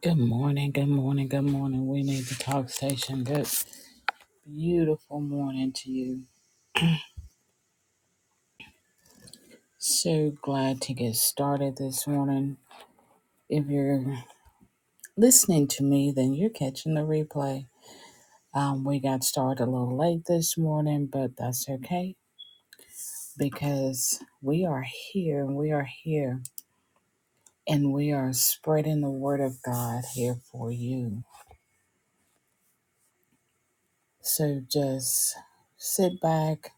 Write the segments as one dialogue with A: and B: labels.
A: Good morning, good morning, good morning. We need the talk station. Good, beautiful morning to you. So glad to get started this morning. If you're listening to me, then you're catching the replay. Um, we got started a little late this morning, but that's okay because we are here and we are here and we are spreading the word of God here for you. So just sit back,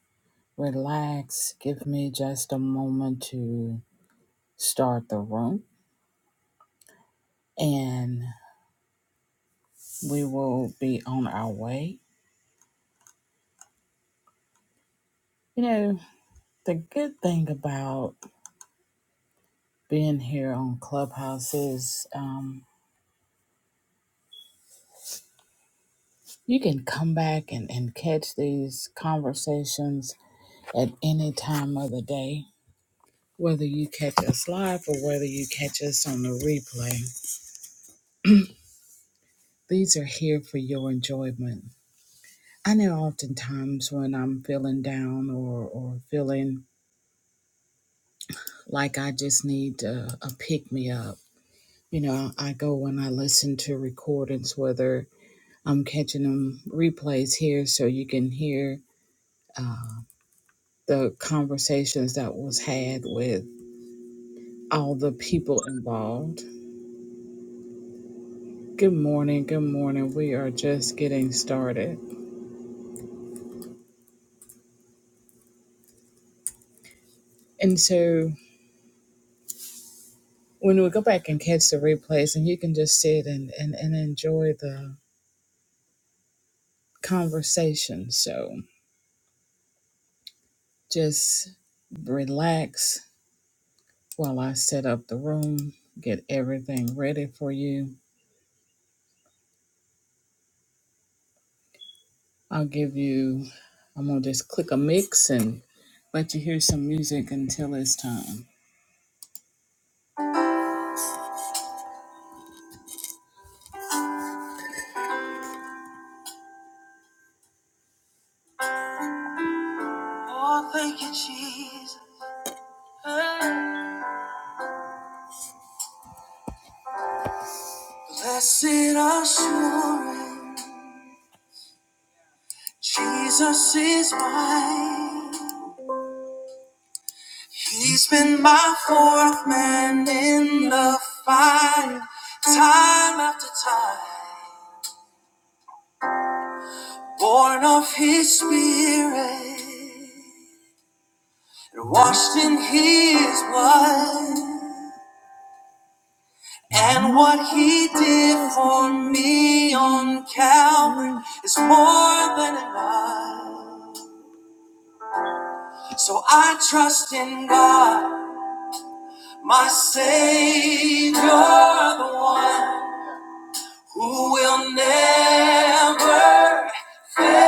A: relax, give me just a moment to start the room and we will be on our way. You know, the good thing about being here on Clubhouse is um, you can come back and, and catch these conversations at any time of the day, whether you catch us live or whether you catch us on the replay. These are here for your enjoyment. I know oftentimes when I'm feeling down or, or feeling like I just need a, a pick me up, You know, I go when I listen to recordings, whether I'm catching them replays here, so you can hear uh, the conversations that was had with all the people involved. Good morning, good morning. We are just getting started. And so when we go back and catch the replays, and you can just sit and, and, and enjoy the conversation. So just relax while I set up the room, get everything ready for you. I'll give you, I'm going to just click a mix and let you hear some music until it's time. Oh, thank you, Jesus. Blessed assurance, Jesus is mine. He's been my fourth man in the fight, time after time. Born of His Spirit, washed in His blood. And what he did for me on Calvary is more than enough. So I trust in God, my Savior, the one who will never fail.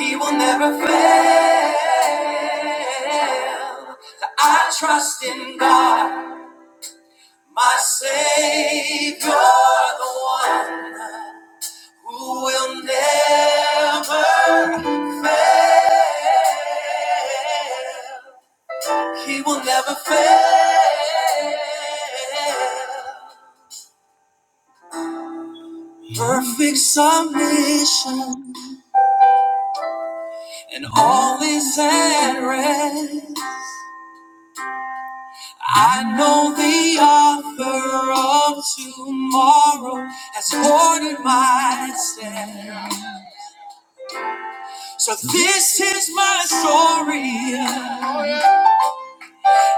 A: He will never fail. So I trust in God. My Savior, the one who will never fail. He will never fail. Perfect submission and all is at rest. I know the author of tomorrow has ordered my steps. So this is my story,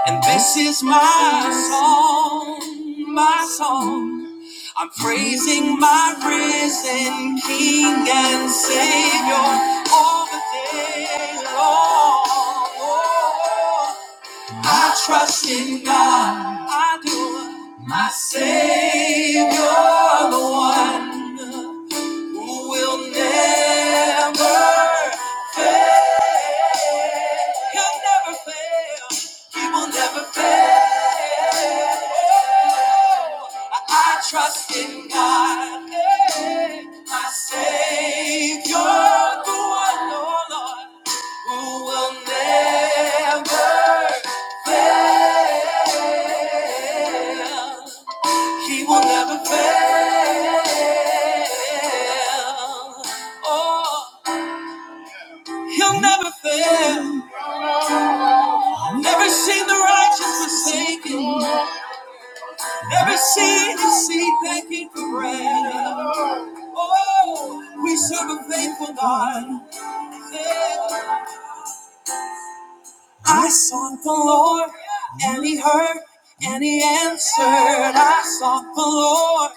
A: and this is my song, my song. I'm praising my risen King and Savior all the day long. Oh, I trust in God, I do, my Savior, the one who will never fail. He'll never fail. He will never fail. I trust in God, eh, my Savior, the one, oh Lord, who will never fail. He will never fail. Oh. He'll never fail. Never seen the righteous forsaken. Never seen his seed begging for bread. Oh, we serve a faithful God. Yeah. I sought the Lord, and He heard, and He answered. I sought the Lord,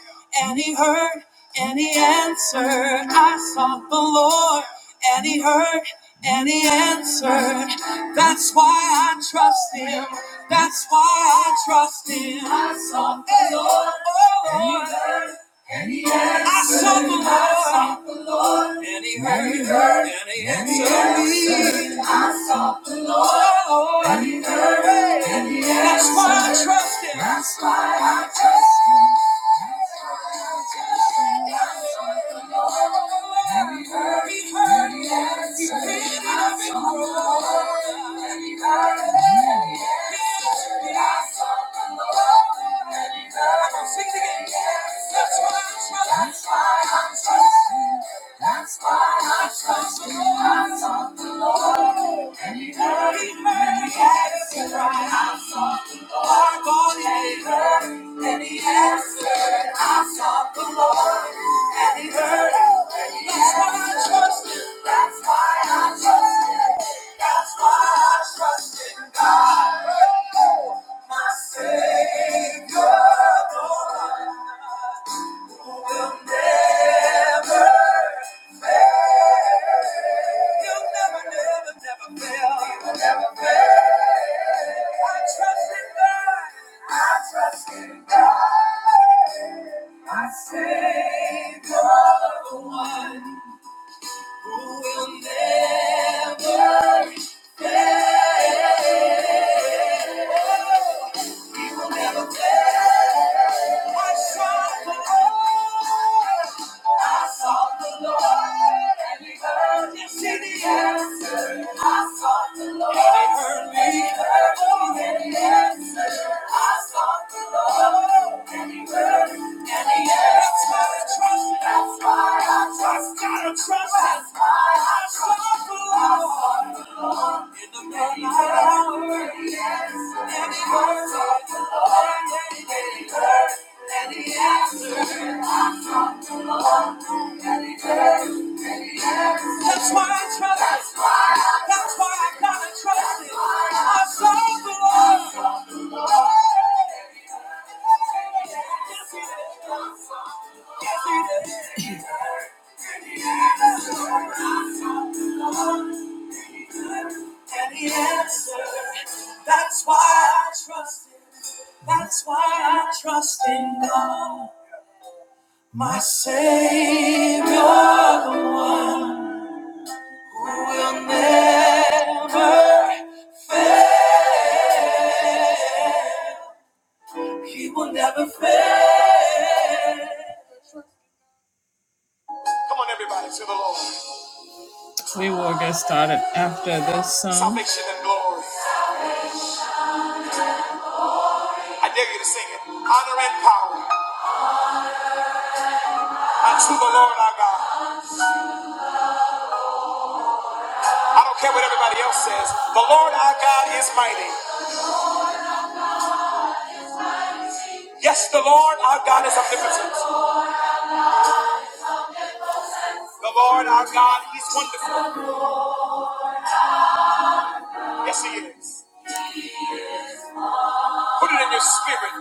A: and He heard, and He answered. I sought the Lord, and He heard, and He answered. That's why I trust Him. That's why I trust Him. I sought the Lord, and and He heard, and He answered. I sought the Lord. And he heard, and he heard, and he answered me. I sought the Lord, and he heard, and he answered me. That's why I trust him. That's why I trust him. And he heard, heard, and he answered me. I've been growing. Sing it again. That's why I trust. That's why I trust. you. That's why I trust you. I sought the Lord, and He heard, He heard, He answered. Right. Our God he heard and he answered. I sought the Lord and he heard. And That's why I trust him. That's why I trust him. That's why I trust in God. Oh, My Savior, the one who will never fail. I sought the Lord, and He heard. Yes, He did. I sought the Lord, and he heard me, and he answered. I sought the Lord, and he heard, me, and he answered. That's why I trust, gotta trust. That's why I trust the Lord. the Lord, In the middle of the hour, yes, and he heard, sought the Lord, and he heard, me, and he answered. That's why I trust That's That's why I gotta trust it. I serve the Lord. Yes, he did. Yes, he did. And he answered. That's why I trust him. That's why I trust in God. My Savior, the one will never fail. He will never fail. Come on, everybody, to the Lord. We will get started after this song. Salvation and glory. I dare you to sing it. Honor and power unto the Lord our God. I don't care what everybody else says. The Lord our God is mighty. Yes, the Lord our God is omnipotent. The Lord our God, He's wonderful. Yes, He is. Put it in your spirit.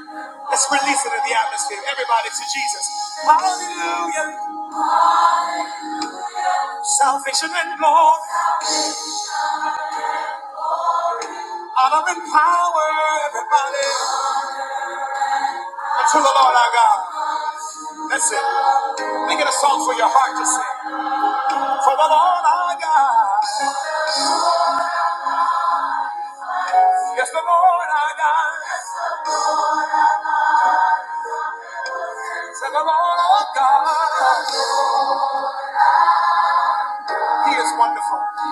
A: Let's release it in the atmosphere. Everybody to Jesus. Hallelujah. Salvation and glory. Honor and power. Everybody. Unto the Lord our God. That's it. Make it a song for your heart to sing. For the Lord our God. Yes, the Lord our God. Say the Lord our God. He is wonderful.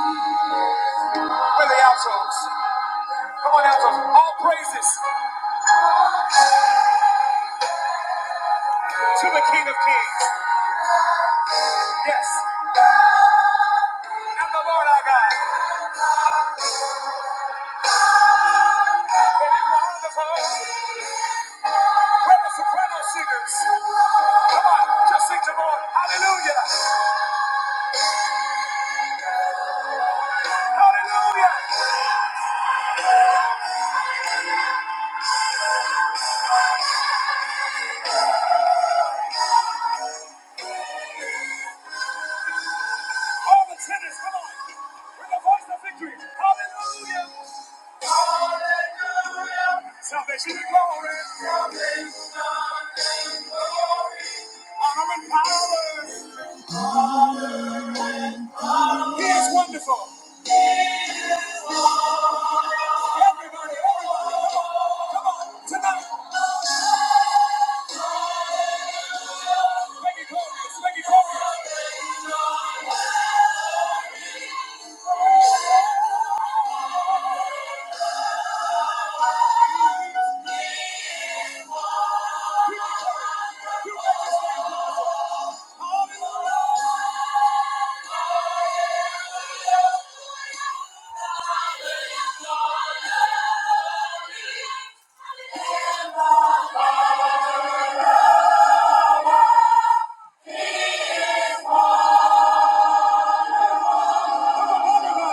A: Where are the outros? Come on, outros. All praises to the King of Kings. Yes, I'm the Lord our God. And it's wonderful. We're the soprano singers. Come on, just sing to the Lord. Hallelujah. Hallelujah. All the tenors, come on. We're the voice of victory. Hallelujah. Hallelujah. Salvation and glory. Salvation and glory. Honor and power. He is wonderful. Everybody, everybody, come on. Come on. Tonight.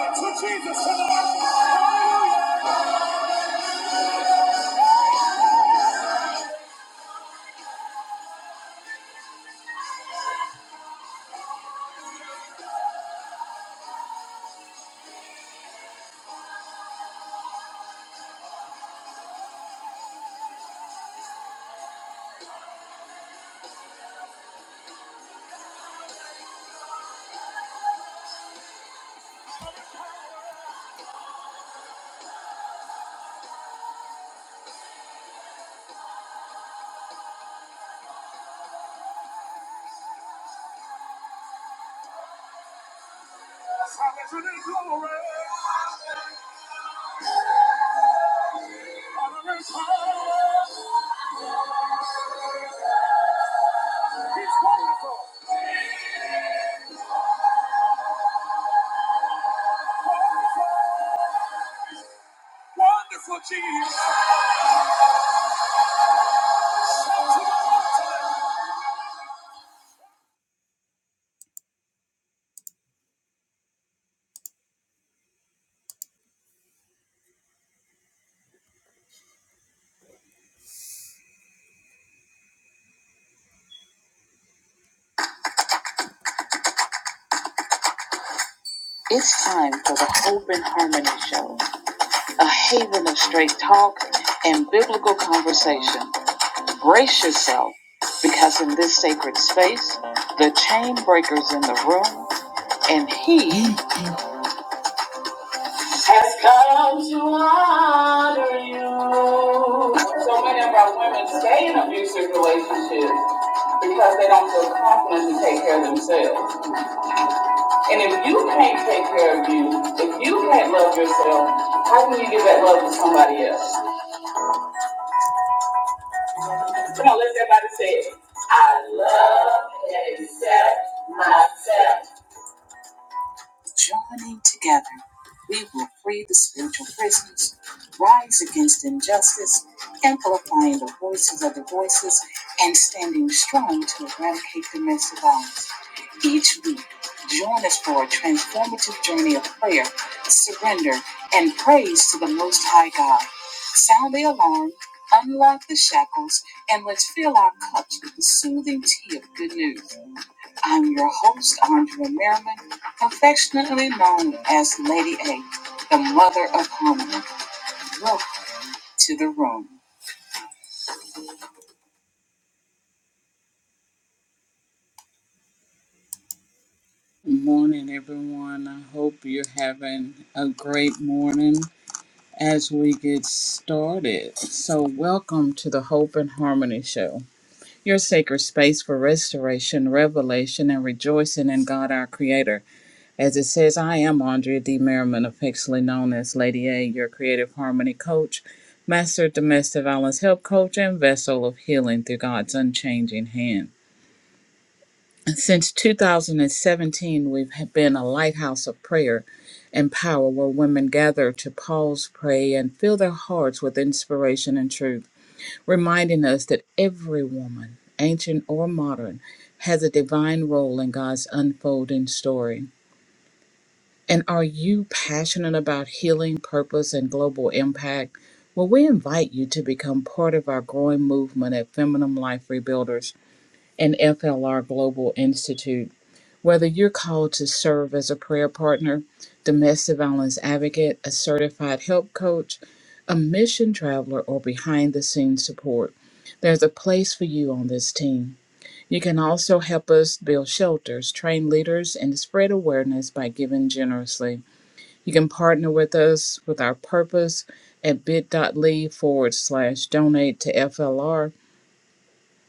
A: To Jesus tonight. Hallelujah. Salvation and glory. Hallelujah. and power. He's wonderful. Wonderful Jesus. Brace yourself because in this sacred space, the chain breaker's in the room and he. God moves. So many of our women stay in abusive relationships because they don't feel confident to take care of themselves. And if you can't take care of you, if you can't love yourself, how can you give that love to somebody else? Come on, let everybody say it. I love and accept myself. Good morning, everyone. I hope you're having a great morning as we get started. So, welcome to the Hope and Harmony Show, your sacred space for restoration, revelation, and rejoicing in God our Creator. As it says, I am Andrea D. Merriman, affectionately known as Lady A, your creative harmony coach, master domestic violence help coach, and vessel of healing through God's unchanging hand. Since 2017, we've ha- been a lighthouse of prayer and power where women gather to pause, pray, and fill their hearts with inspiration and truth, reminding us that every woman, ancient or modern, has a divine role in God's unfolding story. And are you passionate about healing, purpose, and global impact? Well, we invite you to become part of our growing movement at Feminine Life Rebuilders and FLR Global Institute. Whether you're called to serve as a prayer partner, domestic violence advocate, a certified help coach, a mission traveler, or behind the scenes support, there's a place for you on this team. You can also help us build shelters, train leaders, and spread awareness by giving generously. You can partner with us with our purpose at bit.ly forward slash donate to FLR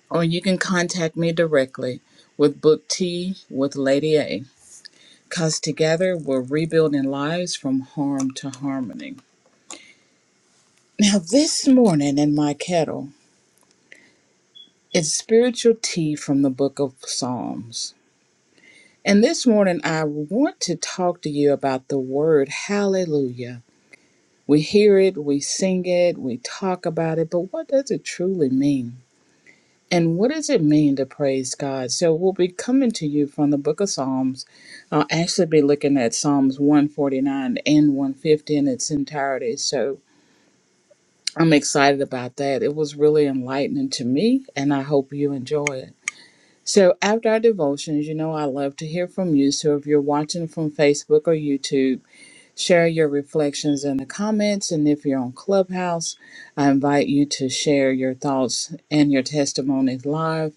A: or you can contact me directly with Book Tea with Lady A. Because together we're rebuilding lives from harm to harmony. Now, this morning in my kettle is spiritual tea from the book of Psalms. And this morning I want to talk to you about the word hallelujah. We hear it, we sing it, we talk about it, but what does it truly mean? And what does it mean to praise God? So we'll be coming to you from the book of Psalms. I'll actually be looking at Psalms 149 and 150 in its entirety. So I'm excited about that. It was really enlightening to me, and I hope you enjoy it. So after our devotions, you know I love to hear from you. So if you're watching from Facebook or YouTube, share your reflections in the comments. And if you're on Clubhouse, I invite you to share your thoughts and your testimonies live.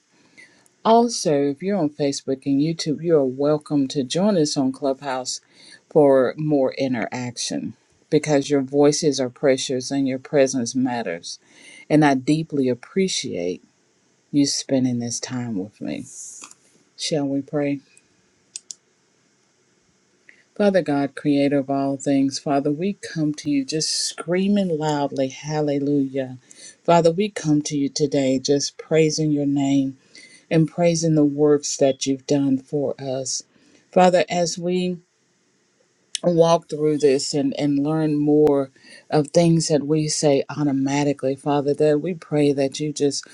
A: Also, if you're on Facebook and YouTube, you are welcome to join us on Clubhouse for more interaction because your voices are precious and your presence matters. And I deeply appreciate you spending this time with me. Shall we pray? Father God, creator of all things, Father, we come to you just screaming loudly, hallelujah. Father, we come to you today just praising your name and praising the works that you've done for us. Father, as we walk through this and, and learn more of things that we say automatically, Father, that we pray that you just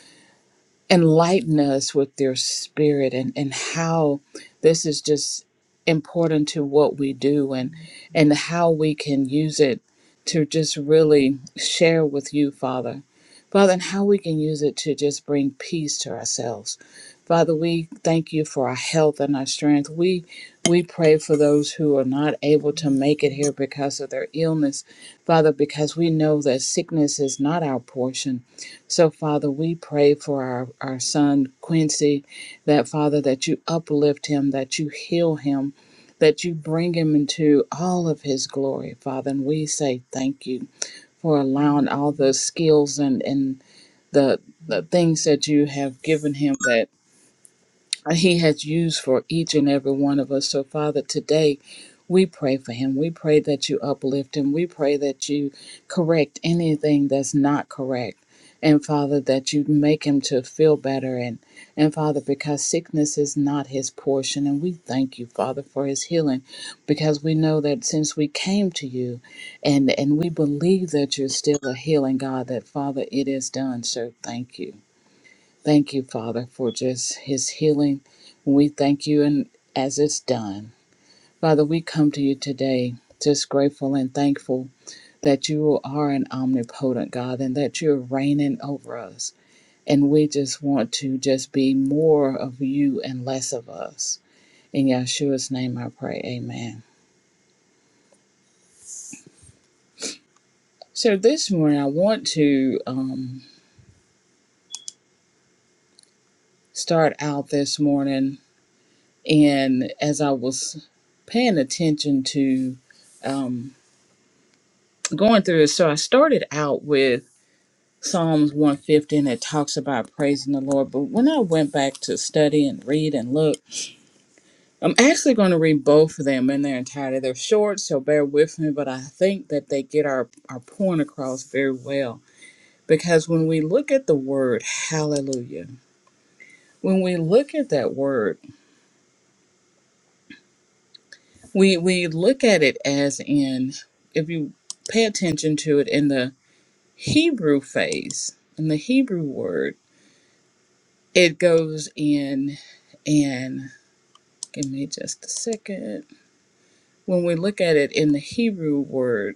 A: enlighten us with their spirit and, and how this is just important to what we do and and how we can use it to just really share with you father father and how we can use it to just bring peace to ourselves father we thank you for our health and our strength we we pray for those who are not able to make it here because of their illness father because we know that sickness is not our portion so, Father, we pray for our, our son Quincy, that Father, that you uplift him, that you heal him, that you bring him into all of his glory, Father. And we say thank you for allowing all the skills and, and the, the things that you have given him uh, he has used for each and every one of us. So, Father, today we pray for him. We pray that you uplift him. We pray that you correct anything that's not correct. And Father, that you make him to feel better. And, and Father, because sickness is not his portion. And we thank you, Father, for his healing, because we know that since we came to you and, and we believe that you're still a healing God, that Father, it is done. So thank you. Thank you, Father, for just his healing. We thank you and as it's done. Father, we come to you today just grateful and thankful that you are an omnipotent God and that you're reigning over us. And we just want to just be more of you and less of us. In Yeshua's name I pray, amen. So this morning I want to um, start out this morning and as I was paying attention to um, going through it. So I started out with Psalms 150 and it talks about praising the Lord. But when I went back to study and read and look, I'm actually going to read both of them in their entirety. They're short, so bear with me, but I think that they get our, our point across very well. Because when we look at the word hallelujah, when we look at that word, we, we look at it as in, if you pay attention to it in the Hebrew phase, in the Hebrew word, it goes in and give me just a second when we look at it in the hebrew word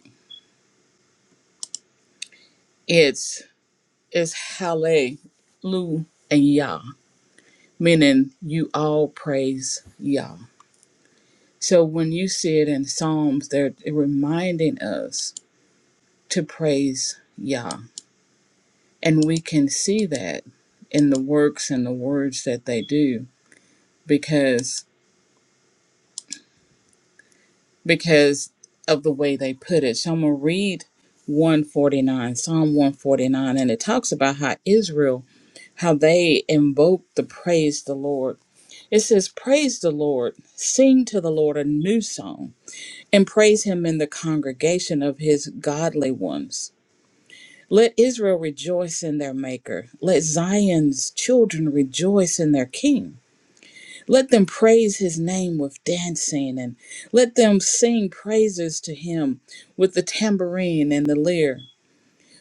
A: it's it's hallelu and yah meaning you all praise yah so when you see it in psalms they're reminding us to praise yah and we can see that in the works and the words that they do because. because of the way they put it. So I'm going to read 149, Psalm 149, and it talks about how Israel, how they invoke the praise the Lord. It says, Praise the Lord, sing to the Lord a new song, and praise him in the congregation of his godly ones. Let Israel rejoice in their Maker. Let Zion's children rejoice in their King. Let them praise his name with dancing, and let them sing praises to him with the tambourine and the lyre.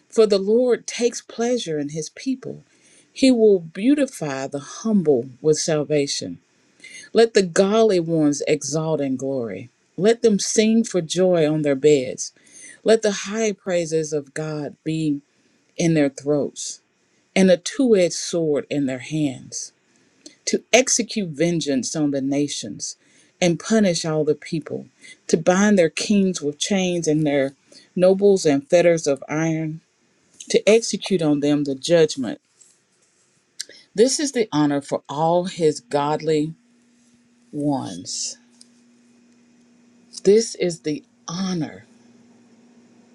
A: For the Lord takes pleasure in his people. He will beautify the humble with salvation. Let the godly ones exalt in glory. Let them sing for joy on their beds. Let the high praises of God be in their throats and a two edged sword in their hands to execute vengeance on the nations and punish all the people, to bind their kings with chains and their nobles and fetters of iron, to execute on them the judgment. This is the honor for all his godly ones. This is the honor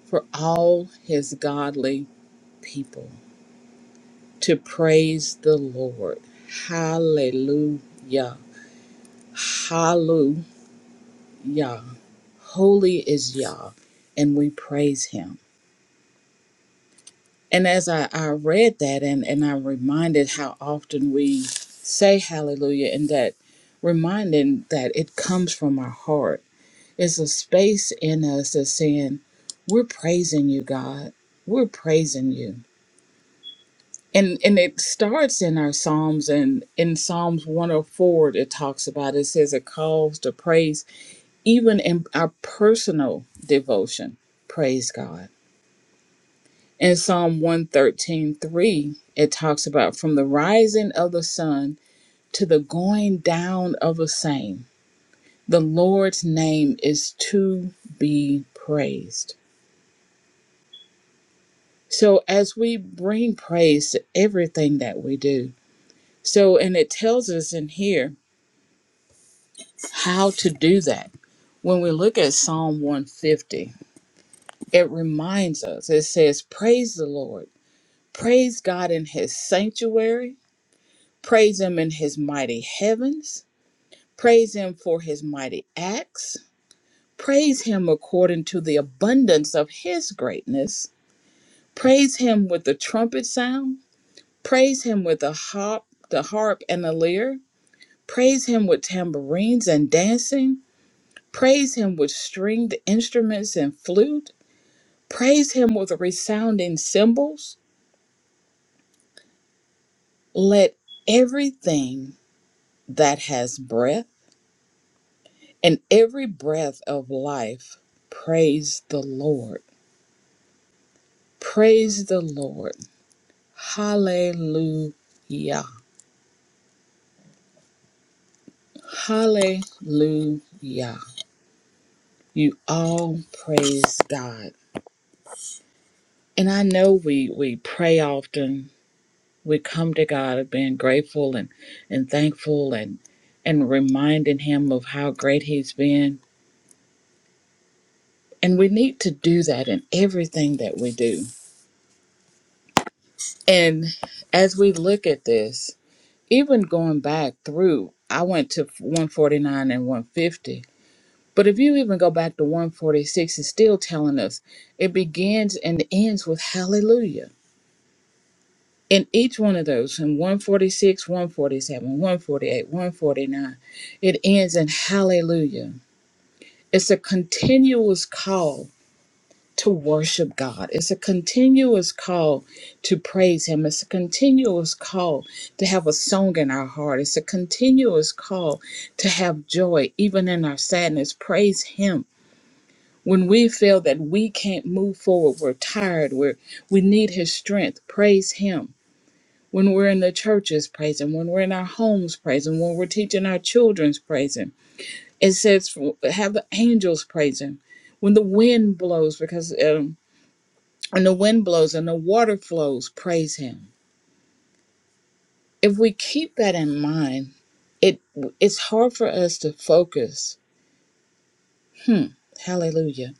A: for all his godly people to praise the Lord. Hallelujah. Hallelujah. Holy is Yah, and we praise him. And as I, I read that and, and I'm reminded how often we say hallelujah and that reminding that it comes from our heart. It's a space in us that's saying, We're praising you, God. We're praising you. And and it starts in our Psalms and in Psalms 104 it talks about it says it calls to praise even in our personal devotion. Praise God In Psalm 113:3, it talks about from the rising of the sun to the going down of the same, the Lord's name is to be praised. So as we bring praise to everything that we do. So and it tells us in here how to do that. When we look at Psalm 150, it reminds us. It says, "Praise the Lord. Praise God in his sanctuary. Praise him in his mighty heavens." Praise him for his mighty acts. Praise him according to the abundance of his greatness. Praise him with the trumpet sound. Praise him with the harp, the harp and the lyre. Praise him with tambourines and dancing. Praise him with stringed instruments and flute. Praise him with resounding cymbals. Let everything that has breath and every breath of life praise the Lord. Praise the Lord. Hallelujah. Hallelujah. You all praise God. And I know we we pray often. We come to God of being grateful and, and thankful and and reminding him of how great he's been. And we need to do that in everything that we do. And as we look at this, even going back through, I went to 149 and 150 But if you even go back to 146, it's still telling us it begins and ends with hallelujah. In each one of those, in 146, 147, 148, 149, it ends in hallelujah. It's a continuous call to worship God. It's a continuous call to praise Him. It's a continuous call to have a song in our heart. It's a continuous call to have joy, even in our sadness. Praise Him when we feel that we can't move forward, we're tired, we're, we need His strength, praise Him. When we're in the churches, praise Him. When we're in our homes, praise Him. When we're teaching our children's, praise Him. It says, have the angels praise Him. When the wind blows, because um, when the wind blows and the water flows, praise Him. If we keep that in mind, it it's hard for us to focus. Hmm. Hallelujah.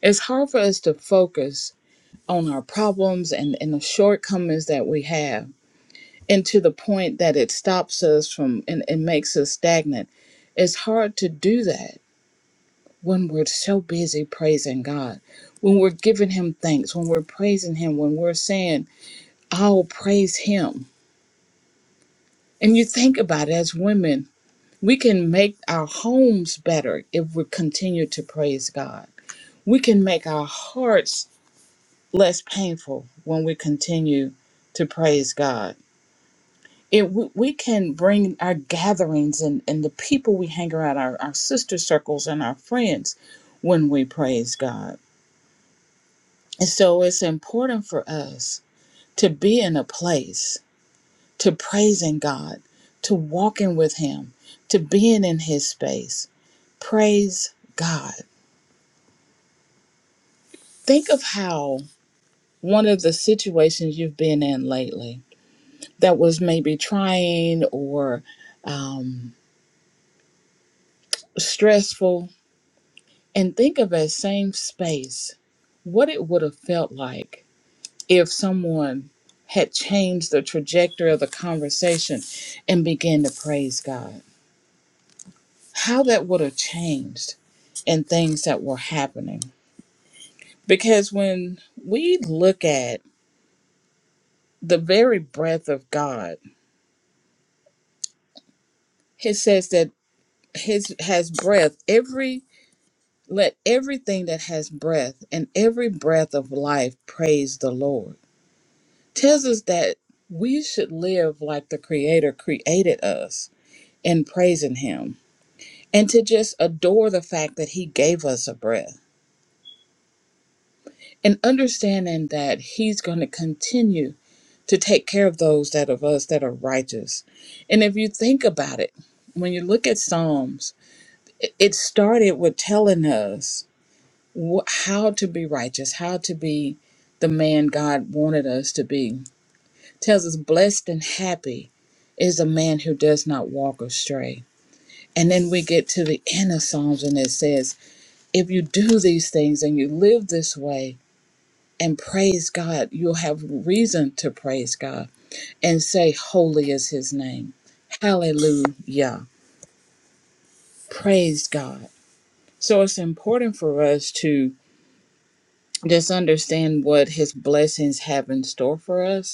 A: It's hard for us to focus on our problems and, and the shortcomings that we have, and to the point that it stops us from and, and makes us stagnant. It's hard to do that when we're so busy praising God, when we're giving Him thanks, when we're praising Him, when we're saying, I'll praise Him. And you think about it as women, we can make our homes better if we continue to praise God. We can make our hearts less painful when we continue to praise God it we, we can bring our gatherings and, and the people we hang around our, our sister circles and our friends when we praise god and so it's important for us to be in a place to praising god to walking with him to being in his space praise god think of how one of the situations you've been in lately that was maybe trying or um, stressful And think of that same space, what it would have felt like if someone had changed the trajectory of the conversation and began to praise God. How that would have changed and things that were happening. Because when we look at the very breath of God, it says that his has breath every let everything that has breath and every breath of life praise the Lord tells us that we should live like the Creator created us in praising Him and to just adore the fact that He gave us a breath and understanding that He's going to continue to take care of those that of us that are righteous. And if you think about it, when you look at Psalms, it it started with telling us wh- how to be righteous, how to be the man God wanted us to be tells us blessed and happy is a man who does not walk astray. And then we get to the end of Psalms and it says, if you do these things and you live this way and praise God, you'll have reason to praise God and say, Holy is his name. Hallelujah. Praise God. So it's important for us to just understand what his blessings have in store for us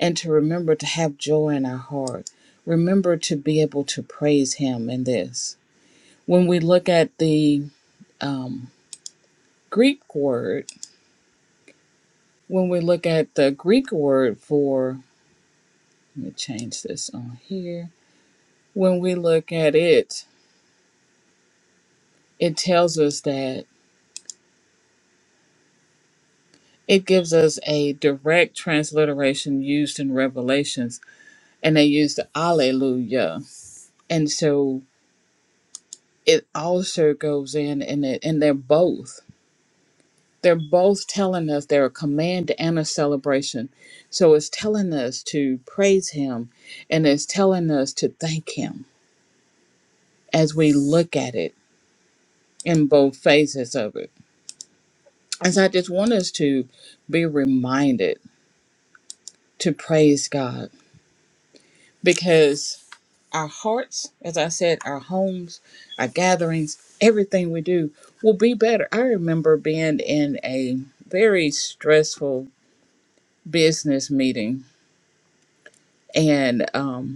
A: and to remember to have joy in our heart. Remember to be able to praise Him in this. When we look at the um, Greek word, when we look at the Greek word for, let me change this on here. When we look at it, it tells us that it gives us a direct transliteration used in Revelations, and they use the Alleluia. And so it also goes in, and, it, and they're both. They're both telling us they're a command and a celebration. So it's telling us to praise Him and it's telling us to thank Him as we look at it in both phases of it. And so I just want us to be reminded to praise God because our hearts, as I said, our homes, our gatherings, everything we do will be better. I remember being in a very stressful business meeting and um,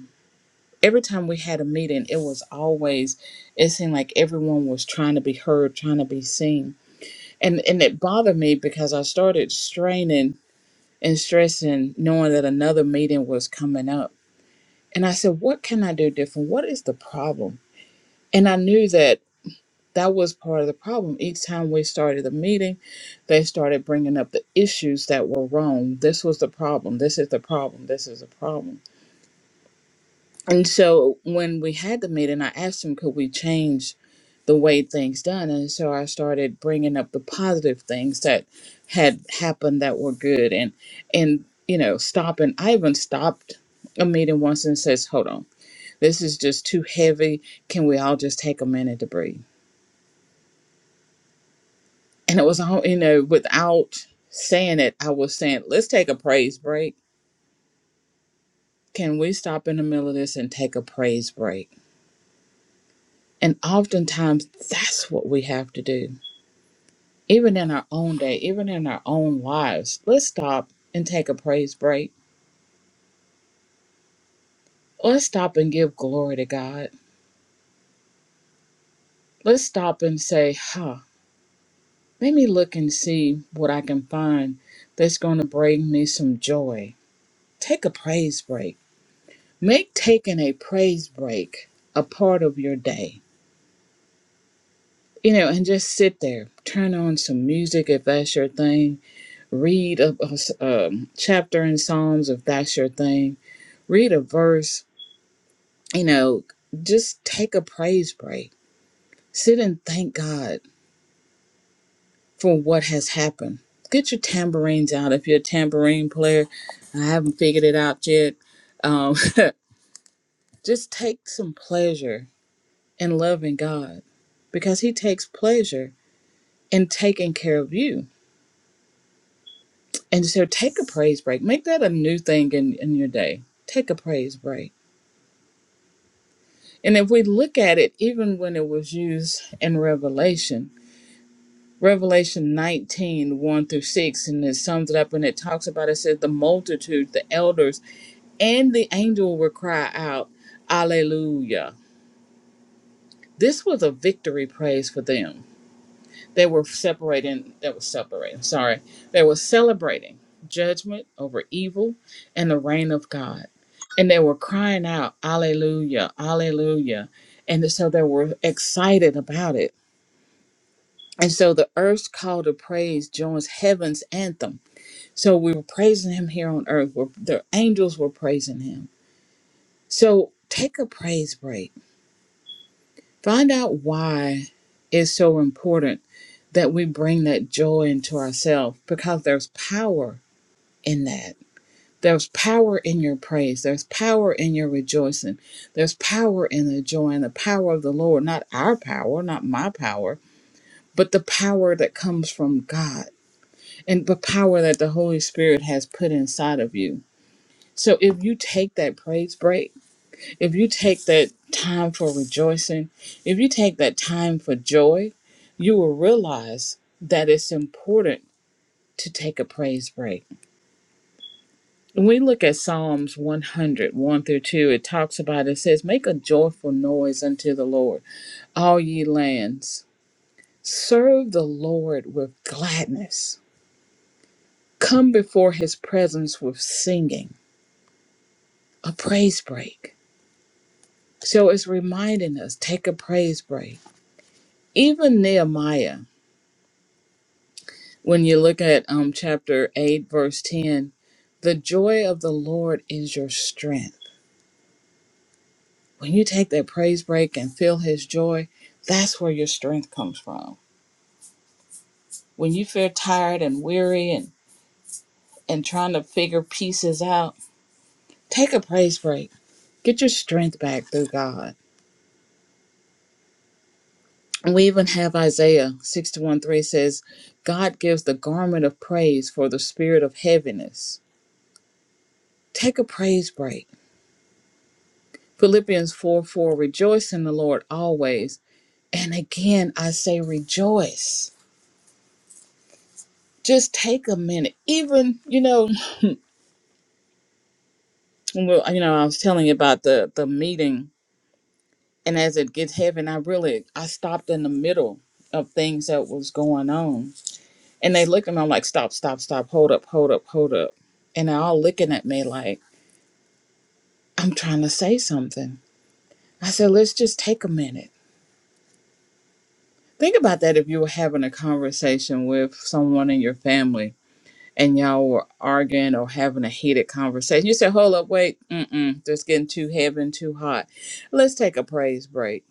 A: every time we had a meeting, it was always, it seemed like everyone was trying to be heard, trying to be seen. And, and it bothered me because I started straining and stressing, knowing that another meeting was coming up. And I said, What can I do different? What is the problem? And I knew that that was part of the problem. Each time we started the meeting, they started bringing up the issues that were wrong. This was the problem. This is the problem. This is the problem. And so when we had the meeting, I asked him, could we change the way things done? And so I started bringing up the positive things that had happened that were good, and and you know, stopping. I even stopped a meeting once and says, "Hold on, this is just too heavy. Can we all just take a minute to breathe?" And it was all you know, without saying it, I was saying, "Let's take a praise break. Can we stop in the middle of this and take a praise break?" And oftentimes, that's what we have to do even in our own day, even in our own lives, let's stop and take a praise break. Let's stop and give glory to God. Let's stop and say, huh, let me look and see what I can find that's going to bring me some joy. Take a praise break. Make taking a praise break a part of your day. You know, and just sit there, turn on some music if that's your thing, read a, a s- um, chapter in Psalms if that's your thing, read a verse, you know, just take a praise break. Sit and thank God for what has happened. Get your tambourines out if you're a tambourine player. I haven't figured it out yet. Um, just take some pleasure in loving God because He takes pleasure in taking care of you. And so take a praise break. Make that a new thing in, in your day. Take a praise break. And if we look at it, even when it was used in Revelation, Revelation nineteen one through 6, and it sums it up and it talks about it says, The multitude, the elders, and the angel would cry out, Alleluia. This was a victory praise for them. They were separating, that was separating, sorry. They were celebrating judgment over evil and the reign of God. And they were crying out, Alleluia, Alleluia. And so they were excited about it. And so the earth's call to praise joins heaven's anthem So we were praising him here on earth. We're, the angels were praising him. So take a praise break. Find out why it's so important that we bring that joy into ourselves because there's power in that. There's power in your praise. There's power in your rejoicing. There's power in the joy and the power of the Lord, not our power, not my power, but the power that comes from God and the power that the Holy Spirit has put inside of you So if you take that praise break, if you take that time for rejoicing, if you take that time for joy, you will realize that it's important to take a praise break. When we look at Psalms one hundred one through 2, it talks about, it says, Make a joyful noise unto the Lord, all ye lands. Serve the Lord with gladness. Come before his presence with singing, a praise break. So it's reminding us take a praise break Even Nehemiah, when you look at um, chapter 8, verse 10, the joy of the Lord is your strength. When you take that praise break and feel his joy, that's where your strength comes from. When you feel tired and weary and, and trying to figure pieces out, take a praise break. Get your strength back through God. And we even have Isaiah 61 3 says, God gives the garment of praise for the spirit of heaviness. Take a praise break Philippians 4 4, rejoice in the Lord always. And again, I say rejoice. Just take a minute. Even, you know, when we- you know, I was telling you about the the meeting, and as it gets heavy, and I really I stopped in the middle of things that was going on. And they looked at me, I'm like, stop, stop, stop, hold up, hold up, hold up. And they're all looking at me like, I'm trying to say something. I said, let's just take a minute. Think about that if you were having a conversation with someone in your family and y'all were arguing or having a heated conversation. You said, hold up, wait, mm-mm, this getting too heavy and too hot. Let's take a praise break.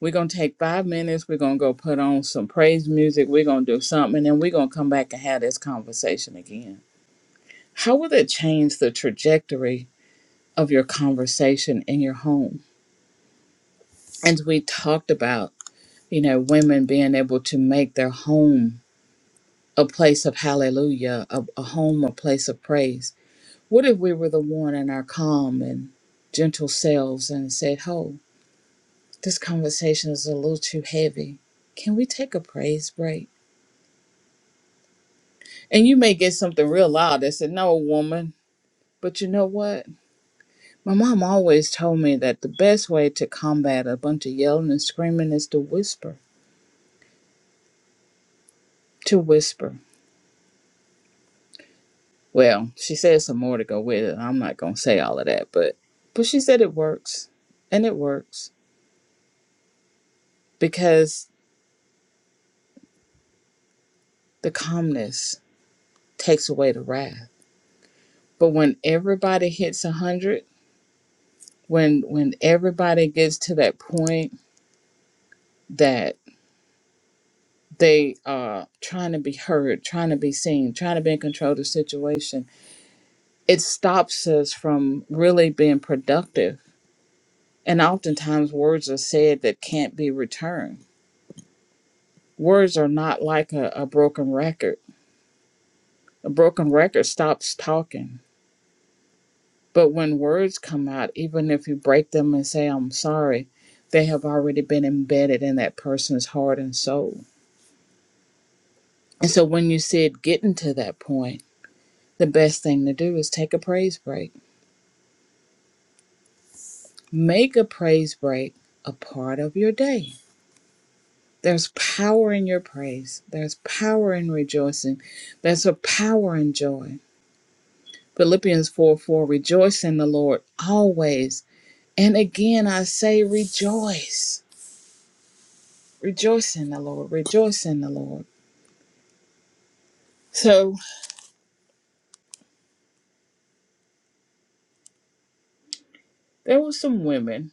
A: We're going to take five minutes. We're going to go put on some praise music. We're going to do something, and then we're going to come back and have this conversation again. How will it change the trajectory of your conversation in your home? And we talked about, you know, women being able to make their home a place of hallelujah, a, a home, a place of praise What if we were the one in our calm and gentle selves and said, Ho, this conversation is a little too heavy. Can we take a praise break? And you may get something real loud that said, No, woman. But you know what? My mom always told me that the best way to combat a bunch of yelling and screaming is to whisper. To whisper. Well, she said some more to go with it. I'm not gonna say all of that, but but she said it works. And it works. Because the calmness takes away the wrath But when everybody hits 100, when when everybody gets to that point that they are trying to be heard, trying to be seen, trying to be in control of the situation, it stops us from really being productive. And oftentimes words are said that can't be returned. Words are not like a, a broken record. A broken record stops talking But when words come out, even if you break them and say, I'm sorry, they have already been embedded in that person's heart and soul. And so when you see it getting to that point, the best thing to do is take a praise break. Make a praise break a part of your day. There's power in your praise, there's power in rejoicing, there's a power in joy. Philippians 4 4 Rejoice in the Lord always. And again, I say rejoice Rejoice in the Lord. Rejoice in the Lord. So there were some women.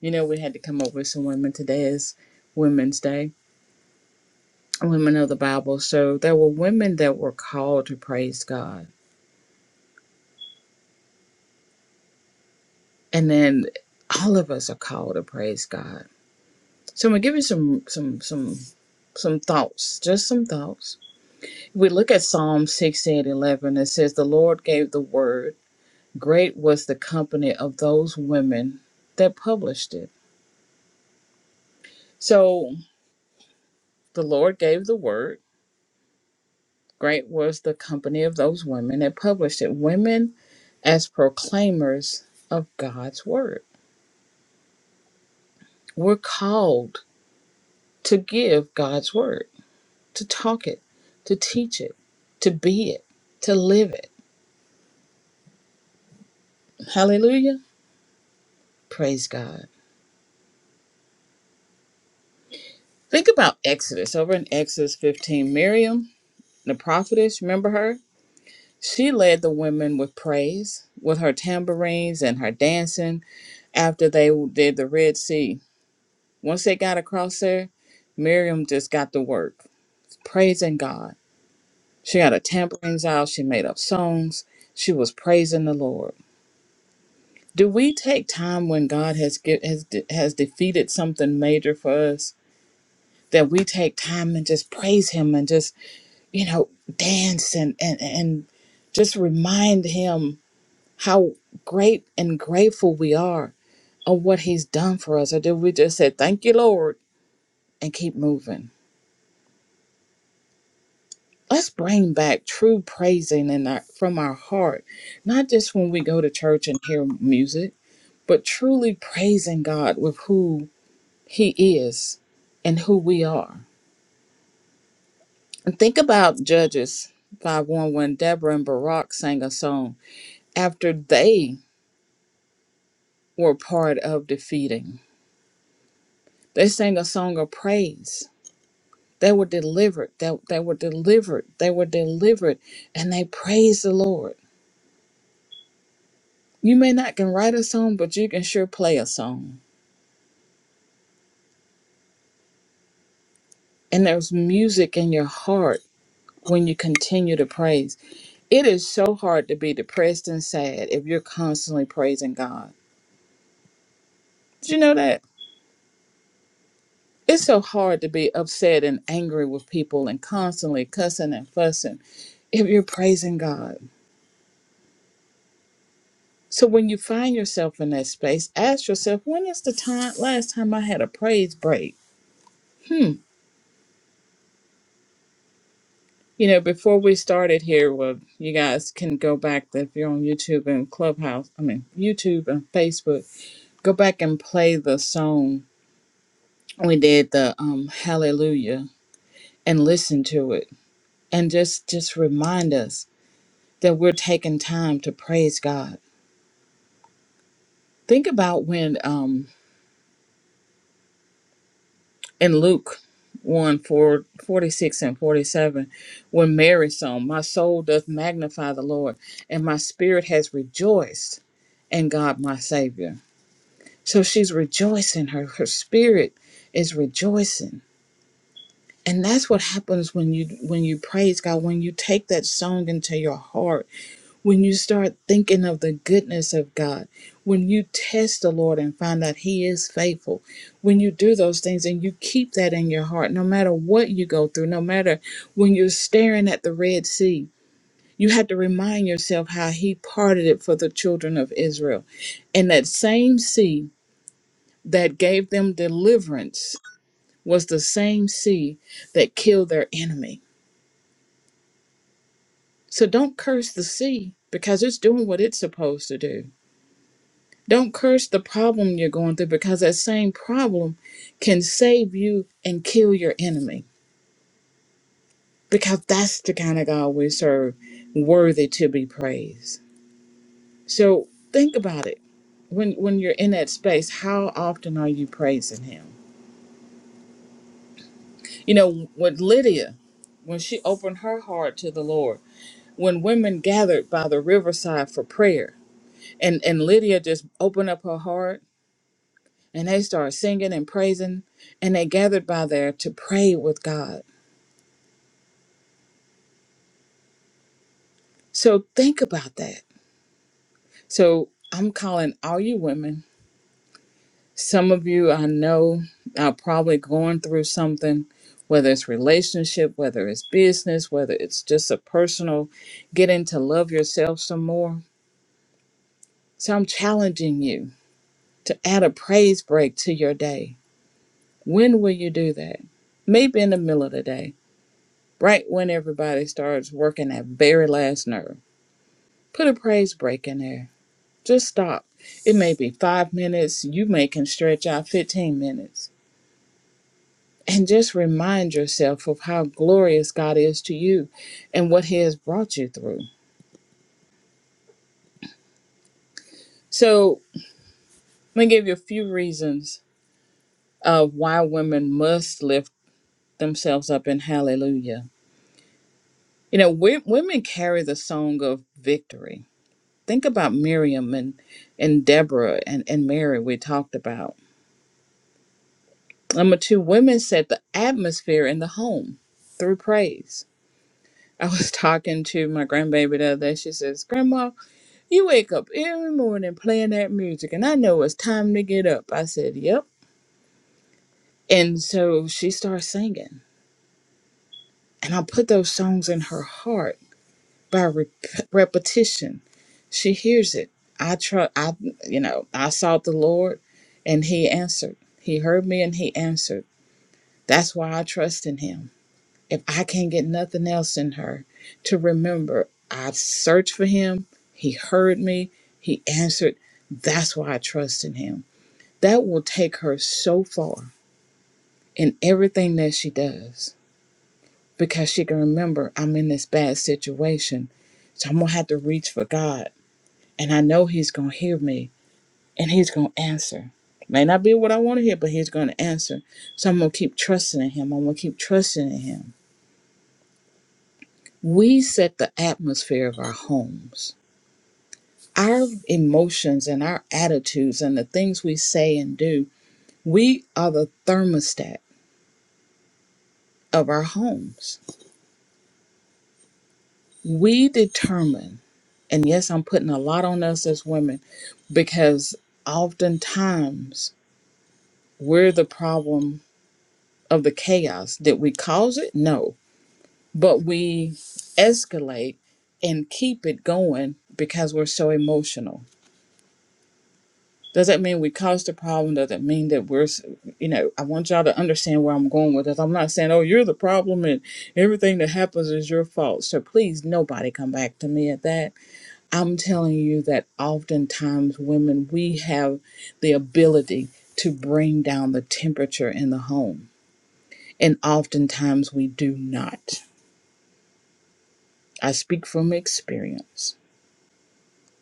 A: You know, we had to come up with some women. Today is Women's Day, women of the Bible. So there were women that were called to praise God. And then all of us are called to praise God. So I'm gonna give you some some some some thoughts, just some thoughts. If We look at Psalm 60 and 11. It says, The Lord gave the word. Great was the company of those women that published it. So the Lord gave the word Great was the company of those women that published it. Women as proclaimers of God's word. We're called to give God's word, to talk it, to teach it, to be it, to live it. Hallelujah. Praise God. Think about Exodus. Over in Exodus 15, Miriam, the prophetess, remember her? She led the women with praise, with her tambourines and her dancing after they did the Red Sea Once they got across there, Miriam just got to work, praising God. She had her tambourines out, she made up songs, she was praising the Lord. Do we take time when God has get, has de- has defeated something major for us that we take time and just praise Him and just you know dance and and and just remind Him how great and grateful we are of what He's done for us, or do we just say thank you, Lord, and keep moving? let's bring back true praising in our, from our heart, not just when we go to church and hear music, but truly praising God with who He is and who we are. And think about Judges 5 1 when Deborah and Barak sang a song after they were part of defeating. They sang a song of praise. They were delivered. They, they were delivered. They were delivered. And they praised the Lord. You may not can write a song, but you can sure play a song and there's music in your heart when you continue to praise. It is so hard to be depressed and sad if you're constantly praising God. Did you know that? It's so hard to be upset and angry with people and constantly cussing and fussing if you're praising God. So when you find yourself in that space, ask yourself, when is the time last time I had a praise break? Hmm. You know, before we started here, well, you guys can go back if you're on YouTube and Clubhouse, I mean YouTube and Facebook go back and play the song we did the um hallelujah and listen to it and just just remind us that we're taking time to praise god think about when um in luke 1 4, 46 and 47 when mary song my soul doth magnify the lord and my spirit has rejoiced in god my savior so she's rejoicing her her spirit is rejoicing and that's what happens when you when you praise god when you take that song into your heart when you start thinking of the goodness of god when you test the lord and find that he is faithful when you do those things and you keep that in your heart no matter what you go through no matter when you're staring at the red sea you have to remind yourself how he parted it for the children of israel and that same sea that gave them deliverance was the same sea that killed their enemy So don't curse the sea because it's doing what it's supposed to do. Don't curse the problem you're going through because that same problem can save you and kill your enemy because that's the kind of God we serve, worthy to be praised. So think about it. When when you're in that space, how often are you praising him? You know, with Lydia, when she opened her heart to the Lord, when women gathered by the riverside for prayer and and lydia just opened up her heart and they started singing and praising and they gathered by there to pray with god so think about that so i'm calling all you women some of you i know are probably going through something whether it's relationship whether it's business whether it's just a personal getting to love yourself some more so i'm challenging you to add a praise break to your day when will you do that maybe in the middle of the day right when everybody starts working that very last nerve Put a praise break in there. Just stop. It may be five minutes. You may can stretch out 15 minutes. And just remind yourself of how glorious God is to you and what He has brought you through. So, let me give you a few reasons of why women must lift themselves up in hallelujah. You know, wo- women carry the song of victory. Think about Miriam and, and Deborah and, and Mary, we talked about Number two, women set the atmosphere in the home through praise. I was talking to my grandbaby the other day. She says, Grandma, you wake up every morning playing that music, and I know it's time to get up. I said, Yep. And so she starts singing, and I put those songs in her heart by rep- repetition. She hears it. I try, I, you know, I sought the Lord, and He answered. He heard me, and He answered. That's why I trust in Him. if I can't get nothing else in her, to remember I've searched for him, he heard me, he answered. That's why I trust in him. That will take her so far in everything that she does because she can remember I'm in this bad situation. So I'm going to have to reach for God. And I know he's going to hear me and he's going to answer. May not be what I want to hear, but he's going to answer. So I'm going to keep trusting in him. I'm going to keep trusting in him We set the atmosphere of our homes. Our emotions and our attitudes and the things we say and do, we are the thermostat of our homes. We determine, and yes, I'm putting a lot on us as women because oftentimes we're the problem of the chaos. Did we cause it? No. But we escalate and keep it going because we're so emotional Does that mean we caused the problem? Does that mean that we're, s- you know, I want y'all to understand where I'm going with this. I'm not saying, oh, you're the problem and everything that happens is your fault. So please, nobody come back to me at that. I'm telling you that oftentimes women, we have the ability to bring down the temperature in the home. And oftentimes we do not. I speak from experience.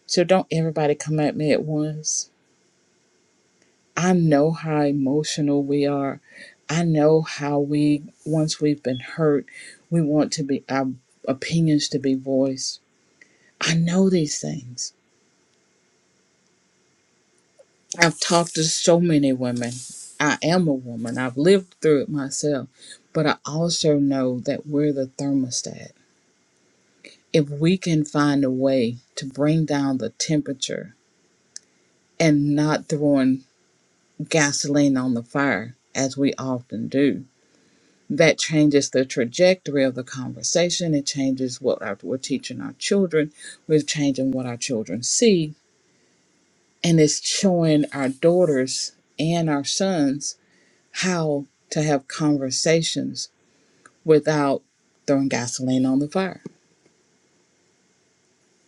A: So don't everybody come at me at once I know how emotional we are. I know how we, once we've been hurt, we want to be, our opinions to be voiced. I know these things. I've talked to so many women. I am a woman. I've lived through it myself. But I also know that we're the thermostat. If we can find a way to bring down the temperature and not throwing gasoline on the fire, as we often do, that changes the trajectory of the conversation. It changes what our, we're teaching our children. We're changing what our children see. And it's showing our daughters and our sons how to have conversations without throwing gasoline on the fire.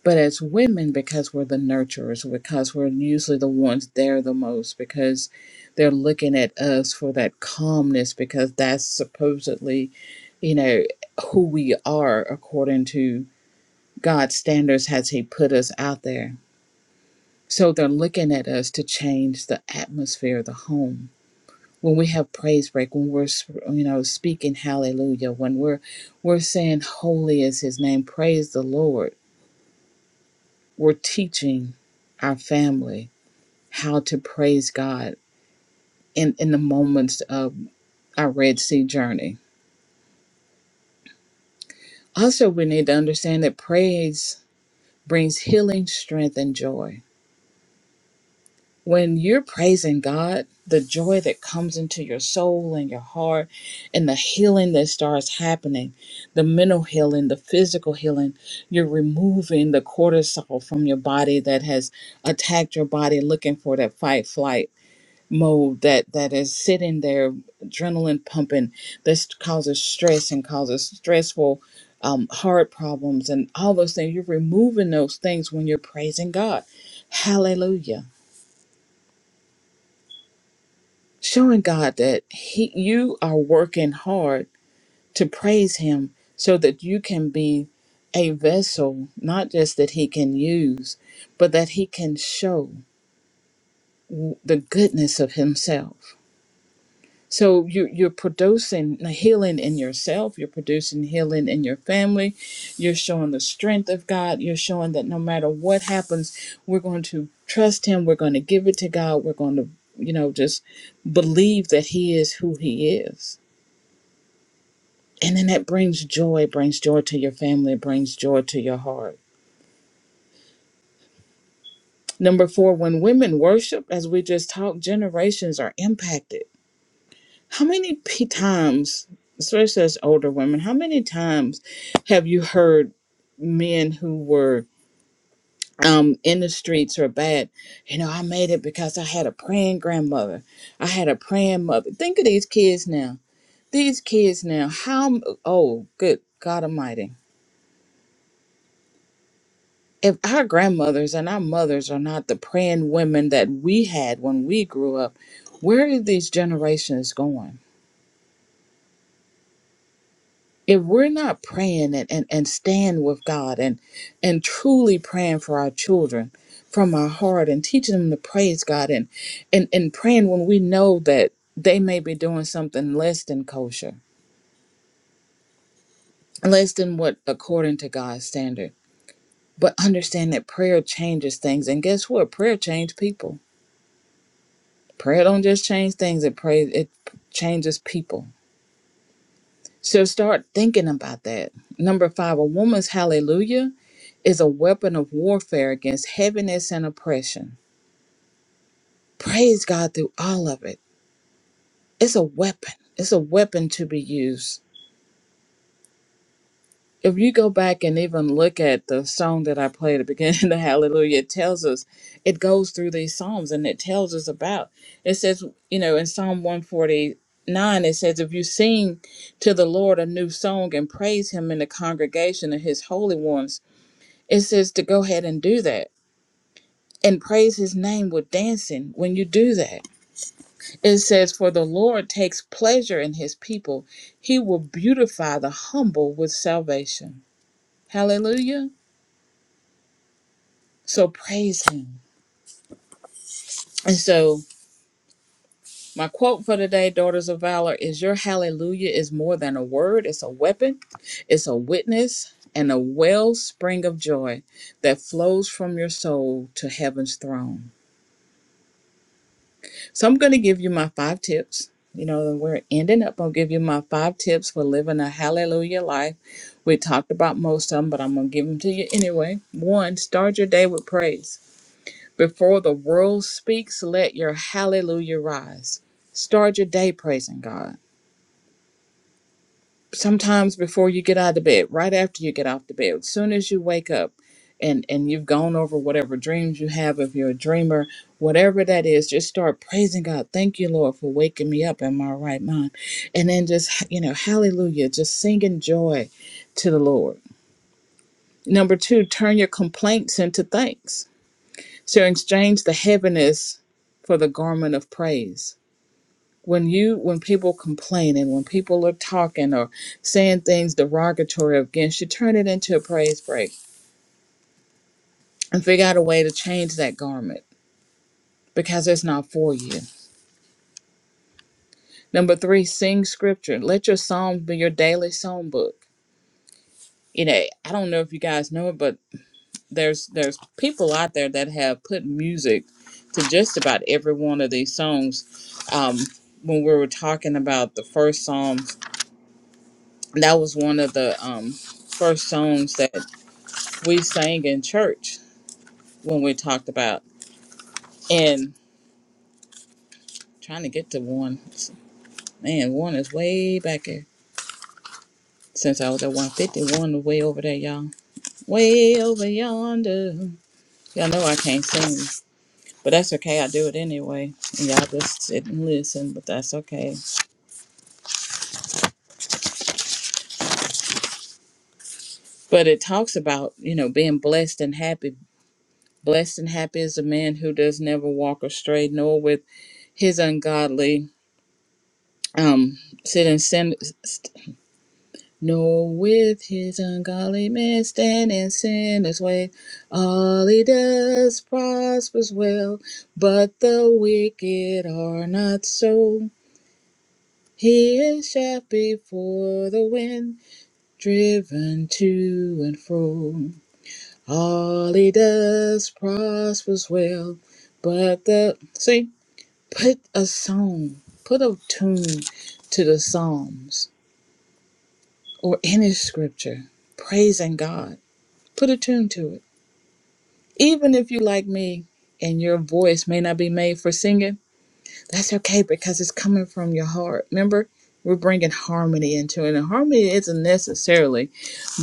A: But as women, because we're the nurturers, because we're usually the ones there the most, because they're looking at us for that calmness, because that's supposedly, you know, who we are according to God's standards as He put us out there. So they're looking at us to change the atmosphere of the home. When we have praise break, when we're you know speaking hallelujah, when we're we're saying holy is His name, praise the Lord. We're teaching our family how to praise God in, in the moments of our Red Sea journey. Also, we need to understand that praise brings healing, strength, and joy. When you're praising God, the joy that comes into your soul and your heart, and the healing that starts happening the mental healing, the physical healing, you're removing the cortisol from your body that has attacked your body looking for that fight, flight, mode that that is sitting there adrenaline pumping this causes stress and causes stressful um, heart problems and all those things you're removing those things when you're praising god hallelujah showing god that he you are working hard to praise him so that you can be a vessel not just that he can use but that he can show w- the goodness of himself So you, you're producing healing in yourself. You're producing healing in your family. You're showing the strength of God. You're showing that no matter what happens, we're going to trust Him. We're going to give it to God. We're going to, you know, just believe that He is who He is. And then that brings joy, It brings joy to your family, It brings joy to your heart. Number four, when women worship, as we just talked, generations are impacted How many p- times, especially as older women, how many times have you heard men who were um, in the streets or bad? You know, I made it because I had a praying grandmother. I had a praying mother. Think of these kids now. These kids now. How? Oh, good God Almighty. If our grandmothers and our mothers are not the praying women that we had when we grew up, where are these generations going? if we're not praying and, and, and staying with God and and truly praying for our children from our heart and teaching them to praise God and and, and praying when we know that they may be doing something less than kosher, less than what according to God's standard. But understand that prayer changes things and guess what? Prayer changes people. Prayer don't just change things, it prays it changes people So start thinking about that. Number five, a woman's hallelujah is a weapon of warfare against heaviness and oppression. Praise God through all of it. It's a weapon, it's a weapon to be used. If you go back and even look at the song that I played at the beginning the Hallelujah, it tells us, it goes through these Psalms and it tells us about. It says, you know, in Psalm 149, it says, if you sing to the Lord a new song and praise him in the congregation of his holy ones, It says to go ahead and do that and praise his name with dancing when you do that. It says, For the Lord takes pleasure in his people, he will beautify the humble with salvation. Hallelujah. So praise him. And so, my quote for today, Daughters of Valor, is Your hallelujah is more than a word, it's a weapon, it's a witness, and a wellspring of joy that flows from your soul to heaven's throne. So I'm going to give you my five tips. You know, and we're ending up. I'll give you my five tips for living a hallelujah life. We talked about most of them, but I'm going to give them to you anyway. One, start your day with praise. Before the world speaks, let your hallelujah rise. Start your day praising God sometimes before you get out of bed, right after you get off the bed, as soon as you wake up and and you've gone over whatever dreams you have if you're a dreamer, whatever that is, just start praising God. Thank you, Lord, for waking me up in my right mind. And then just, you know, hallelujah, just singing joy to the Lord. Number 2, turn your complaints into thanks. So exchange the heaviness for the garment of praise when you when people complain and when people are talking or saying things derogatory against you turn it into a praise break and figure out a way to change that garment because it's not for you number three sing scripture let your psalms be your daily song book you know i don't know if you guys know it but there's there's people out there that have put music to just about every one of these songs um when we were talking about the first psalms that was one of the um first songs that we sang in church when we talked about and trying to get to one. Man, one is way back here. Since I was at 150, one is way over there, y'all. Way over yonder. Y'all know I can't sing, but that's okay. I do it anyway. And y'all just sit and listen, but that's okay. But it talks about, you know, being blessed and happy. Blessed and happy is a man who does never walk astray, nor with his ungodly um sit in sin nor with his ungodly men stand in sinners' way. All he does prospers well, but the wicked are not so. He is shot before the wind, driven to and fro. All he does prospers well, but the see, put a song, put a tune to the Psalms or any scripture, praising God. Put a tune to it. Even if you like me and your voice may not be made for singing, that's okay because it's coming from your heart. Remember, we're bringing harmony into it, and harmony isn't necessarily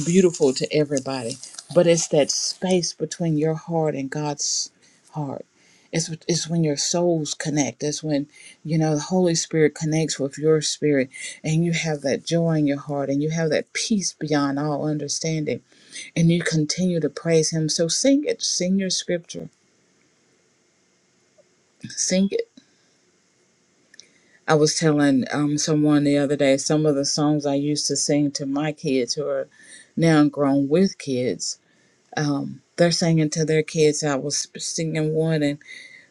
A: beautiful to everybody, but it's that space between your heart and God's heart. It's, it's when your souls connect. It's when, you know, the Holy Spirit connects with your spirit and you have that joy in your heart and you have that peace beyond all understanding and you continue to praise Him. So sing it, sing your scripture, sing it I was telling um, someone the other day some of the songs I used to sing to my kids who are now grown with kids. Um, they're singing to their kids. I was singing one, and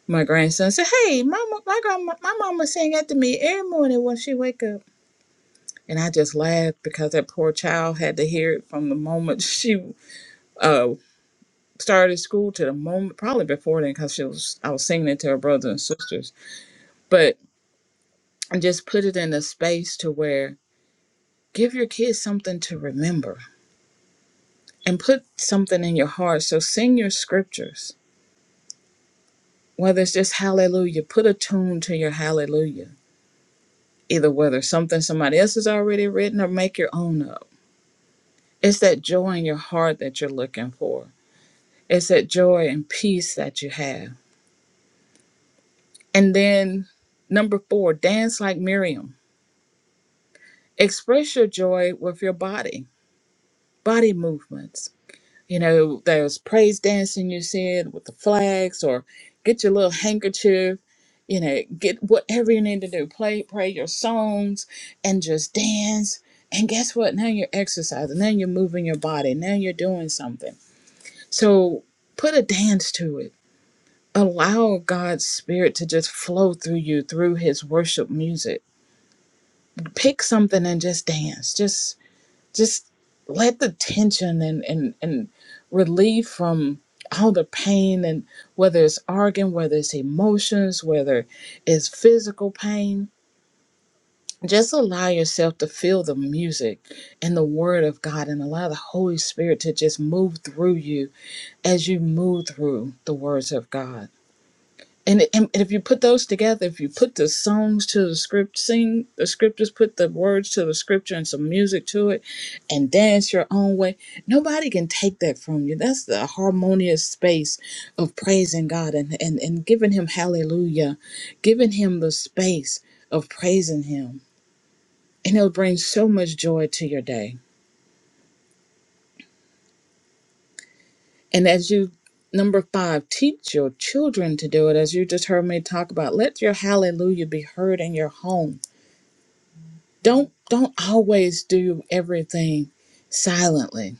A: my grandson said, "Hey, mama, my grandma, my mama sang that to me every morning when she wake up." And I just laughed because that poor child had to hear it from the moment she uh, started school to the moment, probably before then, because she was I was singing it to her brothers and sisters. But I just put it in a space to where Give your kids something to remember and put something in your heart. So sing your scriptures, whether it's just hallelujah, put a tune to your hallelujah, either whether it's something somebody else has already written or make your own up. It's that joy in your heart that you're looking for, it's that joy and peace that you have. And then number four, dance like Miriam. Express your joy with your body, body movements You know, there's praise dancing you said with the flags or get your little handkerchief, you know, get whatever you need to do. Play pray your songs and just dance. And guess what? Now you're exercising. Now you're moving your body. Now you're doing something. So put a dance to it. Allow God's spirit to just flow through you through his worship music. Pick something and just dance. Just just let the tension and, and, and relief from all the pain and whether it's arguing, whether it's emotions, whether it's physical pain, just allow yourself to feel the music and the word of God and allow the Holy Spirit to just move through you as you move through the words of God and, and if you put those together, if you put the songs to the script, sing the scriptures, put the words to the scripture and some music to it, and dance your own way, nobody can take that from you. That's the harmonious space of praising God and, and, and giving Him hallelujah, giving Him the space of praising Him. And it'll bring so much joy to your day. And as you Number five, teach your children to do it. As you just heard me talk about, let your hallelujah be heard in your home don't don't always do everything silently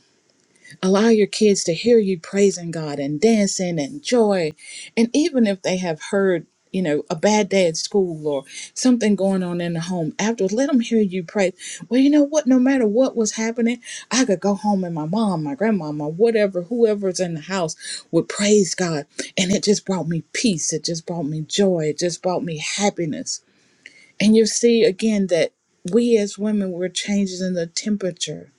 A: allow your kids to hear you praising god and dancing and joy and even if they have heard you know a bad day at school or something going on in the home afterwards let them hear you pray well you know what no matter what was happening i could go home and my mom my grandmama whatever whoever's in the house would praise god and it just brought me peace it just brought me joy it just brought me happiness and you see again that we as women, we're changing the temperature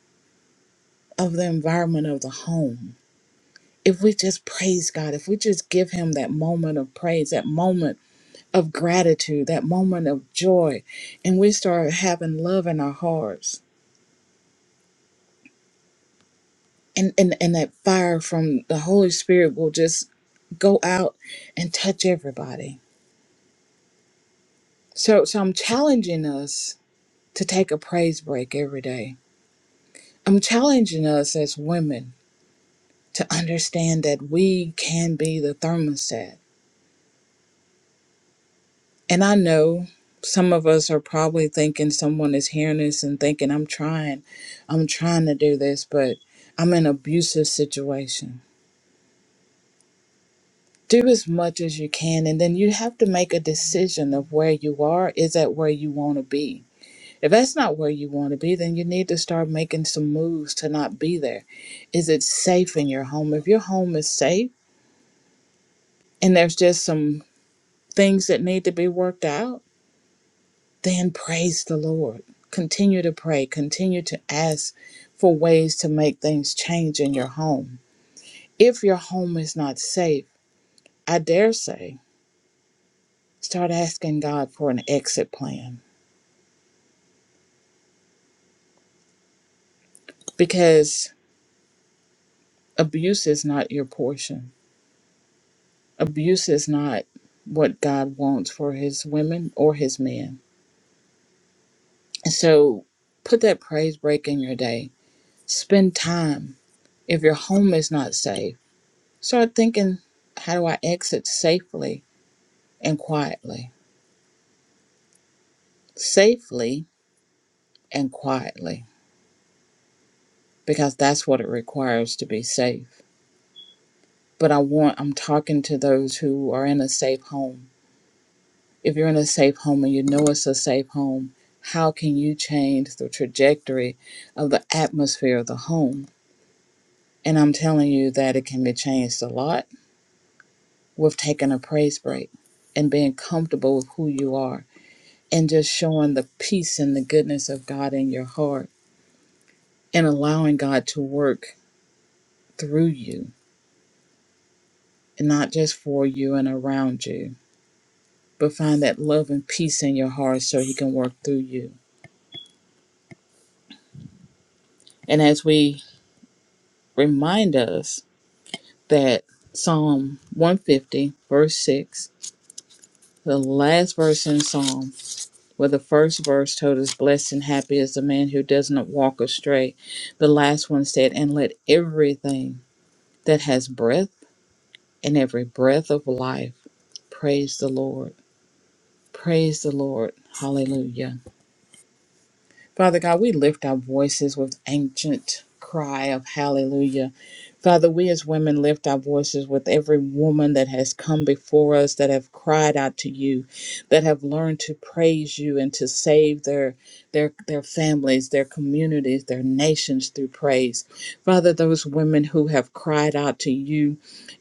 A: of the environment of the home. If we just praise God, if we just give Him that moment of praise, that moment of gratitude, that moment of joy, and we start having love in our hearts, and, and, and that fire from the Holy Spirit will just go out and touch everybody. So, so I'm challenging us to take a praise break every day. I'm challenging us as women to understand that we can be the thermostat. And I know some of us are probably thinking someone is hearing this and thinking, I'm trying, I'm trying to do this, but I'm in an abusive situation. Do as much as you can, and then you have to make a decision of where you are. Is that where you want to be? If that's not where you want to be, then you need to start making some moves to not be there. Is it safe in your home? If your home is safe and there's just some things that need to be worked out, then praise the Lord. Continue to pray, continue to ask for ways to make things change in your home. If your home is not safe, I dare say, start asking God for an exit plan because abuse is not your portion. Abuse is not what God wants for his women or his men. And so put that praise break in your day. Spend time. If your home is not safe, start thinking, how do I exit safely? and quietly, safely and quietly, because that's what it requires to be safe. But I want, I'm talking to those who are in a safe home. If you're in a safe home and you know it's a safe home, how can you change the trajectory of the atmosphere of the home? And I'm telling you that it can be changed a lot with taking a praise break and being comfortable with who you are and just showing the peace and the goodness of God in your heart and allowing God to work through you and not just for you and around you, but find that love and peace in your heart so He can work through you. And as we remind us that Psalm 150, verse 6, the last verse in Psalm, where the first verse told us, Blessed and happy is the man who does not walk astray. The last one said, And let everything that has breath and every breath of life praise the Lord. Praise the Lord. Hallelujah. Father God, we lift our voices with ancient cry of hallelujah. Father, we as women lift our voices with every woman that has come before us, that have cried out to you, that have learned to praise you and to save their their their families, their communities, their nations through praise. Father, those women who have cried out to you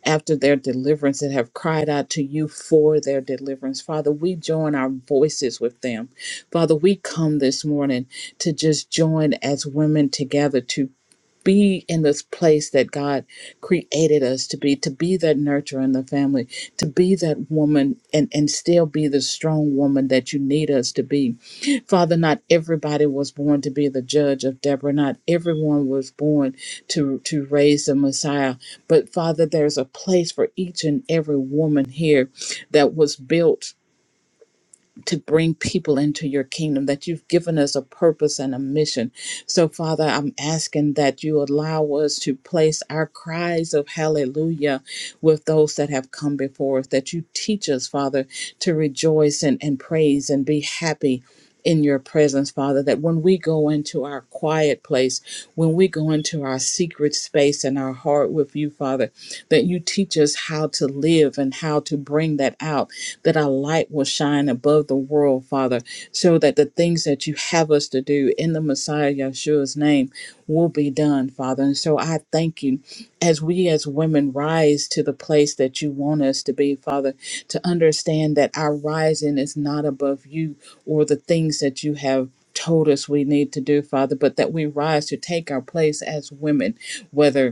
A: after their deliverance and have cried out to you for their deliverance. Father, we join our voices with them. Father, we come this morning to just join as women together to be in this place that God created us to be, to be that nurturer in the family, to be that woman and, and still be the strong woman that you need us to be. Father, not everybody was born to be the judge of Deborah. Not everyone was born to, to raise the Messiah. But Father, there's a place for each and every woman here that was built to bring people into your kingdom, that you've given us a purpose and a mission. So, Father, I'm asking that you allow us to place our cries of hallelujah with those that have come before us, that you teach us, Father, to rejoice and, and praise and be happy in your presence, Father, that when we go into our quiet place, when we go into our secret space and our heart with you, Father, that you teach us how to live and how to bring that out, that our light will shine above the world, Father, so that the things that you have us to do in the Messiah Yeshua's name will be done, Father. And so I thank you as we as women rise to the place that you want us to be, Father, to understand that our rising is not above you or the things that you have told us we need to do, Father, but that we rise to take our place as women, whether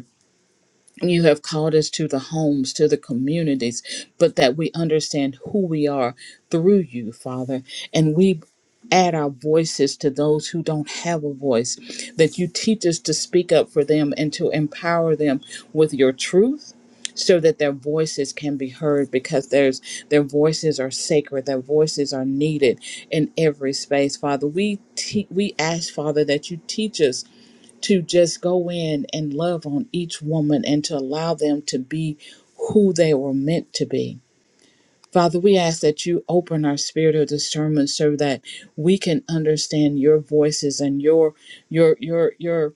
A: you have called us to the homes, to the communities, but that we understand who we are through you, Father. And we add our voices to those who don't have a voice, that you teach us to speak up for them and to empower them with your truth. So that their voices can be heard because there's, their voices are sacred, their voices are needed in every space, Father. We, te- we ask, Father, that you teach us to just go in and love on each woman and to allow them to be who they were meant to be. Father, we ask that you open our spirit of discernment so that we can understand your voices and your your your your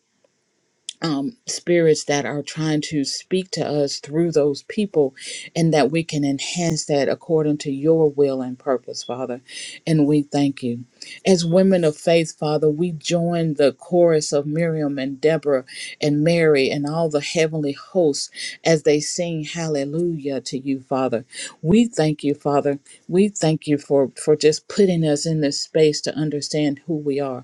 A: um, spirits that are trying to speak to us through those people, and that we can enhance that according to your will and purpose, Father. And we thank you. As women of faith, Father, we join the chorus of Miriam and Deborah and Mary and all the heavenly hosts as they sing hallelujah to you, Father. We thank you, Father. We thank you for, for just putting us in this space to understand who we are.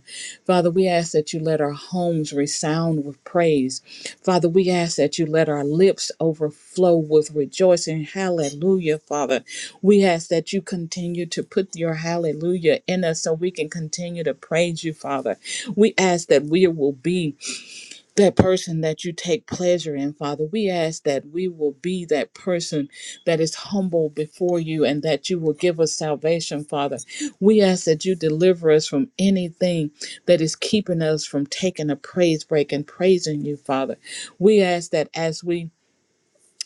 A: Father, we ask that you let our homes resound with praise. Father, we ask that you let our lips overflow with rejoicing. Hallelujah, Father. We ask that you continue to put your hallelujah in us so we can continue to praise you, Father. We ask that we will be that person that you take pleasure in, Father. We ask that we will be that person that is humble before you and that you will give us salvation, Father. We ask that you deliver us from anything that is keeping us from taking a praise break and praising you, Father. We ask that as we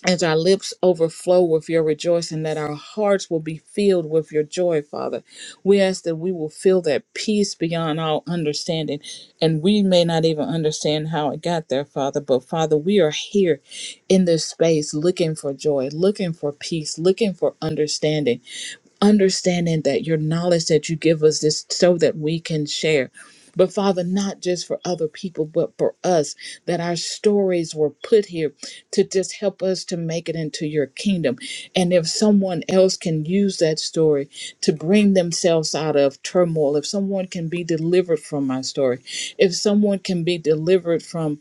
A: as our lips overflow with your rejoicing, that our hearts will be filled with your joy, Father. We ask that we will feel that peace beyond all understanding. And we may not even understand how it got there, Father, but Father, we are here in this space looking for joy, looking for peace, looking for understanding understanding that your knowledge that you give us is so that we can share. But Father, not just for other people, but for us, that our stories were put here to just help us to make it into your kingdom. And if someone else can use that story to bring themselves out of turmoil, if someone can be delivered from my story, if someone can be delivered from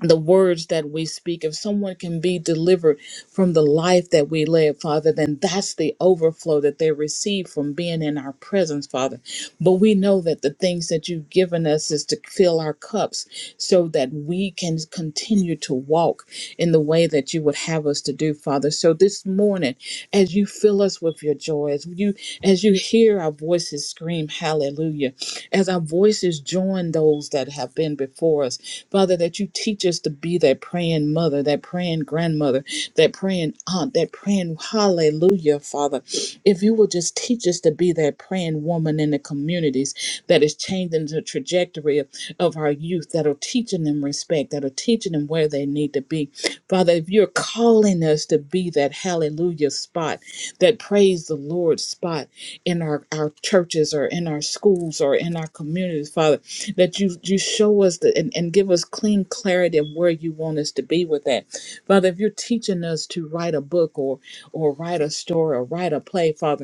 A: the words that we speak, if someone can be delivered from the life that we live, Father, then that's the overflow that they receive from being in our presence, Father. But we know that the things that you've given us is to fill our cups so that we can continue to walk in the way that you would have us to do, Father. So this morning, as you fill us with your joy, your joy. As you as you hear our voices scream hallelujah, as our voices join those that have been before us, Father, that you teach us to be that praying mother, that praying grandmother, that praying aunt, that praying hallelujah, Father. If you will just teach us to be that praying woman in the communities that is changing the trajectory of, of our youth, that are teaching them respect, that are teaching them where they need to be. Father, if you're calling us to be that hallelujah spot, that praise the Lord spot in our, our churches or in our schools or in our communities, Father, that you you show us the, and, and give us clean clarity of where you want us to be with that. Father, if you're teaching us to write a book or or write a story or write a play, Father,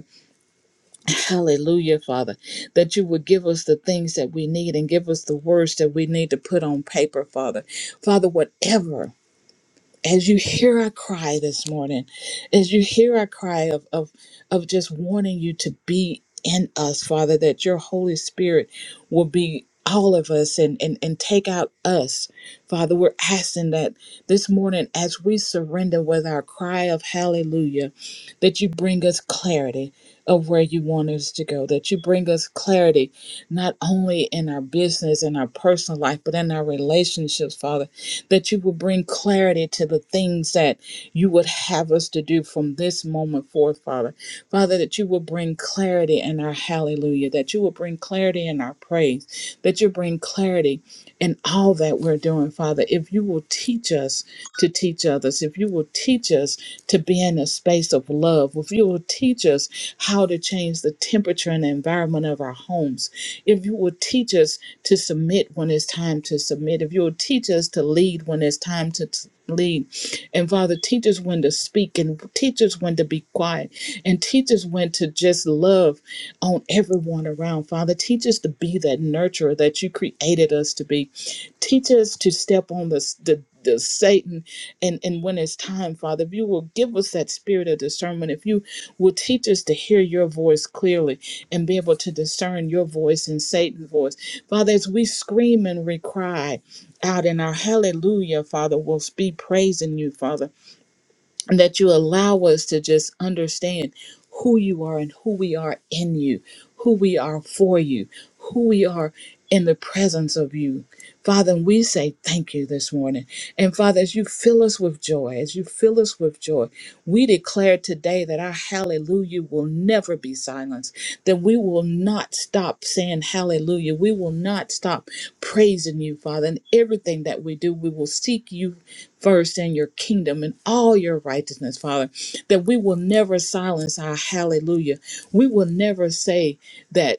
A: Hallelujah, Father, that you would give us the things that we need and give us the words that we need to put on paper, Father. Father, whatever, as you hear our cry this morning, as you hear our cry of, of, of just wanting you to be in us, Father, that your Holy Spirit will be all of us and, and, and take out us. Father, we're asking that this morning as we surrender with our cry of hallelujah that you bring us clarity of where you want us to go, that you bring us clarity not only in our business and our personal life, but in our relationships, Father, that you will bring clarity to the things that you would have us to do from this moment forth, Father. Father, that you will bring clarity in our hallelujah, that you will bring clarity in our praise, that you bring clarity in all that we're doing, Father. If you will teach us to teach others, if you will teach us to be in a space of love, if you will teach us how to change the temperature and the environment of our homes, if you will teach us to submit when it's time to submit, if you will teach us to lead when it's time to. t- Lead and Father, teach us when to speak and teach us when to be quiet. And teach us when to just love on everyone around. Father, teach us to be that nurturer that you created us to be. Teach us to step on the, the the Satan and and when it's time, Father, if you will give us that spirit of discernment, if you will teach us to hear your voice clearly and be able to discern your voice and Satan's voice, Father, as we scream and we cry out in our hallelujah, Father, we'll be praising you, Father and that you allow us to just understand who you are and who we are in you, who we are for you, who we are in the presence of you. Father, and we say thank you this morning. And Father, as you fill us with joy, as you fill us with joy, we declare today that our hallelujah hallelujah will never be silenced, that we will not stop saying hallelujah. We will not stop praising you, Father. In everything that we do, we will seek you first in your kingdom and all your righteousness, Father, that we will never silence our hallelujah. We will never say, that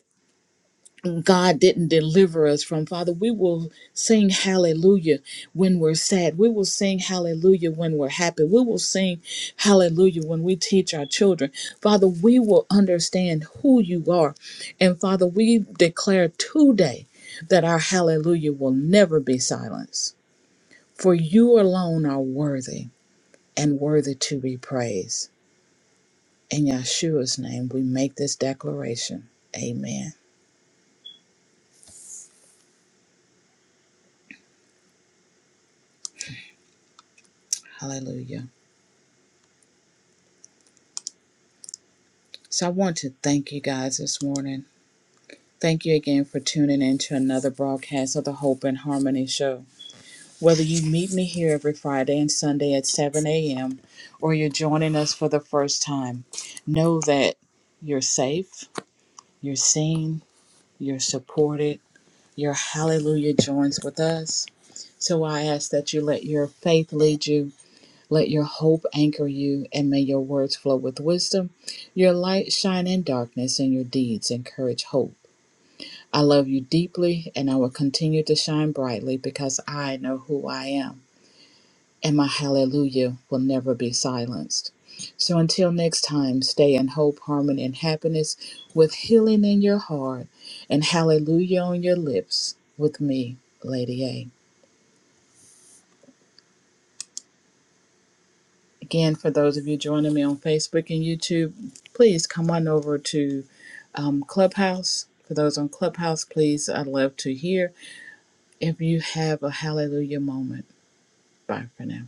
A: God didn't deliver us from. Father, we will sing hallelujah when we're sad. We will sing hallelujah when we're happy. We will sing hallelujah when we teach our children. Father, we will understand who you are. And Father, we declare today that our hallelujah will never be silenced. For you alone are worthy and worthy to be praised. In Yeshua's name, we make this declaration. Amen. Hallelujah. So I want to thank you guys this morning. Thank you again for tuning in to another broadcast of the Hope and Harmony Show. Whether you meet me here every Friday and Sunday at 7 a.m. or you're joining us for the first time, know that you're safe, you're seen, you're supported, your hallelujah joins with us. So I ask that you let your faith lead you, let your hope anchor you, and may your words flow with wisdom, your light shine in darkness, and your deeds encourage hope. I love you deeply, and I will continue to shine brightly because I know who I am, and my hallelujah will never be silenced. So until next time, stay in hope, harmony, and happiness with healing in your heart and hallelujah on your lips with me, Lady A. Again, for those of you joining me on Facebook and YouTube, please come on over to um, Clubhouse. For those on Clubhouse, please, I'd love to hear if you have a hallelujah moment. Bye for now.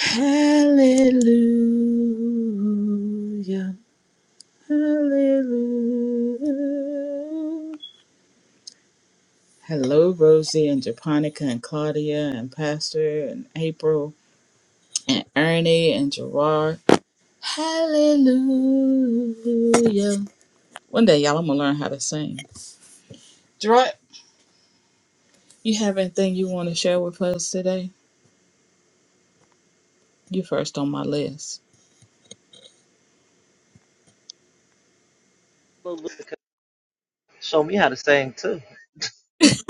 A: Hallelujah. Hallelujah. Hello, Rosie and Japonica and Claudia and Pastor and April and Ernie and Gerard. Hallelujah. One day, y'all, I'm going to learn how to sing. Gerard, you have anything you want to share with us today? You first on my list.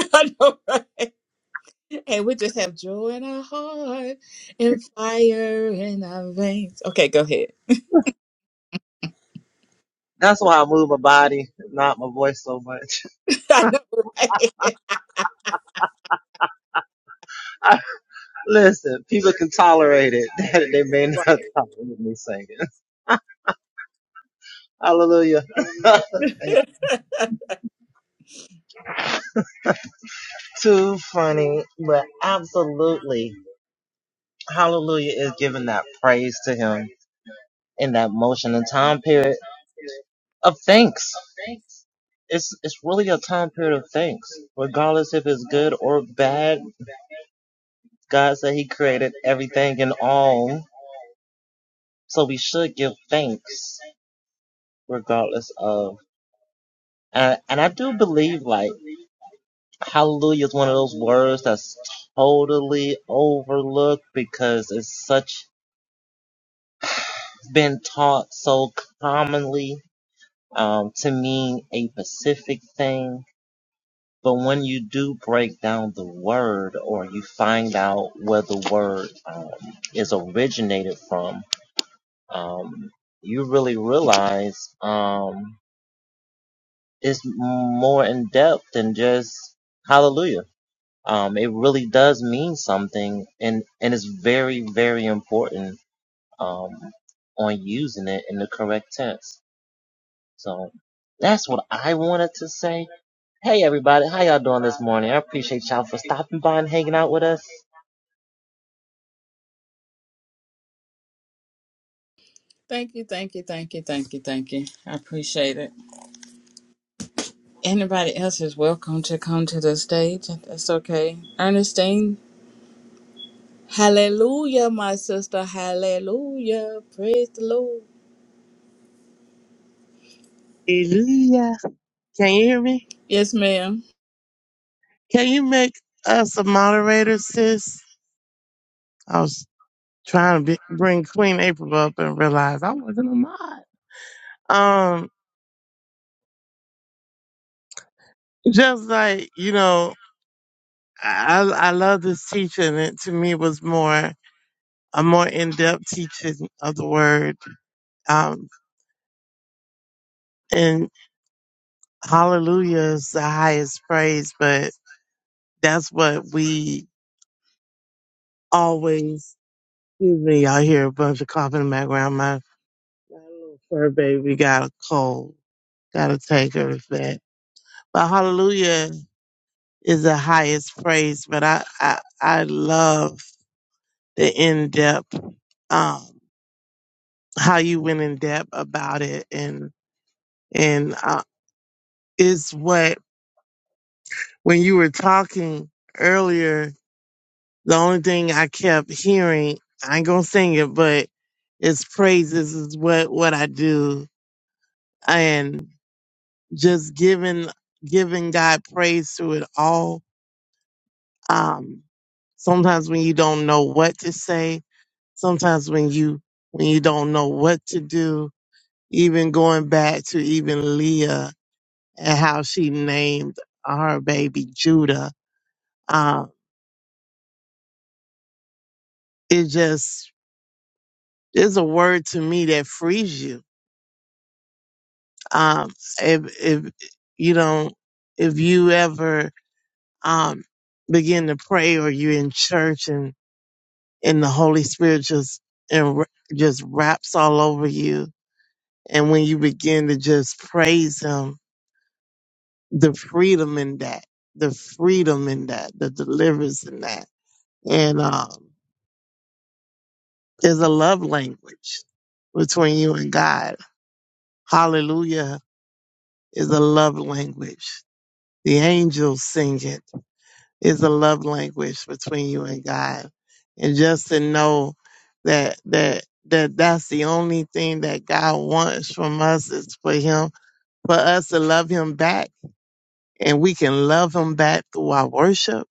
A: I know, right? Okay, we just have joy in our heart and fire in our veins. Okay, go ahead. I know, right? Right. Thank you, thank you, thank you, thank you, thank you. I appreciate it. Anybody else is welcome to come to the stage. That's okay. Ernestine, hallelujah, my sister, hallelujah. Praise the Lord.
B: Hallelujah. Can you hear me?
A: Yes, ma'am.
B: Can you make us a moderator, sis? I was trying to be, bring Queen April up and realized I wasn't a mod. Um, just like, you know, I, I love this teaching. It to me was more, a more in-depth teaching of the word. Um, and hallelujah is the highest praise, but that's what we always, excuse me, y'all hear a bunch of coughing in the background. My little fur baby got a cold. Gotta take her to vet. But hallelujah is the highest praise. But I, I, I love the in depth, um, how you went in depth about it. And, and, uh, it's what, when you were talking earlier, the only thing I kept hearing, I ain't gonna sing it, but it's praises is what, what I do. And just giving, giving God praise through it all Um, sometimes when you don't know what to say, sometimes when you when you don't know what to do, even going back to even Leah and how she named her baby Judah, um, it just is a word to me that frees you. Um, if if you don't, if you ever um, begin to pray or you're in church and and the Holy Spirit just and just wraps all over you And when you begin to just praise him, the freedom in that, the freedom in that, the deliverance in that. And um, there's a love language between you and God. Hallelujah is a love language. The angels sing it is a love language between you and God. And just to know that that that that's the only thing that God wants from us is for him for us to love him back and we can love him back through our worship.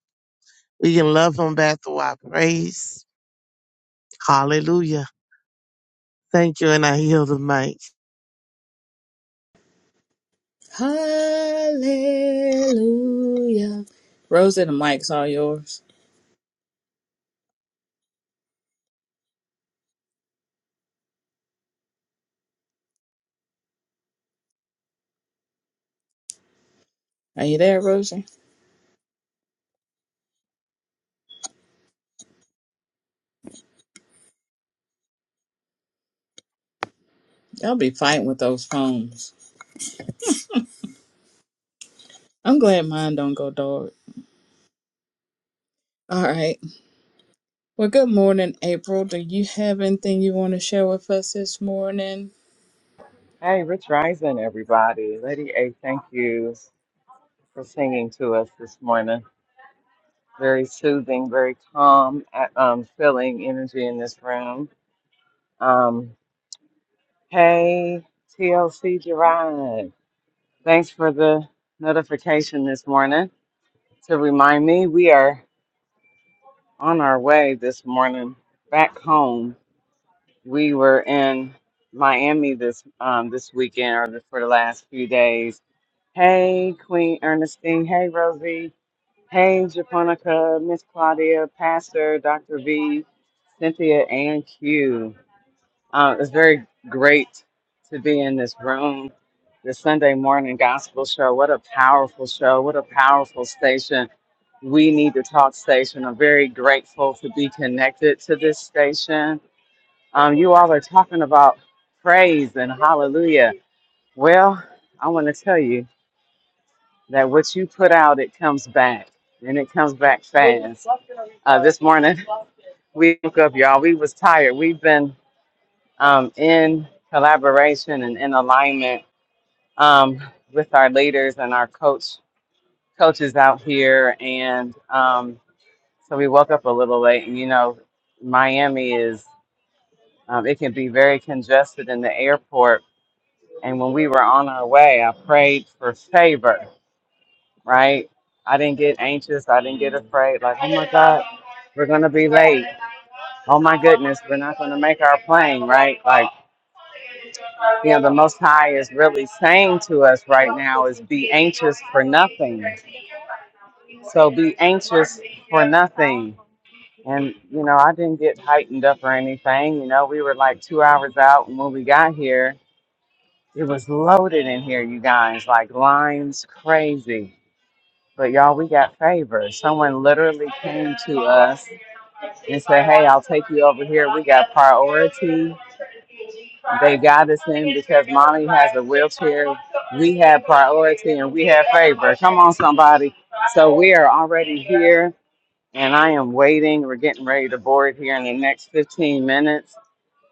B: We can love him back through our praise. Hallelujah. Thank you. And I heal the mic.
A: Hallelujah. Rosie, the mic's all yours. Are you there, Rosie? Y'all be fighting with those phones. I'm glad mine don't go dark. All right. Well, good morning, April. Do you have anything you want to share with us this morning?
C: Hey, Rich Rising, everybody. Lady A, thank you for singing to us this morning. Very soothing, very calm, uh, um, filling energy in this room. Um, hey, TLC Gerard. Thanks for the notification this morning to remind me we are on our way this morning back home we were in Miami this um this weekend or the, for the last few days. Hey, Queen Ernestine. Hey, Rosie. Hey, Japonica, Miss Claudia, Pastor, Dr. V, Cynthia, and Q. Uh, it's very great to be in this room. The Sunday morning gospel show. What a powerful show. What a powerful station. We need to talk station. I'm very grateful to be connected to this station um, you all are talking about praise and hallelujah. Well, I want to tell you that what you put out, it comes back, and it comes back fast. Uh, this morning, we woke up, y'all. We was tired. We've been um, in collaboration and in alignment um, with our leaders and our coach coaches out here, and um, so we woke up a little late. And you know, Miami is um, it can be very congested in the airport And when we were on our way, I prayed for favor, right? I didn't get anxious. I didn't get afraid. Like, oh my God, we're going to be late. Oh my goodness, we're not going to make our plane, right? Like, you know, the Most High is really saying to us right now is be anxious for nothing. So be anxious for nothing. And, you know, I didn't get heightened up or anything. You know, we were like two hours out. And when we got here, it was loaded in here, you guys, like lines crazy But y'all, we got favors. Someone literally came to us and said, Hey, I'll take you over here. We got priority. They got us in because mommy has a wheelchair. We have priority and we have favor. Come on, somebody. So we are already here and I am waiting. We're getting ready to board here in the next 15 minutes.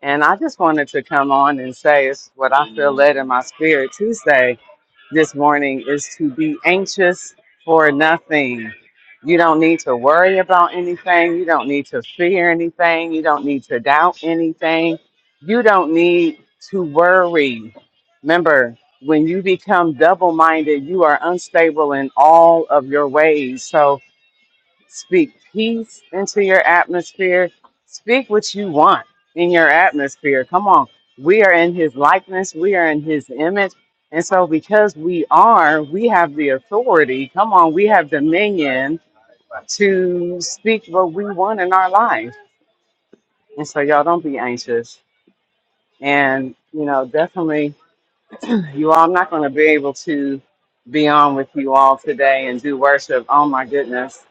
C: And I just wanted to come on and say it's what I feel led in my spirit to say this morning is to be anxious for nothing. You don't need to worry about anything. You don't need to fear anything. You don't need to doubt anything. You don't need to worry. Remember, when you become double minded, you are unstable in all of your ways. So, Speak peace into your atmosphere. Speak what you want in your atmosphere. Come on. We are in his likeness, we are in his image. And so, because we are, we have the authority. Come on, we have dominion to speak what we want in our life. And so, y'all don't be anxious. And, you know, definitely, you all, I'm not going to be able to be on with you all today and do worship. Oh, my goodness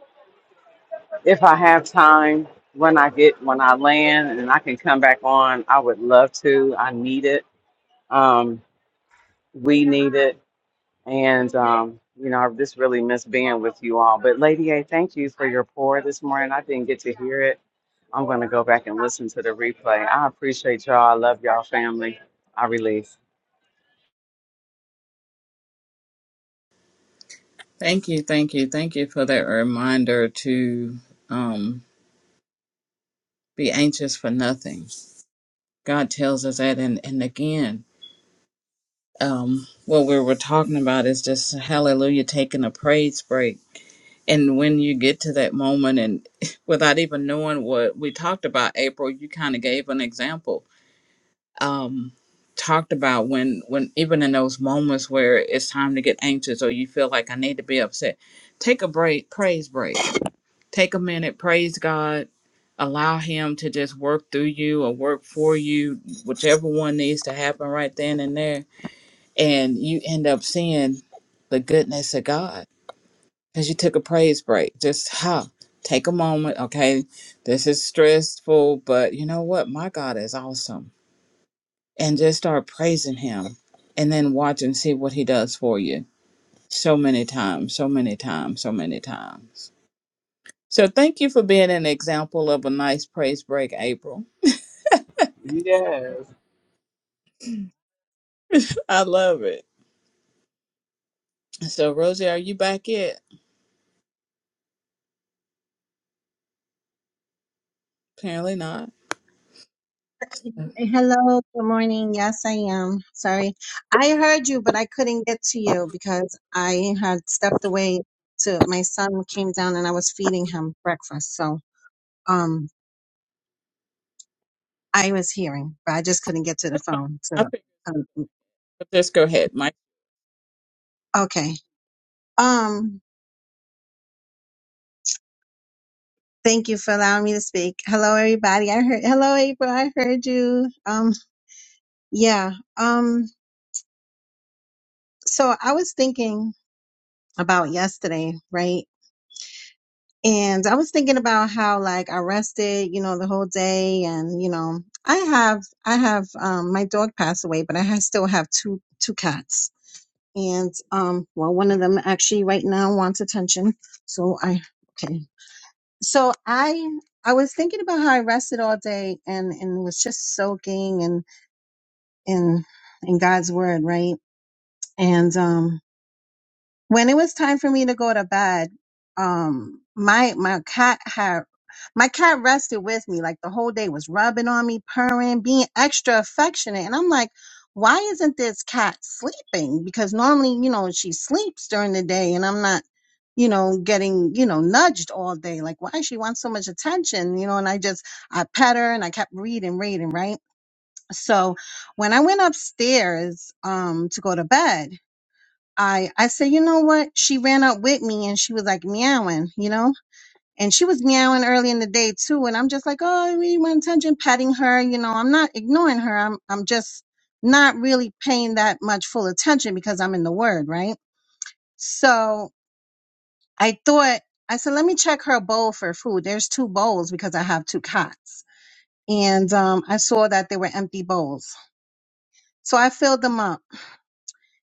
C: If I have time, when I get when I land and I can come back on, I would love to. I need it. Um, we need it, and um, you know, I just really miss being with you all. But Lady A, thank you for your pour this morning. I didn't get to hear it. I'm going to go back and listen to the replay. I appreciate y'all. I love y'all, family. I release.
A: Thank you, thank you, thank you for that reminder to um, be anxious for nothing. God tells us that, and and again, um, what we were talking about is just Hallelujah, taking a praise break. And when you get to that moment, and without even knowing what we talked about, April, you kind of gave an example um, talked about when when even in those moments where it's time to get anxious or you feel like I need to be upset, take a break, praise break. Take a minute, praise God. Allow him to just work through you or work for you, whichever one needs to happen right then and there. And you end up seeing the goodness of God because you took a praise break. Just huh, take a moment. Okay, this is stressful, but you know what? My God is awesome and just start praising him and then watch and see what he does for you so many times, so many times, so many times. So thank you for being an example of a nice praise break, April.
C: Yes.
A: I love it. So Rosie, are you back yet? Apparently not. I
D: Hey, Hello, good morning. Yes, I am. Sorry. I heard you, but I couldn't get to you because I had stepped away to my son came down and I was feeding him breakfast. So, um, I was hearing, but I just couldn't get to the phone to,
A: think
D: um,
A: just go ahead, Mike.
D: okay. Um, thank you for allowing me to speak. Hello, everybody. I heard, hello, April. I heard you. Um, yeah. Um, so I was thinking about yesterday, right? And I was thinking about how like I rested, you know, the whole day and you know, I have I have um my dog passed away, but I ha still have two two cats. And um well one of them actually right now wants attention. So I okay. So I I was thinking about how I rested all day and and was just soaking and in in God's word, right? And um when it was time for me to go to bed, um, my my cat had my cat rested with me like the whole day was rubbing on me, purring, being extra affectionate, and I'm like, why isn't this cat sleeping? Because normally, you know, she sleeps during the day, and I'm not, you know, getting you know nudged all day. Like, why she wants so much attention, you know? And I just I pet her and I kept reading, reading, right. So when I went upstairs um to go to bed I I said, you know what? She ran up with me and she was like meowing, you know? And she was meowing early in the day too. And I'm just like, oh, we want attention, patting her, you know, I'm not ignoring her. I'm I'm just not really paying that much full attention because I'm in the word, right? So I thought I said, let me check her bowl for food. There's two bowls because I have two cots. And um, I saw that they were empty bowls. So I filled them up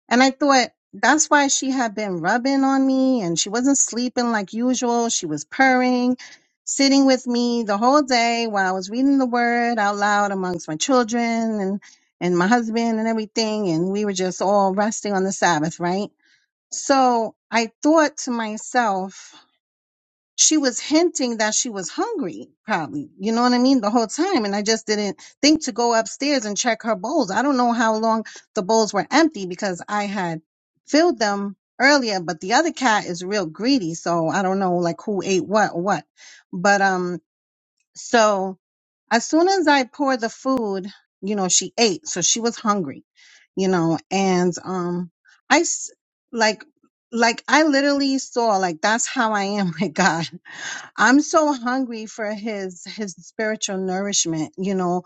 D: And I thought that's why she had been rubbing on me and she wasn't sleeping like usual. She was purring, sitting with me the whole day while I was reading the word out loud amongst my children and, and my husband and everything. And we were just all resting on the Sabbath, right? So I thought to myself, she was hinting that she was hungry, probably. You know what I mean? The whole time. And I just didn't think to go upstairs and check her bowls. I don't know how long the bowls were empty because I had filled them earlier, but the other cat is real greedy. So I don't know like who ate what or what. But, um, so as soon as I poured the food, you know, she ate, so she was hungry, you know, and um, I s- like like I literally saw like that's how I am with God. I'm so hungry for his his spiritual nourishment, you know,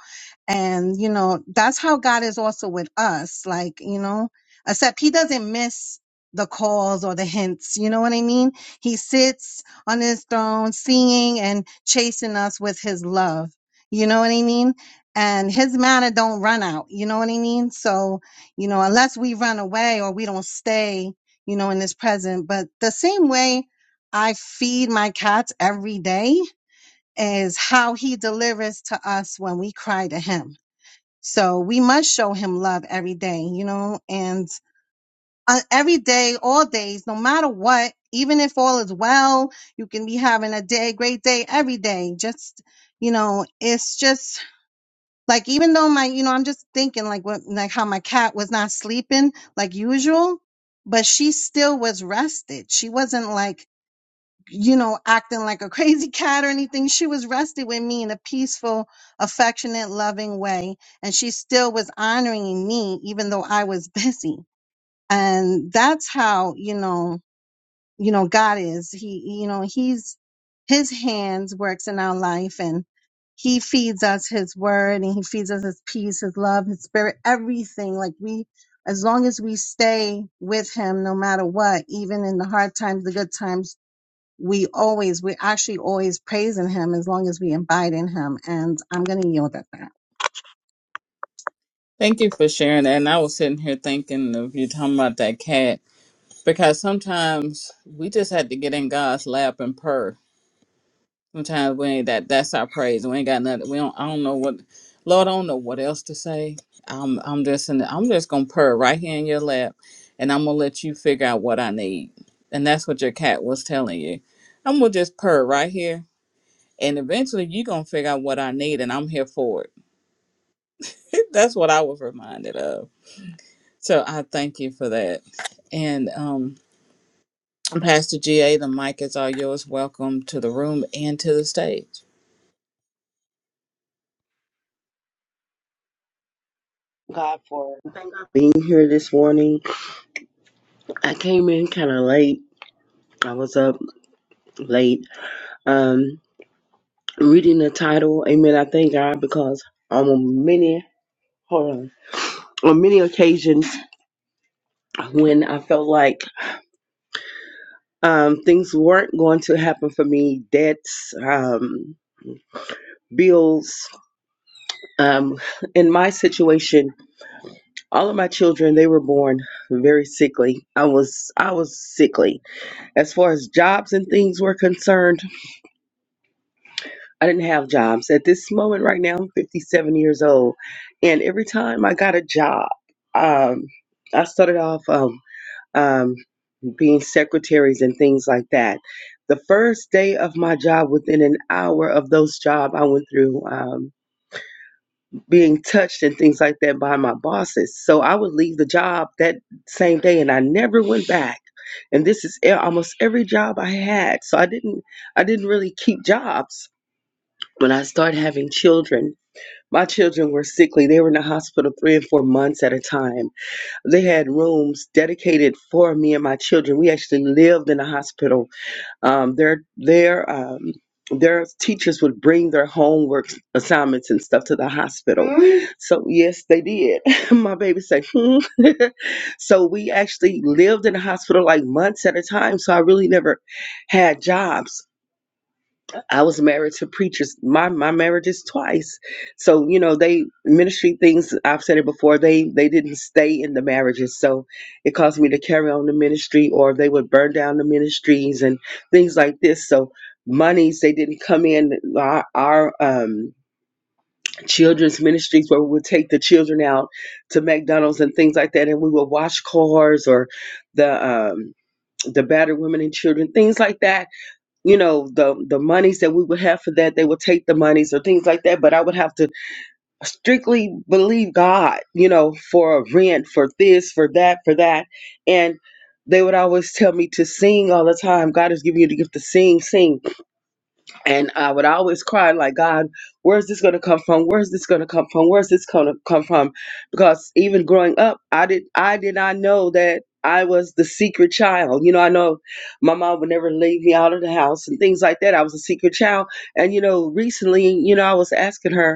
D: and you know, that's how God is also with us, like, you know, except he doesn't miss the calls or the hints, you know what I mean? He sits on his throne, seeing and chasing us with his love. You know what I mean? And his manner don't run out. You know what I mean? So, you know, unless we run away or we don't stay, you know, in this present. But the same way I feed my cats every day is how he delivers to us when we cry to him. So we must show him love every day, you know, and uh, every day, all days, no matter what, even if all is well, you can be having a day, great day every day. Just, you know, it's just like, even though my, you know, I'm just thinking like what, like how my cat was not sleeping like usual, but she still was rested. She wasn't like, you know, acting like a crazy cat or anything. She was rested with me in a peaceful, affectionate, loving way. And she still was honoring me, even though I was busy and that's how you know you know god is he you know he's his hands works in our life and he feeds us his word and he feeds us his peace his love his spirit everything like we as long as we stay with him no matter what even in the hard times the good times we always we actually always praising him as long as we abide in him and i'm going to yield at that
A: Thank you for sharing that. And I was sitting here thinking of you talking about that cat because sometimes we just had to get in God's lap and purr Sometimes we ain't that. That's our praise. We ain't got nothing. We don't. I don't know what. Lord, I don't know what else to say. I'm. I'm just. In the, I'm just gonna purr right here in your lap, and I'm gonna let you figure out what I need. And that's what your cat was telling you. I'm gonna just purr right here, and eventually you gonna figure out what I need, and I'm here for it. that's what I was reminded of. So I thank you for that. And um, Pastor GA, the mic is all yours. Welcome to the room and to the stage.
E: God for being here this morning. I came in kind of late. I was up late. Um, reading the title, Amen. I thank God because on many hold on on many occasions when I felt like um things weren't going to happen for me, debts, um, bills. Um, in my situation, all of my children they were born very sickly. I was I was sickly as far as jobs and things were concerned. I didn't have jobs. At this moment right now, I'm 57 years old. And every time I got a job, um, I started off um, um, being secretaries and things like that. The first day of my job, within an hour of those jobs, I went through um, being touched and things like that by my bosses. So I would leave the job that same day, and I never went back. And this is e- almost every job I had. So I didn't, I didn't really keep jobs when I started having children. My children were sickly. They were in the hospital three and four months at a time. They had rooms dedicated for me and my children. We actually lived in the hospital. Um, their their um, their teachers would bring their homework assignments and stuff to the hospital. Mm. So yes, they did. my baby said, hmm. so we actually lived in the hospital like months at a time. So I really never had jobs. I was married to preachers. My my marriage is twice. So, you know, they ministry things, I've said it before, they they didn't stay in the marriages. So it caused me to carry on the ministry or they would burn down the ministries and things like this. So monies they didn't come in our, our um children's ministries where we would take the children out to McDonald's and things like that and we would wash cars or the um the battered women and children, things like that you know the the monies that we would have for that they would take the monies or things like that but i would have to strictly believe god you know for rent for this for that for that and they would always tell me to sing all the time god is giving you the gift to sing sing and I would always cry like, God, where's this going to come from? Where's this going to come from? Where's this going to come from? Because even growing up, I did I did not know that I was the secret child. You know, I know my mom would never leave me out of the house and things like that. I was a secret child. And you know, recently, you know, I was asking her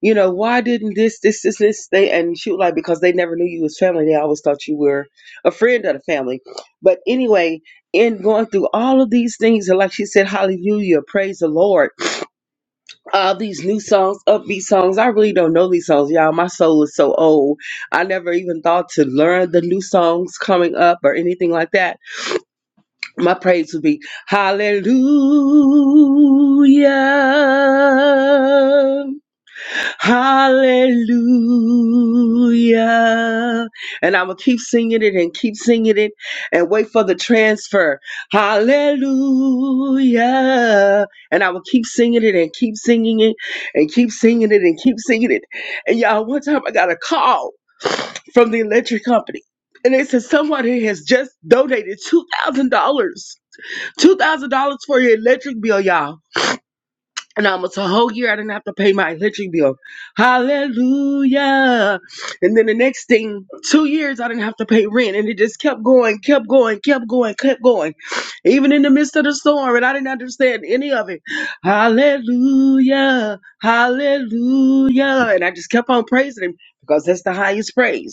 E: you know, why didn't this, this, this, this, they, and she was like, because they never knew you was family. They always thought you were a friend of the family. But anyway, in going through all of these things, and like she said, hallelujah, praise the Lord, all these new songs, upbeat songs. I really don't know these songs, y'all. My soul is so old. I never even thought to learn the new songs coming up or anything like that. My praise would be, hallelujah. Hallelujah. And I'm going to keep singing it and keep singing it and wait for the transfer. Hallelujah. And I will keep singing it and keep singing it and keep singing it and keep singing it. And y'all, one time I got a call from the electric company. And they said somebody has just donated $2,000. $2,000 for your electric bill, y'all and almost a whole year I didn't have to pay my electric bill. Hallelujah. And then the next thing, two years I didn't have to pay rent. And it just kept going, kept going, kept going, kept going. Even in the midst of the storm, and I didn't understand any of it. Hallelujah. Hallelujah. And I just kept on praising him because that's the highest praise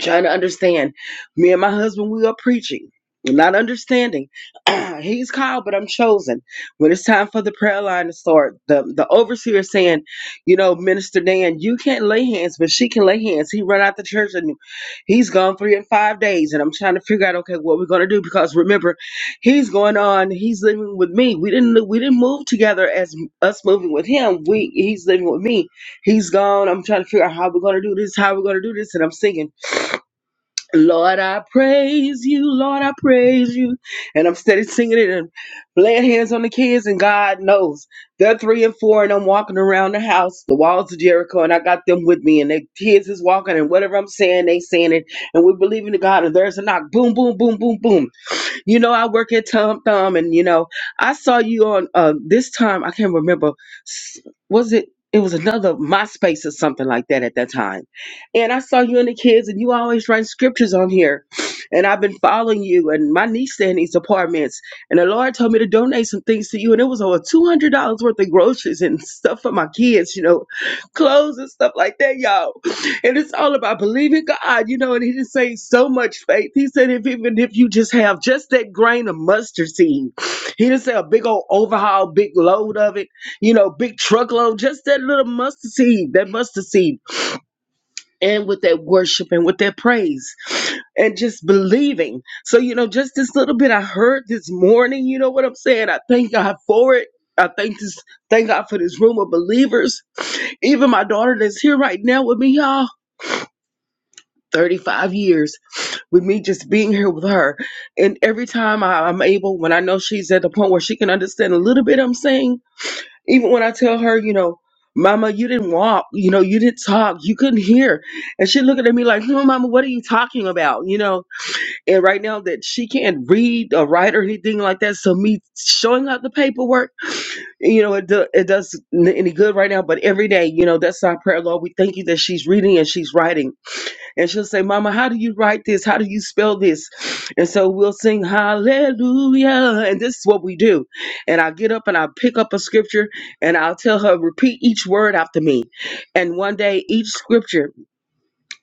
E: trying to understand. Me and my husband, we are preaching, We're not understanding. He's called, but I'm chosen. When it's time for the prayer line to start, the, the overseer is saying, you know, Minister Dan, you can't lay hands, but she can lay hands. He run out the church and he's gone three and five days. And I'm trying to figure out, okay, what we're going to do. Because remember, he's going on, he's living with me. We didn't, we didn't move together as us moving with him. We, he's living with me. He's gone. I'm trying to figure out how we're going to do this, how we're going to do this. And I'm singing. Lord, I praise you. Lord, I praise you. And I'm steady singing it and laying hands on the kids. And God knows they're three and four, and I'm walking around the house, the walls of Jericho, and I got them with me. And the kids is walking, and whatever I'm saying, they saying it. And we're believing to God. And there's a knock. Boom, boom, boom, boom, boom you know, I work at Tom Thumb, and you know, I saw you on uh, this time. I can't remember. s- Was it? It was another MySpace or something like that at that time. And I saw you and the kids, and you always write scriptures on here. And I've been following you, and my niece stay in these apartments. And the Lord told me to donate some things to you, and it was over two hundred dollars worth of groceries and stuff for my kids. You know, clothes and stuff like that, y'all. And it's all about believing God, you know. And He just say so much faith. He said, if even if you just have just that grain of mustard seed, He didn't say a big old overhaul, big load of it, you know, big truckload, just that little mustard seed, that mustard seed and with that worship and with that praise and just believing. So, you know, just this little bit I heard this morning, you know what I'm saying? I thank God for it. I thank this thank God for this room of believers. Even my daughter that's here right now with me, y'all. 35 years with me just being here with her. And every time I, I'm able, when I know she's at the point where she can understand a little bit, I'm saying, even when I tell her, you know, Mama, you didn't walk, you know, you didn't talk, you couldn't hear. And she looking at me like, no, Mama, what are you talking about? You know, and right now that she can't read or write or anything like that. So me showing out the paperwork, you know, it, do, it does n- any good right now. But every day, you know, that's our prayer, Lord. We thank you that she's reading and she's writing and she'll say, Mama, how do you write this? How do you spell this? And so we'll sing hallelujah. And this is what we do. And i get up and i pick up a scripture and I'll tell her, repeat each word after me. And one day each scripture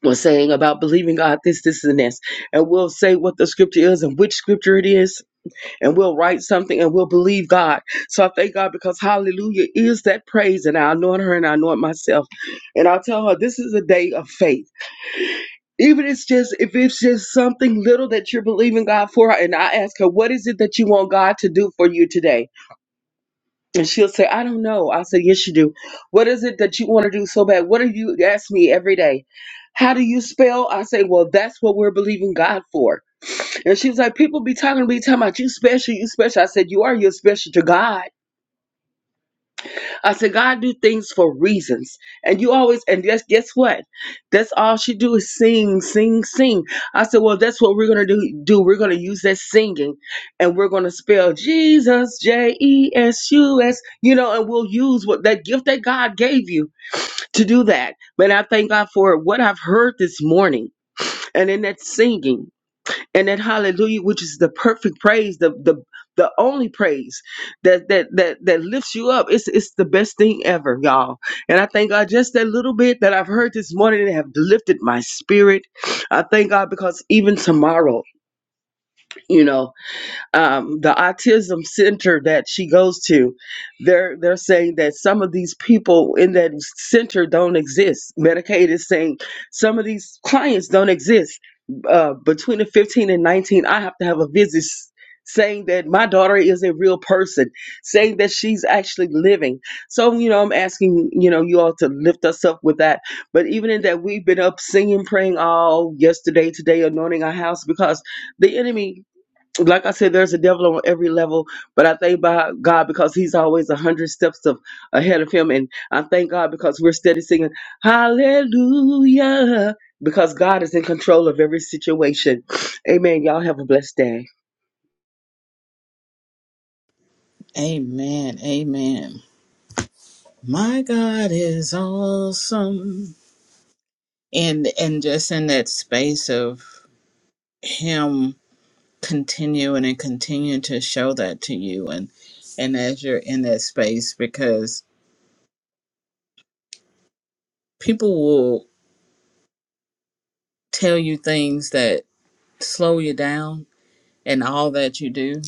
E: was saying about believing God, this, this, and this. And we'll say what the scripture is and which scripture it is. And we'll write something and we'll believe God. So I thank God because hallelujah is that praise. And I anoint her and I anoint myself. And I'll tell her, this is a day of faith even it's just if it's just something little that you're believing God for, and I ask her, "What is it that you want God to do for you today?" And she'll say, "I don't know." I say, "Yes, you do. What is it that you want to do so bad? What do you ask me every day? How do you spell?" I say, "Well, that's what we're believing God for." And she was like, "People be talking to me talking about you special, you special." I said, "You are. You're special to God." I said, God do things for reasons. And you always, and guess, guess what? That's all she do is sing, sing, sing. I said, well, that's what we're going to do, do. We're going to use that singing and we're going to spell Jesus, J-E-S-U-S, you know, and we'll use what that gift that God gave you to do that. But I thank God for what I've heard this morning and in that singing and that hallelujah which is the perfect praise the the the only praise that that that that lifts you up it's it's the best thing ever y'all and i thank god just that little bit that i've heard this morning have lifted my spirit i thank god because even tomorrow you know um, the autism center that she goes to, they're they're saying that some of these people in that center don't exist. Medicaid is saying some of these clients don't exist. Uh, between the 15 and 19, I have to have a visit s- saying that my daughter is a real person, saying that she's actually living. So, you know, I'm asking, you know, you all to lift us up with that. But even in that, we've been up singing, praying all yesterday, today, anointing our house because the enemy like I said, there's a devil on every level, but I thank by God because He's always a hundred steps of ahead of Him, and I thank God because we're steady singing Hallelujah because God is in control of every situation. Amen. Y'all have a blessed day.
A: Amen. Amen. my God is awesome. And and just in that space of him continuing and continuing to show that to you and and as you're in that space because people will tell you things that slow you down and all that you do.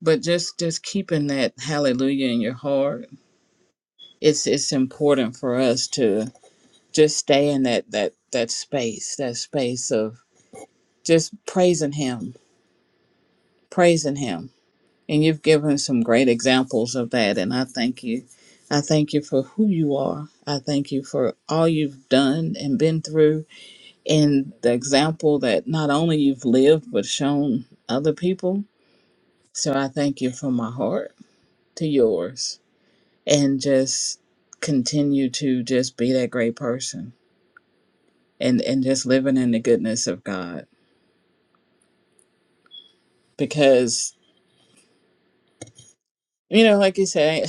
A: But just just keeping that hallelujah in your heart. It's it's important for us to just stay in that that that space, that space of just praising him praising him and you've given some great examples of that and i thank you i thank you for who you are i thank you for all you've done and been through and the example that not only you've lived but shown other people so i thank you from my heart to yours and just continue to just be that great person and and just living in the goodness of god because you know like you say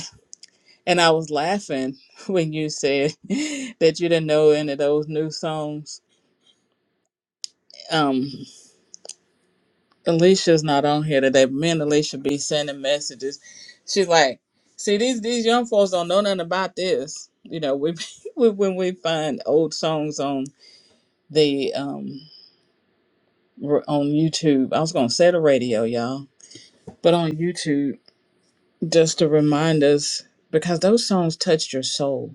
A: And I was laughing when you said that you didn't know any of those new songs. Um, Alicia's not on here today. but Me and Alicia be sending messages. She's like, "See, these these young folks don't know nothing about this." You know, we, we when we find old songs on the um r- on YouTube. I was gonna say the radio, y'all, but on YouTube just to remind us because those songs touched your soul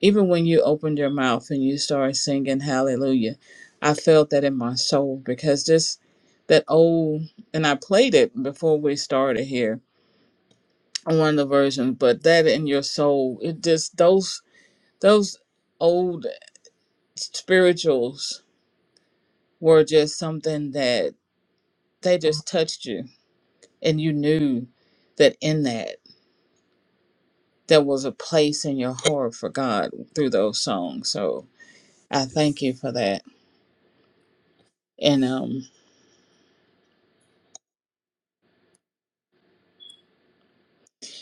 A: Even when you opened your mouth and you started singing hallelujah, I felt that in my soul because this, that old, and I played it before we started here on one of the versions, but that in your soul, it just, those, those old spirituals were just something that they just touched you and you knew that in that there was a place in your heart for God through those songs. So I thank you for that. And um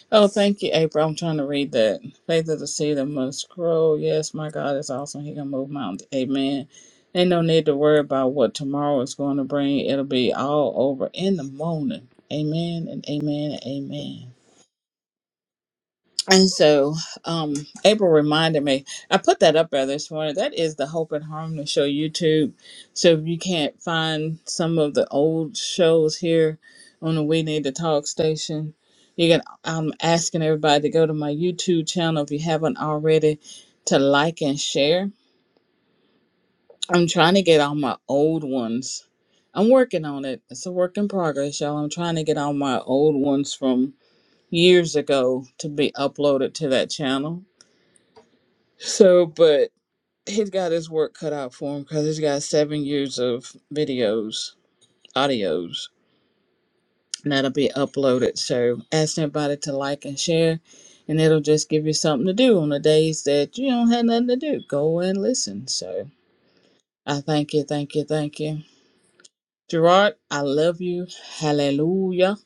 A: Oh, thank you, April. I'm trying to read that. Faith of the seed that must grow. Yes, my God is awesome. He can move mountains. Amen. Ain't no need to worry about what tomorrow is going to bring. It'll be all over in the morning. Amen and amen and amen. And so um, April reminded me, I put that up there this morning. That is the Hope and Harmony show YouTube. So if you can't find some of the old shows here on the We Need to Talk station, you can. I'm asking everybody to go to my YouTube channel if you haven't already to like and share. I'm trying to get all my old ones. I'm working on it. It's a work in progress, y'all. I'm trying to get all my old ones from years ago to be uploaded to that channel So, but he's got his work cut out for him because he's got seven years of videos, audios, and that'll be uploaded. So, ask everybody to like and share, and it'll just give you something to do on the days that you don't have nothing to do. Go and listen. So, I thank you, thank you, thank you. Gerard, I love you. Hallelujah.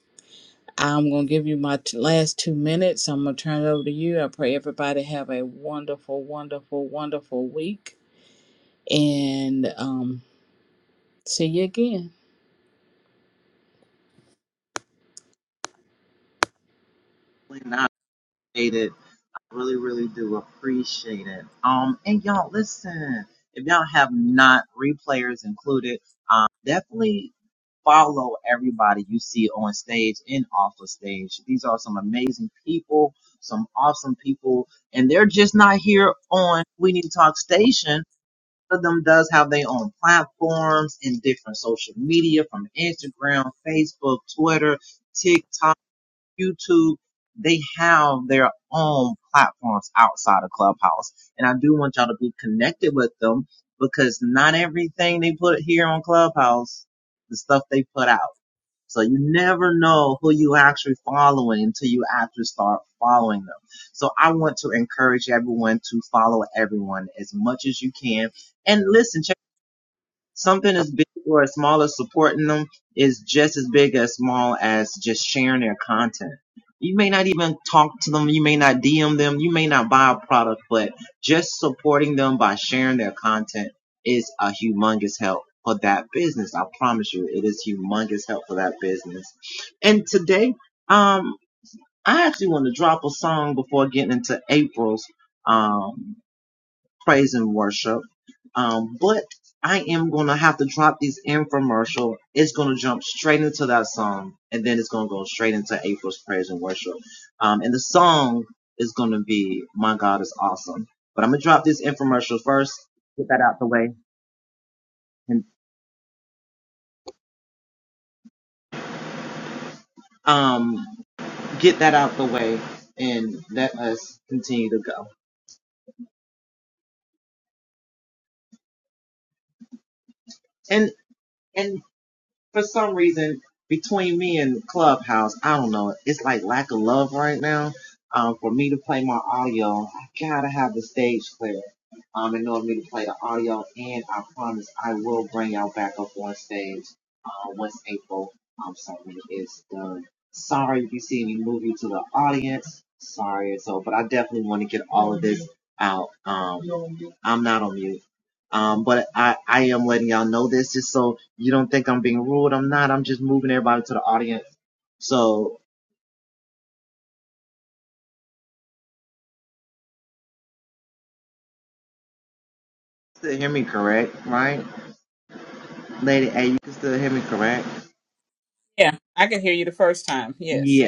A: I'm going to give you my t- last two minutes. I'm going to turn it over to you. I pray everybody have a wonderful, wonderful, wonderful week. And um, See you again. Yeah, I could hear you the first time. Yes.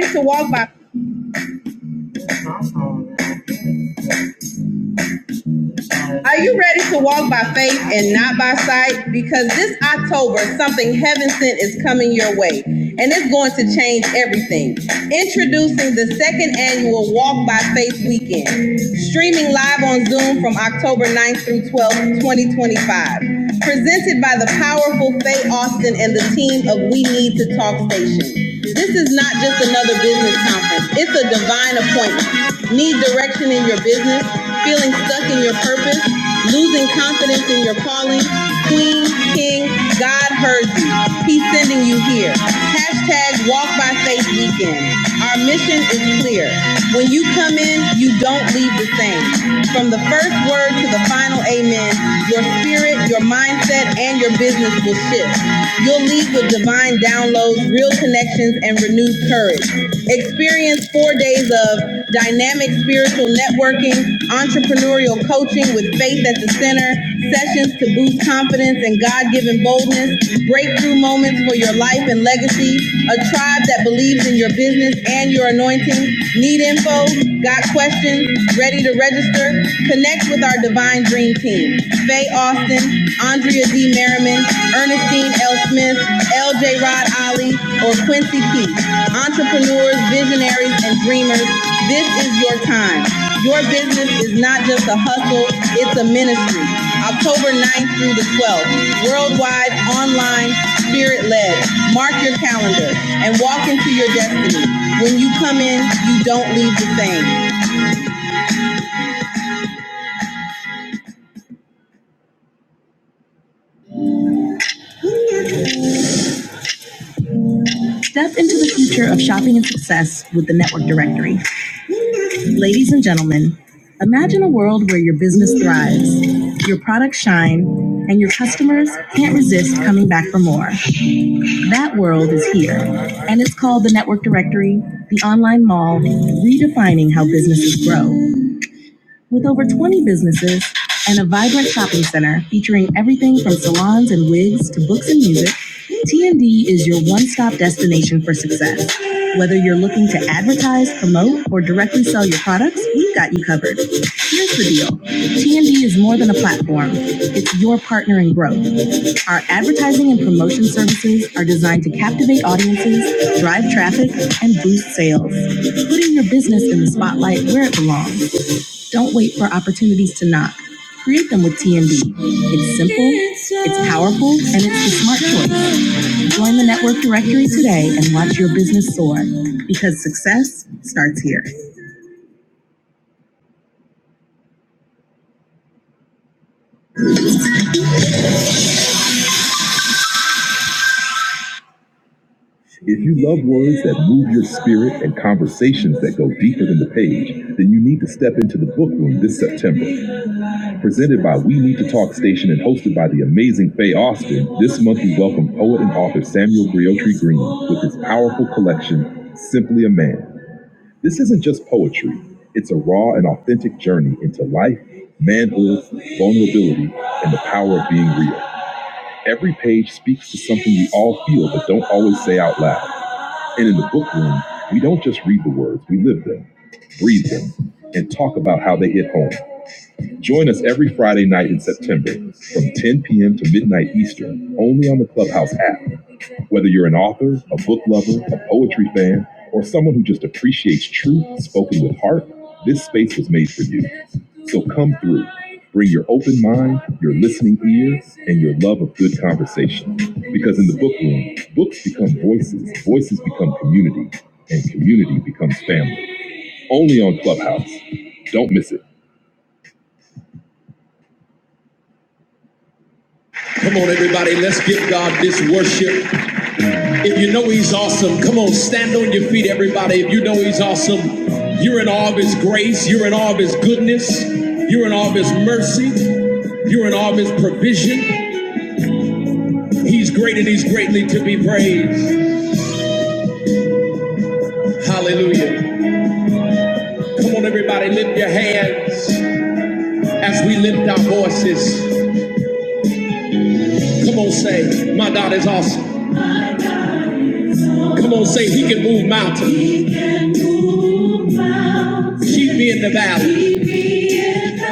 F: ready to walk by are you ready to walk by faith and not by sight because this october something heaven sent is coming your way and it's going to change everything introducing the second annual walk by faith weekend streaming live on zoom from october ninth through 12th 2025 presented by the powerful faye austin and the team of we need to talk station This is not just another business conference. It's a divine appointment. Need direction in your business? Feeling stuck in your purpose? Losing confidence in your calling? Queen, King, God heard you. He's sending you here. Hashtag Walk by Faith Weekend. Our mission is clear. When you come in, you don't leave the same. From the first word to the final amen, your spirit, your mindset, and your business will shift. You'll leave with divine downloads, real connections, and renewed courage. Experience four days of dynamic spiritual networking, entrepreneurial coaching with faith at the center, sessions to boost confidence and God given boldness, breakthrough moments for your life and legacy, a tribe that believes in your business and your anointing. Need info? Got questions? Ready to register? Connect with our divine journey Dream Team. Faye Austin, Andrea D. Merriman, Ernestine L. Smith, L.J. Rod Ali, or Quincy Keith. Entrepreneurs, visionaries, and dreamers, this is your time. Your business is not just a hustle, it's a ministry. October 9th through the 12th, worldwide, online, spirit-led. Mark your calendar and walk into your destiny. When you come in, you don't leave the same. Step into the future of shopping and success with the Network Directory. Ladies and gentlemen, imagine a world where your business thrives, your products shine, and your customers can't resist coming back for more. That world is here, and it's called the Network Directory, the online mall, redefining how businesses grow. With over 20 businesses and a vibrant shopping center featuring everything from salons and wigs to books and music, TND is your one stop destination for success. Whether you're looking to advertise, promote, or directly sell your products, we've got you covered. Here's the deal TND is more than a platform, it's your partner in growth. Our advertising and promotion services are designed to captivate audiences, drive traffic, and boost sales, putting your business in the spotlight where it belongs. Don't wait for opportunities to knock. Create them with TNB. It's simple, it's powerful, and it's the smart choice. Join the network directory today and watch your business soar because success starts here. If you love words that move your spirit and conversations that go deeper than the page, then you need to step into the book room this September. Presented by We Need to Talk Station and hosted by the amazing Faye Austin, this month we welcome poet and author Samuel Briotry Green with his powerful collection, Simply a Man. This isn't just poetry, it's a raw and authentic journey into life, manhood, vulnerability, and the power of being real. Every page speaks to something we all feel but don't always say out loud. And in the book room, we don't just read the words, we live them, breathe them, and talk about how they hit home. Join us every Friday night in September from 10 p.m. to midnight Eastern only on the Clubhouse app. Whether you're an author, a book lover, a poetry fan, or someone who just appreciates truth spoken with heart, this space was made for you. So come through. Bring your open mind, your listening ear, and your love of good conversation. Because in the book room, books become voices, voices become community, and community becomes family. Only on Clubhouse. Don't miss it. Come on, everybody, let's give God this worship. If you know He's awesome, come on, stand on your feet, everybody. If you know He's awesome, you're in awe of His grace, you're in awe of His goodness, you're in awe of His mercy, you're in awe of His provision. He's great and He's greatly to be praised. Hallelujah. Come on, everybody, lift your hands as we lift our voices. Come on, say, My God is awesome. Come on, say, He can move mountains, keep me in the valley.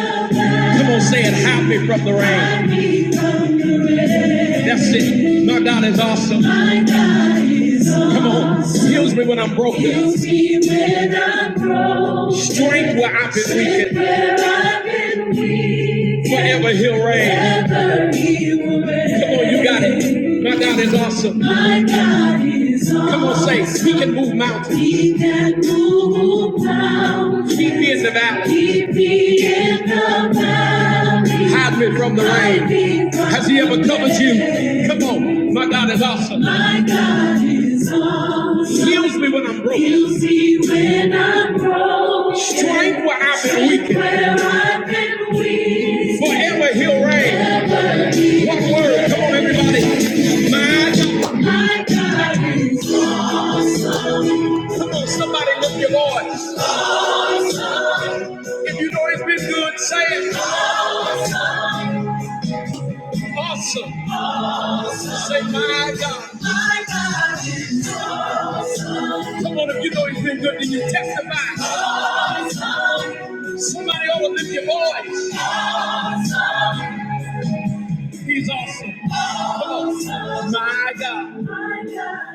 F: Come on, say it. Hide me from the rain. That's it. My God is awesome. My God. Come on, heals me when I'm broken. Heals me when I'm broken. Strength where I've been weakened. where I've been weakened. Forever He'll reign. Forever He will reign. Come on, you got it. My God is awesome. My God is awesome. Come on, say He can move mountains. He can move mountains. Keep me in the valley. Keep me in the valley. Hide me from the rain. Has he ever covered you? Come on, my God is awesome. My God is awesome. Heals me when I'm broke. Heals me when I'm broke. Strength where I've been weakened. Where I've been weakened. Forever he'll reign. One word, come on everybody. My God. My God. Come on, somebody lift your voice. If you know it's been good, say it. Awesome. Awesome. Say my God. Come on, if you know he's been good, then you testify. Somebody ought to lift your voice. He's awesome. Come on. My God.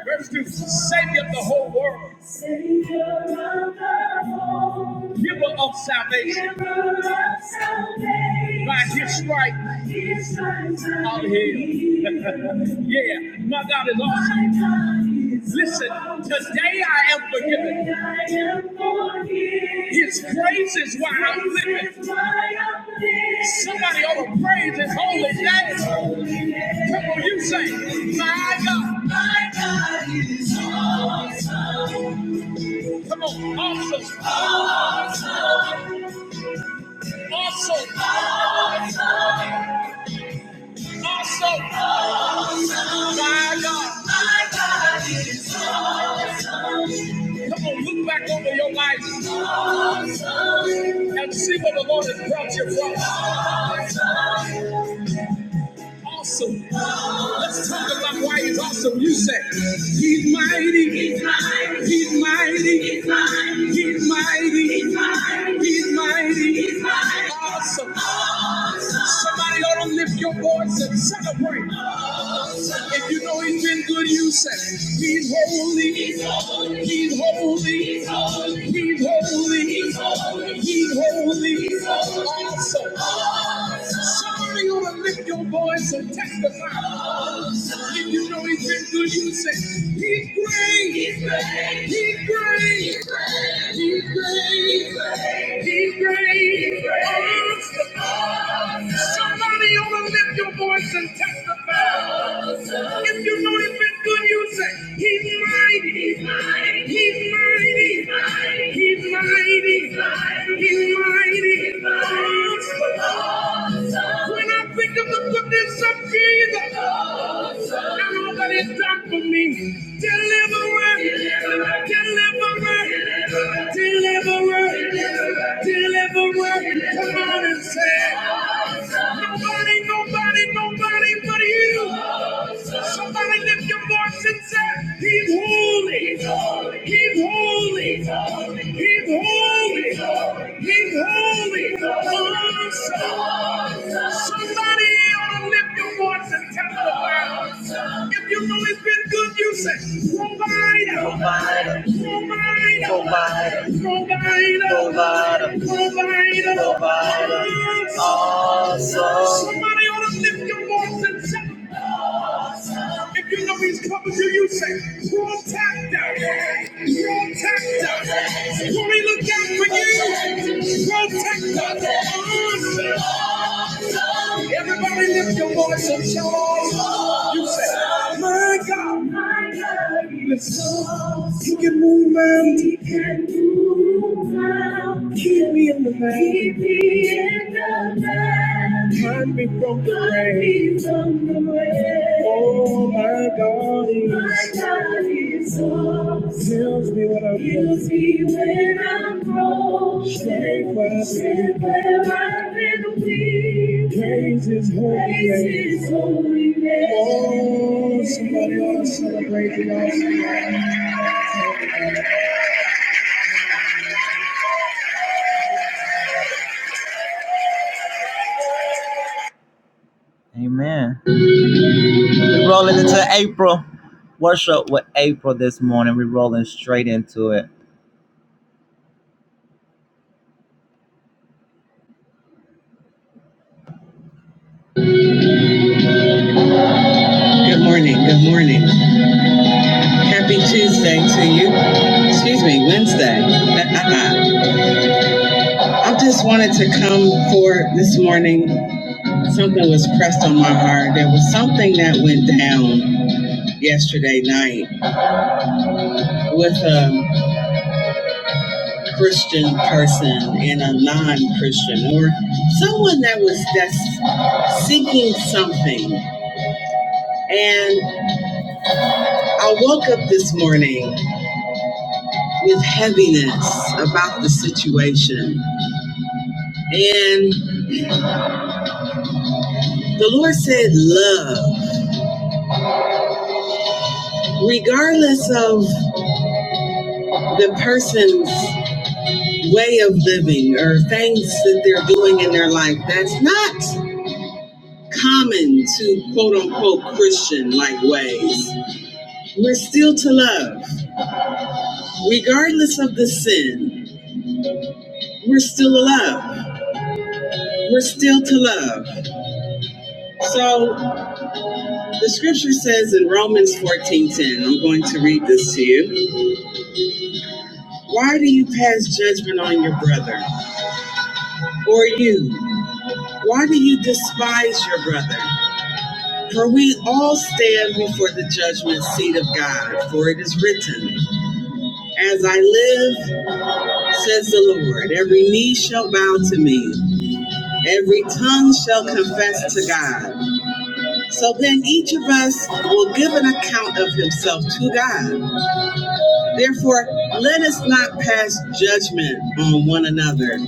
F: Verse 2, Savior of the whole world, giver of salvation, by his stripes I'm healed. yeah, my God is awesome. Listen, today I am forgiven. His grace is why I'm living. Somebody ought to praise his holy name. Come on, you say, my God. My God is awesome. Come on, awesome, awesome, awesome. My God. My God Come on, look back over your life awesome. and see where the Lord has brought you from. Awesome. awesome. Let's talk about why he's awesome. You say, He's mighty, he's mighty, he's mighty, he's mighty, he's mighty, he's mighty, he's mighty, he's mighty. awesome. Somebody ought to lift your voice and celebrate. If you know he's been good, you say, He's holy, he's holy, he's holy, he's holy, he's holy, he's holy, he's holy. awesome. Somebody ought to lift your voice and testify. If you know he's been good, you say, He's great. He's great. He's great. He's great. He's great. He's great. Somebody ought to lift your voice and testify. If you know he's been good, you say, He's mighty. He's mighty. He's mighty. He's mighty. He's mighty. He's mighty. When I think of the goodness of Jesus and all that he's done for me, deliverance, deliverance, deliverance, deliverance. Come on and say, it. nobody, nobody, nobody but you. Somebody lift your voice and say, He's holy. He's holy. He's holy. He's holy. He's holy. He's holy. Awesome. Somebody ought to lift your voice and tell the world. If you know it's been good, you say, Provider. Provider. Provider. Provider. Provider. Provider. Provider. Awesome. Somebody ought to lift your voice and say, if you know he's coming to you, say, protector, protector. Will he look out for you? Protect us. Everybody lift your voice and shout. You say, my God. My God. Listen, he can move mountains. He can move mountains. Keep me in the van. Keep me in the van. My brain. Keep the way. My God is awesome. Heals me when I'm broken. where I've been weak. Praise His holy name. Oh, somebody ought to celebrate the awesome. Good morning. Good morning. Happy Tuesday to you. Excuse me, Wednesday. Uh-uh. I just wanted to come for this morning. Something was pressed on my heart. There was something that went down yesterday night with a Christian person and a non-Christian, or someone that was that's seeking something. And I woke up this morning with heaviness about the situation, and the Lord said, "Love, regardless of the person's way of living or things that they're doing in their life, that's not." common to quote unquote Christian like ways. We're still to love. Regardless of the sin, we're still alive. We're still to love. So the scripture says in Romans 14:10, I'm going to read this to you. Why do you pass judgment on your brother? Or you? Why do you despise your brother? For we all stand before the judgment seat of God, for it is written, As I live, says the Lord, every knee shall bow to me, Every tongue shall confess to God. So then each of us will give an account of himself to God. Therefore, let us not pass judgment on one another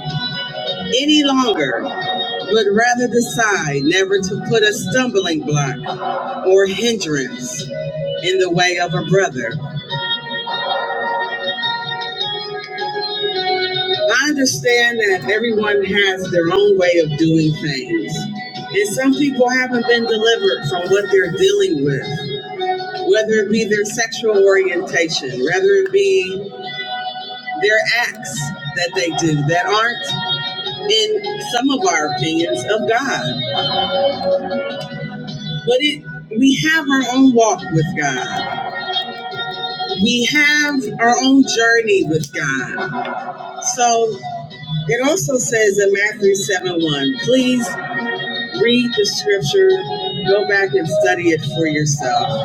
F: any longer, but rather decide never to put a stumbling block or hindrance in the way of a brother. I understand that everyone has their own way of doing things, and some people haven't been delivered from what they're dealing with. whether it be their sexual orientation, whether it be their acts that they do that aren't, in some of our opinions, of God. But it, we have our own walk with God. We have our own journey with God. So it also says in Matthew 7 1, please read the scripture, go back and study it for yourself.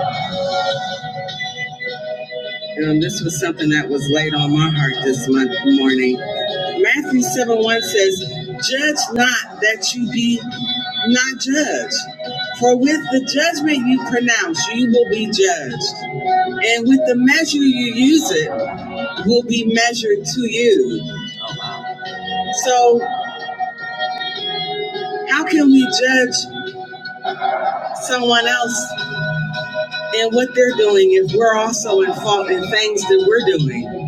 F: Um, this was something that was laid on my heart this month morning. Matthew 7 1 says, Judge not that you be not judged. For with the judgment you pronounce, you will be judged. And with the measure you use it, will be measured to you. So, how can we judge someone else and what they're doing if we're also in fault in things that we're doing?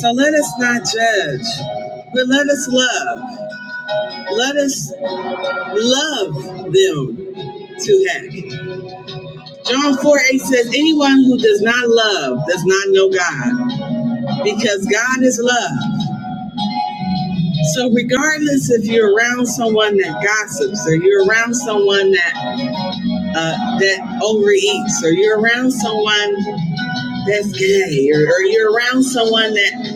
F: So, let us not judge, but let us love. Let us love them to heck. John 4 8 says, Anyone who does not love does not know God, because God is love. So, regardless if you're around someone that gossips, or you're around someone that uh, that overeats, or you're around someone that's gay, or, or you're around someone that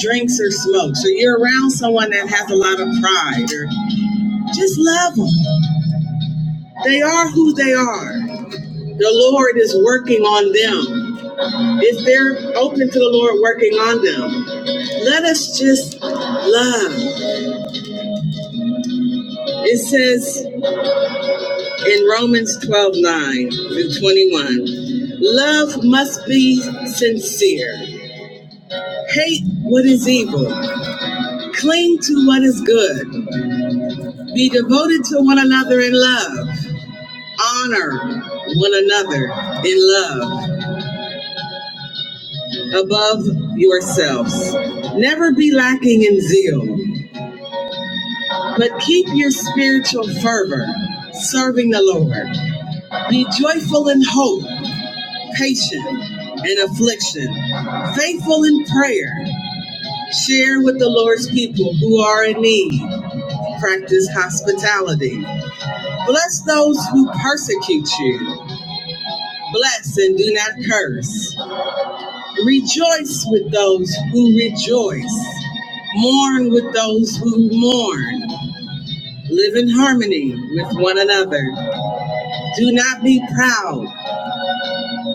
F: drinks or smokes, or you're around someone that has a lot of pride, or just love them. They are who they are. The Lord is working on them. If they're open to the Lord working on them, let us just love. It says in Romans 12 9 through 21 love must be sincere. Hate what is evil, cling to what is good, be devoted to one another in love, honor one another in love above yourselves. Never be lacking in zeal But keep your spiritual fervor, serving the Lord. Be joyful in hope, patient in affliction, faithful in prayer. Share with the Lord's people who are in need. Practice hospitality. Bless those who persecute you. Bless and do not curse. Rejoice with those who rejoice. Mourn with those who mourn. Live in harmony with one another. Do not be proud,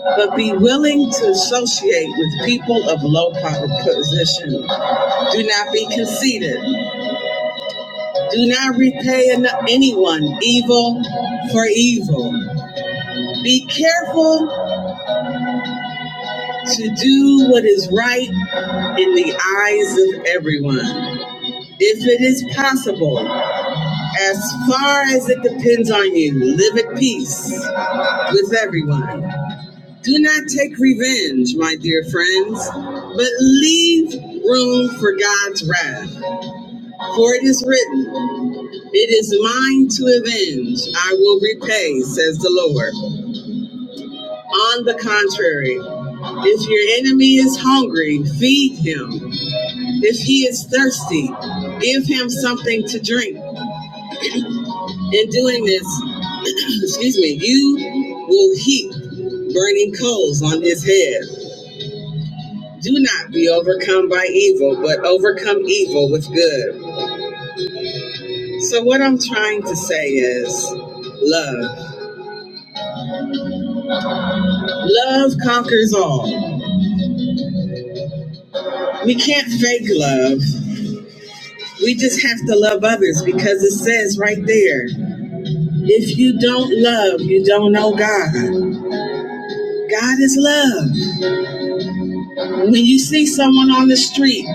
F: but be willing to associate with people of low po- position. Do not be conceited. Do not repay anyone evil for evil. Be careful to do what is right in the eyes of everyone. If it is possible, as far as it depends on you, live at peace with everyone. Do not take revenge, my dear friends, but leave room for God's wrath. For it is written, It is mine to avenge, I will repay, says the Lord. On the contrary, if your enemy is hungry, feed him. If he is thirsty, give him something to drink. In doing this, excuse me, you will heap burning coals on his head. Do not be overcome by evil, but overcome evil with good. So, what I'm trying to say is love. Love conquers all. We can't fake love. We just have to love others because it says right there if you don't love, you don't know God. God is love. When you see someone on the street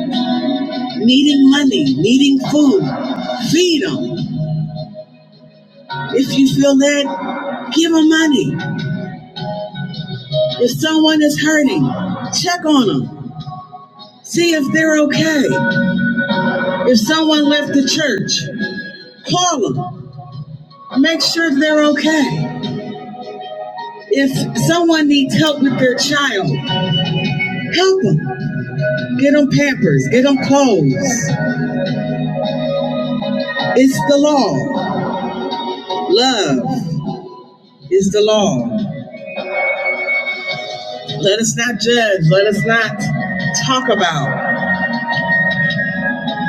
F: needing money, needing food, feed them. If you feel that, give them money. If someone is hurting, check on them. See if they're okay. If someone left the church, call them. Make sure they're okay. If someone needs help with their child, help them. Get them pampers, get them clothes. It's the law. Love is the law. Let us not judge. Let us not talk about.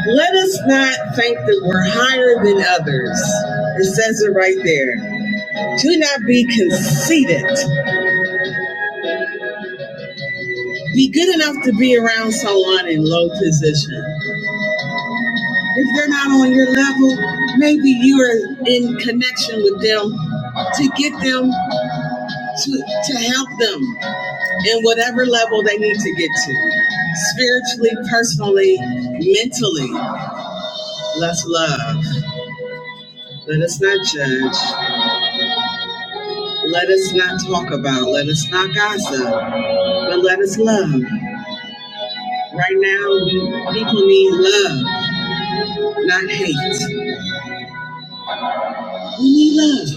F: Let us not think that we're higher than others. It says it right there. Do not be conceited. Be good enough to be around someone in low position. If they're not on your level, maybe you are in connection with them to get them to, to help them in whatever level they need to get to. Spiritually, personally, mentally. Let's love. Let us not judge. Let us not talk about. Let us not gossip. But let us love. Right now, we, people need love, not hate. We need love.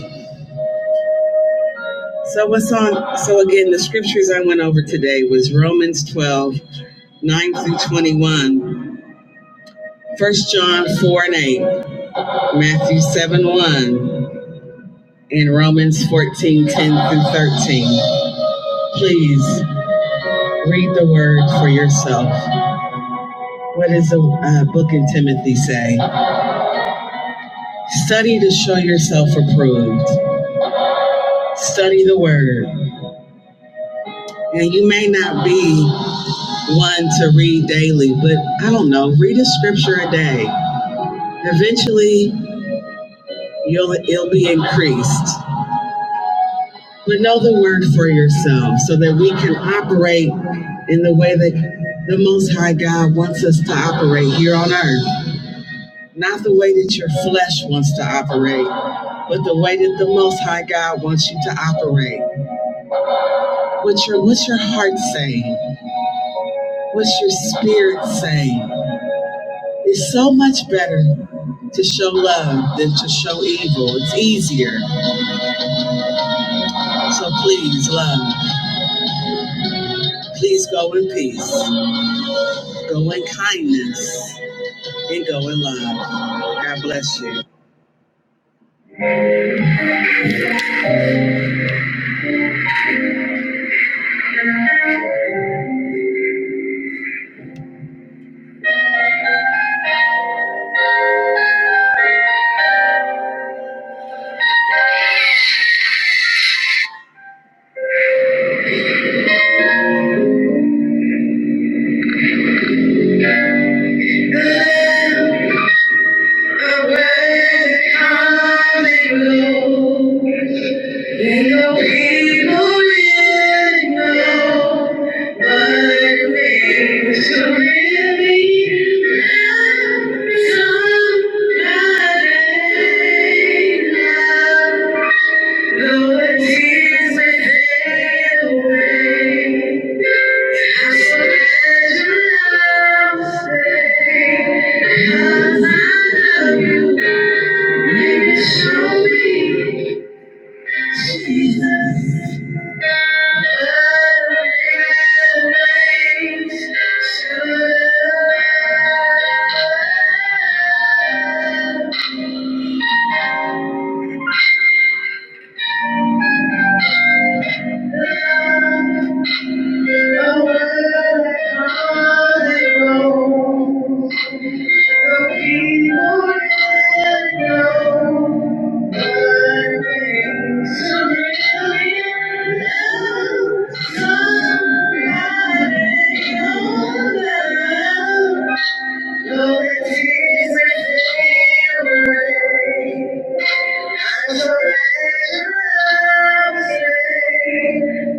F: So what's on so again the scriptures I went over today was Romans 12 9 through 21, First John 4 and 8, Matthew 7 1, and Romans 14 10 through 13. Please read the word for yourself. What does the uh, book in Timothy say? Study to show yourself approved. Study the word. And you may not be one to read daily, but I don't know, read a scripture a day Eventually, you'll, it'll be increased. But know the word for yourself so that we can operate in the way that the Most High God wants us to operate here on earth. Not the way that your flesh wants to operate, but the way that the Most High God wants you to operate. What's your, what's your heart saying? What's your spirit saying? It's so much better to show love than to show evil. It's easier. So please, love. Please go in peace, go in kindness, and go in love. God bless you.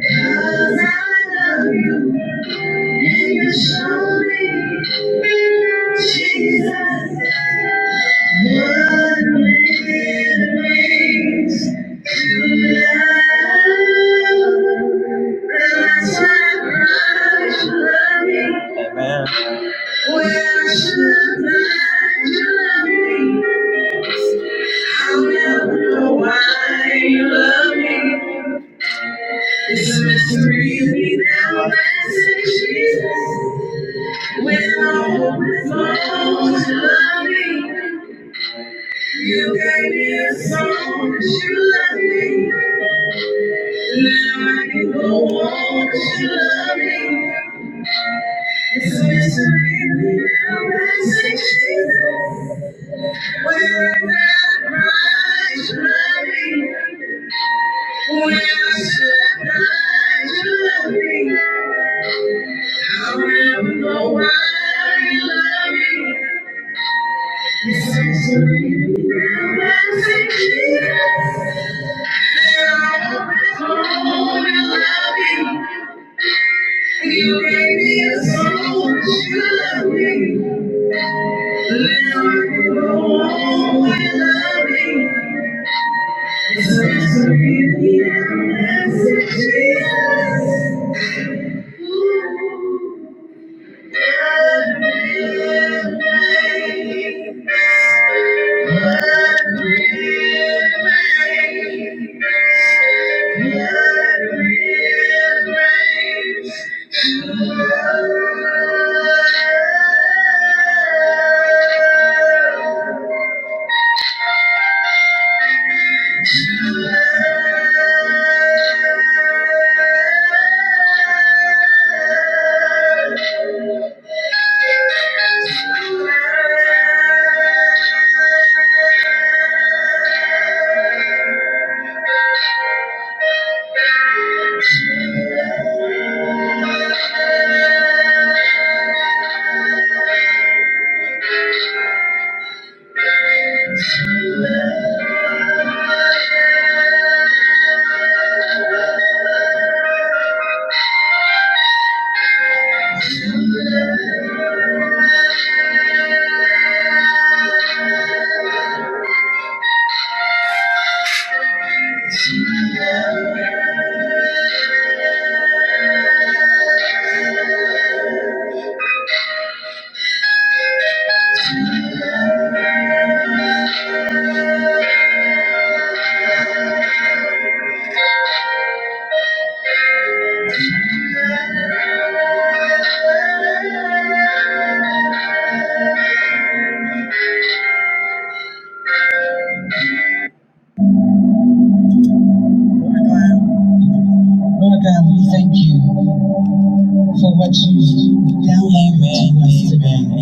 F: Cause I love you. When I hope it's all the phones love me, You gave me a song that you love me. and Now I can go on that you love me. It's a mystery now that say Jesus. Where is that Christ love me? Where should I you love me? I'll never know why you love me. It's a mystery now that say Jesus. There I am at home and love you. You gave me a soul to love me. Let me go on without me. It's just really a message to us. Ooh, love me. It rains. It rains. It rains. Lord God, we thank you for what you've done. Amen. Amen.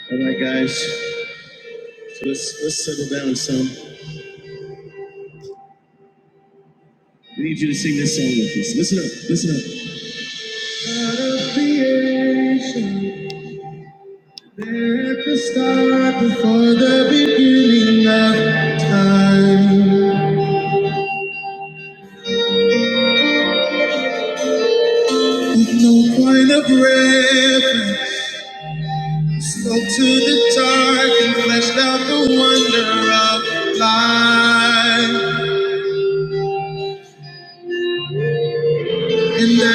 F: All right, guys, let's settle down some. We need you to sing this song with us. Listen up, listen up. Out of creation, this Line of red, up to the dark and fleshed out the wonder of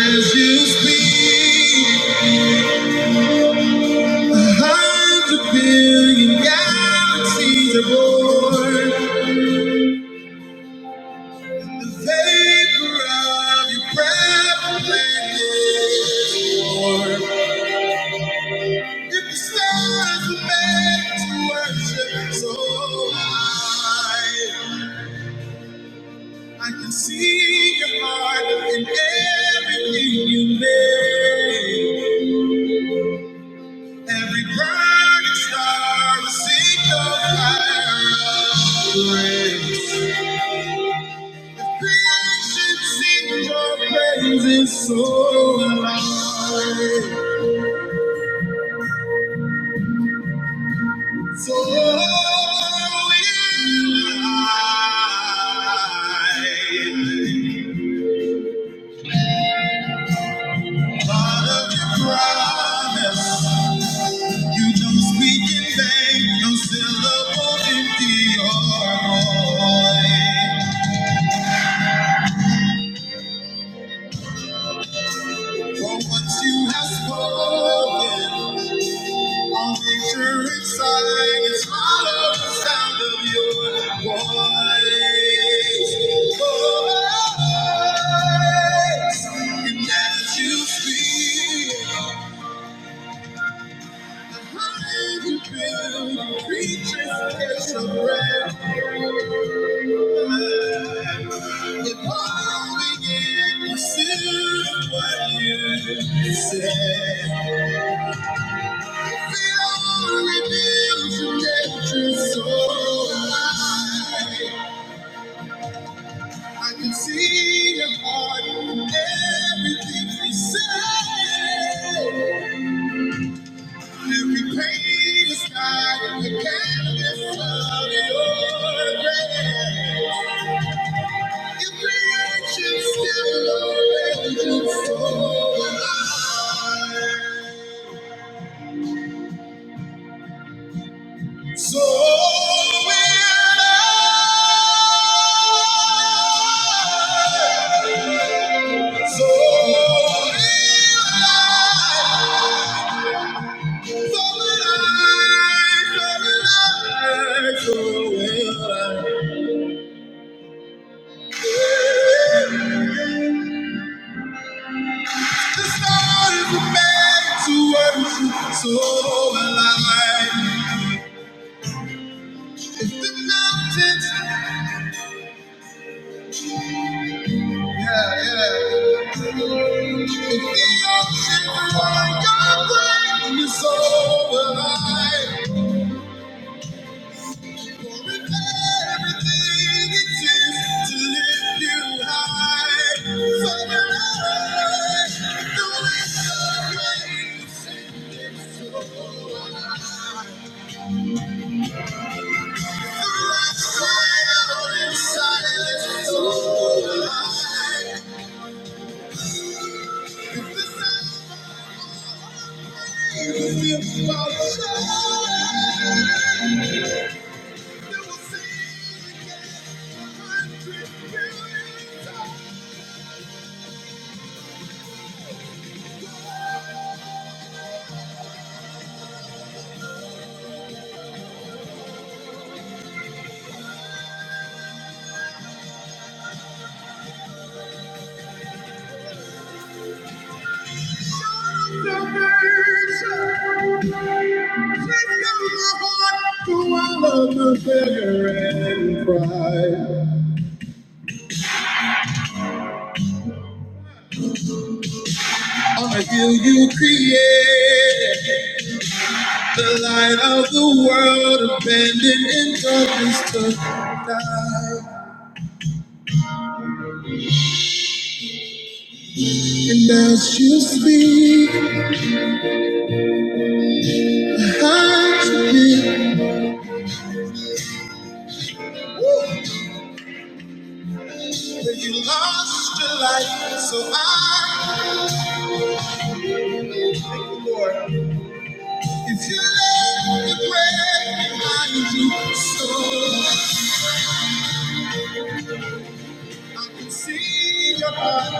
F: As you speak, a hundred billion galaxies are born. Vapor of your breath blended. If the stars were made to worship so high, I can see your heart in everything you made. Every burning star will sing the fire of grace. Creation sing your praises so loud. So will I. God of your promise, you don't speak in vain, no syllable empty or void. For what you have spoken, all nature inside is hollow. the sound of your voice. You speak, hide you build, creatures catch your breath. Evolving in pursuit of what you said. we'd Feel reveals your nature's soul. I can see your heart in everything you say. Every page is guided the canvas of your grace. Your creation still amazes so alive. So will I. So will I. So alive. If the mountains, yeah, yeah. If the oceans were your brain, it's so alive. for it had everything it takes to lift you high. So alive. I'm Until you create the light of the world, abandoned in darkness to die. And as you speak, I forgive that you lost your life. So I thank you, Lord. If you let the grave behind you, so I can see your heart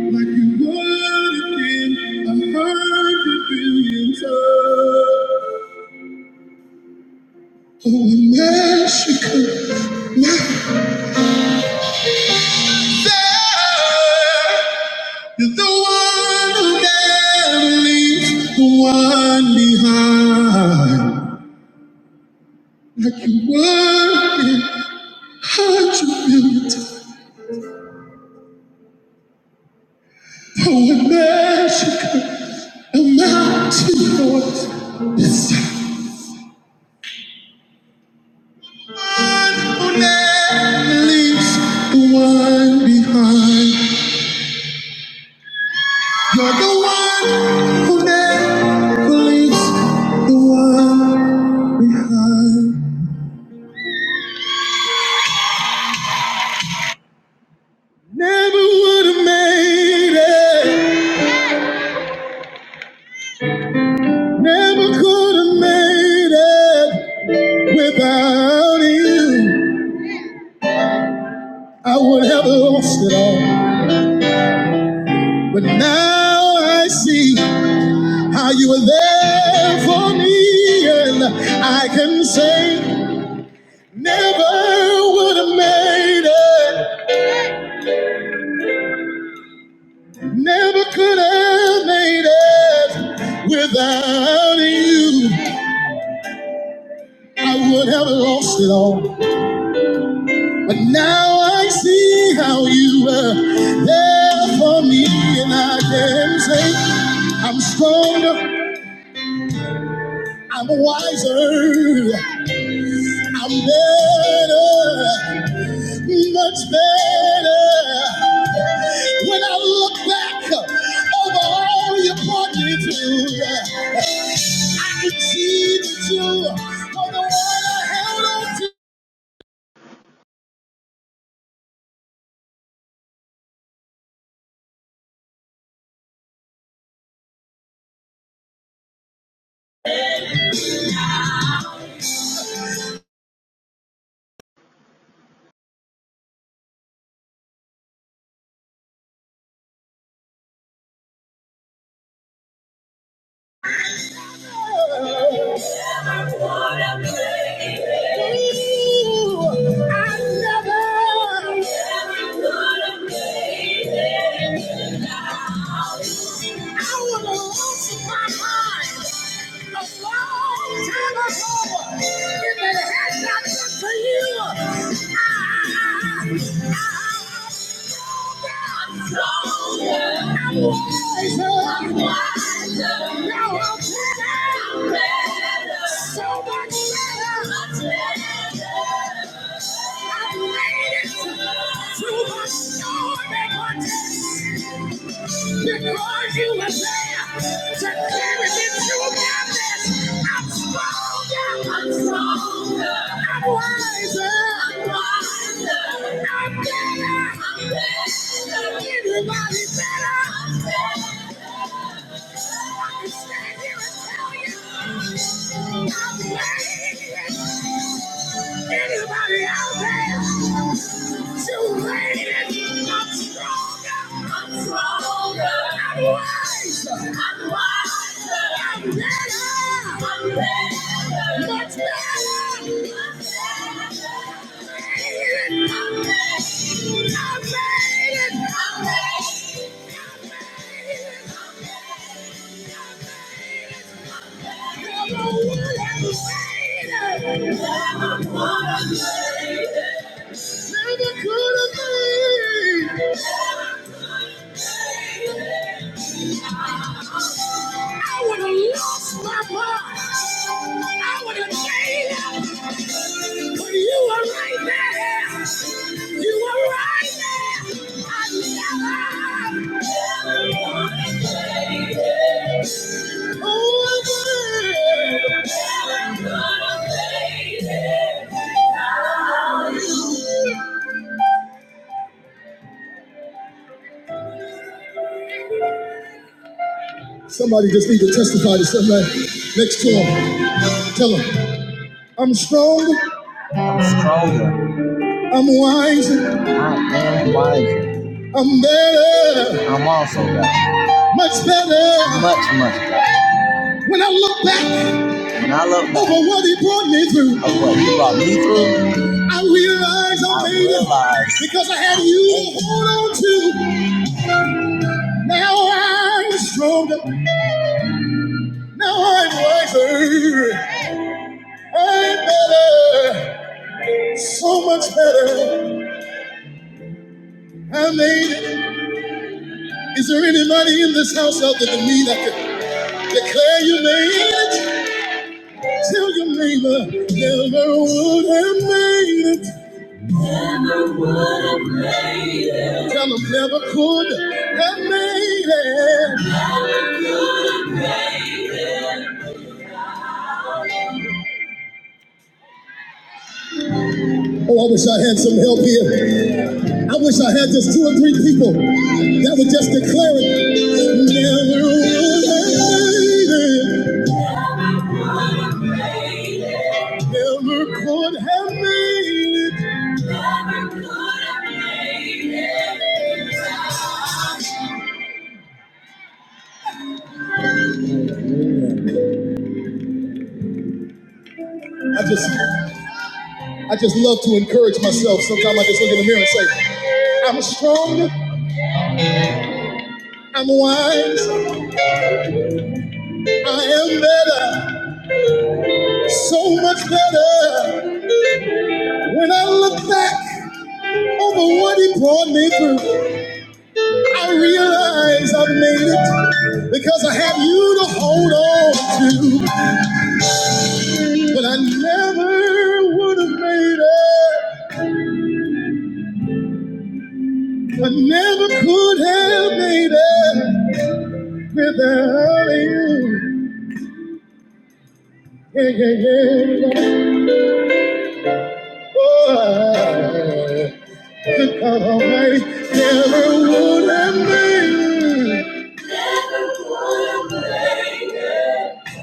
F: like you would again. I heard you billion times. Oh, and as you come there, you're the one who never left behind. Word will melt your name leaves the one behind. You're the one who never leaves the one behind. Never would have made it, never could have made it without you. Say that oh, I see and I can say I deserve much better. When I look back uh, over all your partners, you brought me through. Long time ago, if it had not been for you, I Too much storm in my days. Because you were there to carry me through my mess. I'm stronger. I'm stronger. I'm wiser. I'm wiser. I'm better. I'm better. Everybody better. I'm better. I can stand here and tell you, I'm made it. Anybody out there? Too late. I'm stronger. I'm stronger. I'm wiser. I'm wiser. I'm better. I'm better. Much better. much better. Thank you. Never could have been. I would have lost my mind. I would have gave up. But you were right there. You were right there. I never, never wanted to. Oh, I never gonna make it without you. Next to him, tell him, I'm strong, I'm wise, I'm better, much better. When I look back on what he brought me through, I realize I. Because I had you to hold on to. Now I'm stronger. Now I'm wiser. I'm better. So much better. I made it. Is there anybody in this house other than me that could declare you made it? Tell your neighbor, never would have made it. Tell them, never. encourage myself. Look in the mirror. Oh, Lord, make- I realize i made it. Because I have you hold on. I never could have made it without you. Yeah, yeah, yeah. yeah.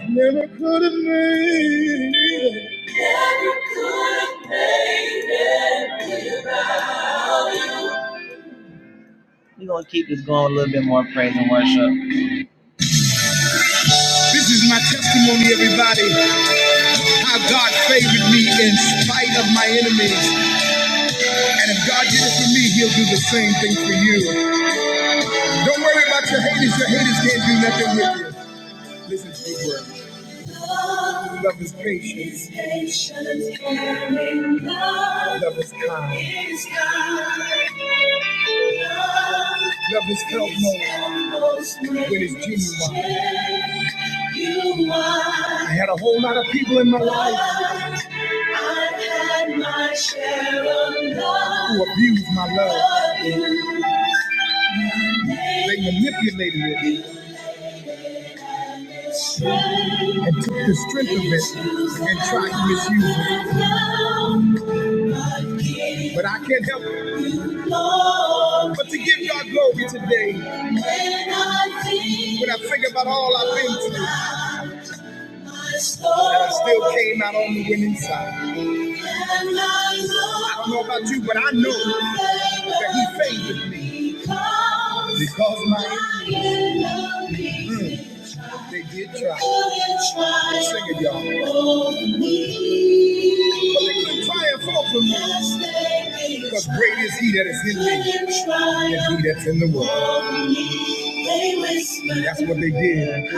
F: Never could have made it. This is my testimony, everybody. How God favored me in spite of my enemies. And if God did it for me, He'll do the same thing for you. Don't worry about your haters. Your haters can't do nothing with you. Listen to these words. Love is patience. Love is kind. Love is felt more when it's genuine. I had a whole lot of people in my life who abused my love. They manipulated it and took the strength of it and tried to misuse it. But I can't help it. but to give God glory today when I think about all I've been through. that I still came out on the winning side. I don't know about you, but I know that He favored me because my enemies, mm, they did try. Sing it, y'all triumph over me. Because great is he that is in me than he that's in the world. That's what they did.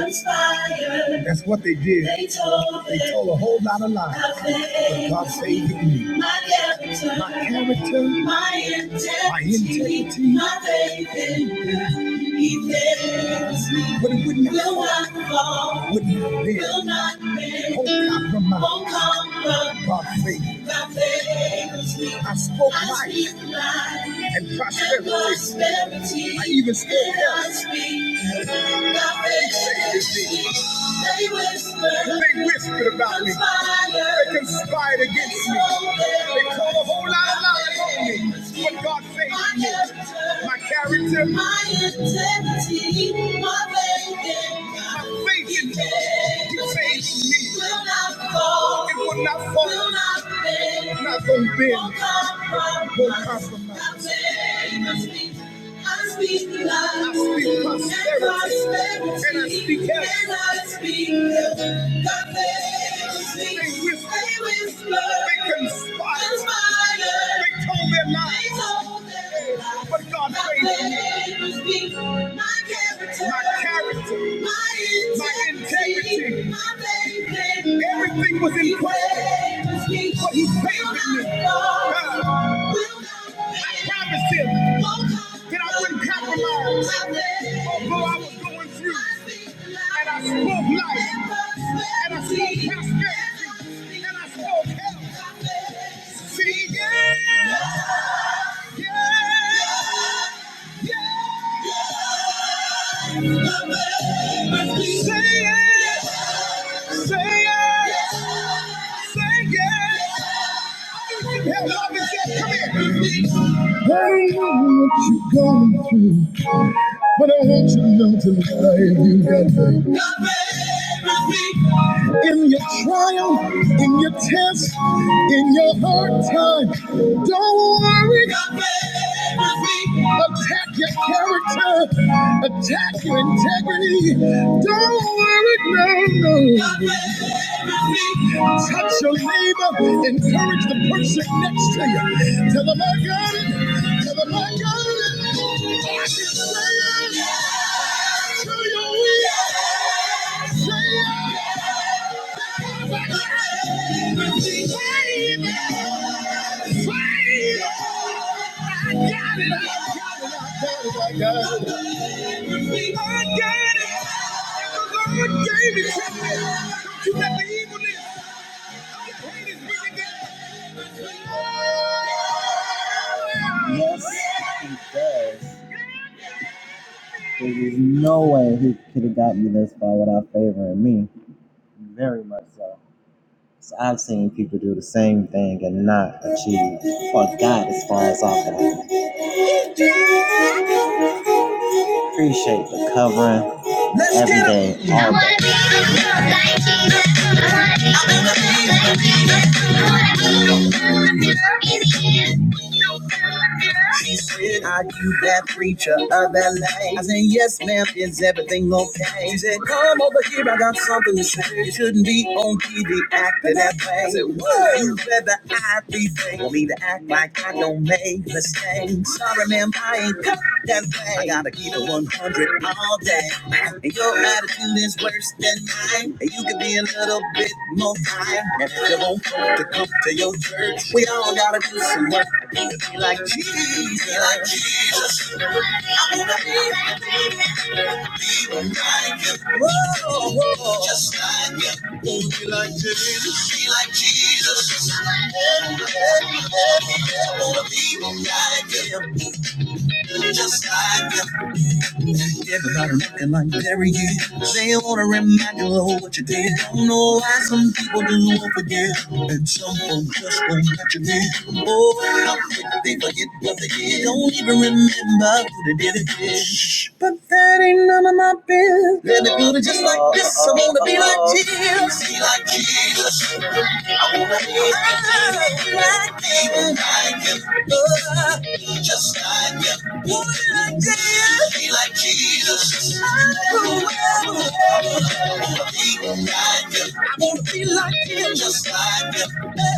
F: That's what they did. They told they told a whole lot of lies. But God saved me. My character, my, character, my integrity, my, faith in Him. He fed me. But it would not, fall, would not bend, will not bend. I spoke life. I even speak. They whispered about me. They conspired against me. They told us what God says. My character. My intent. My intent. Will not fall. It will not fall. Will not fail. I speak prosperity. And I speak health. And I speak health. they will They will They but God raised me. My character, my, integrity, everything was in question. But He favored me. Uh, I promised Him that I wouldn't compromise, although I was going through. And I spoke life, and I spoke prosperity, and I spoke health. See, yeah. Touch neighbor, encourage the person next to you. Tell them I got it. Tell them I got it. I can say it. To your will. Say it. Say it. Say it. I got it. I got it. I got it. I got it. I got it. I got it. The Lord gave it to me. Don't you let the evilness Let's every get 'em. day. She said, Are you that preacher of LA? I said, Yes, ma'am, is everything okay? She said, Come over here, I got something to say. You shouldn't be on TV acting that way. I said, Whoa, you better I be free. Want me to act like I don't make mistakes. Sorry, Vampire, cut that thing. I gotta keep it 100 all day. And your attitude is worse than mine. And you could be a little bit more fine. And if you want folk to come to your church, we all gotta do some work. Be like Jesus, be like Jesus. Everybody looking like Jerry. They wanna remind you of what you did. Don't know why some people do won't forget, and some folks just won't let you in. Oh, how quick they forget. But that ain't none of my business. Let me do it just like this. I wanna be like Jesus. I wanna be like Jesus.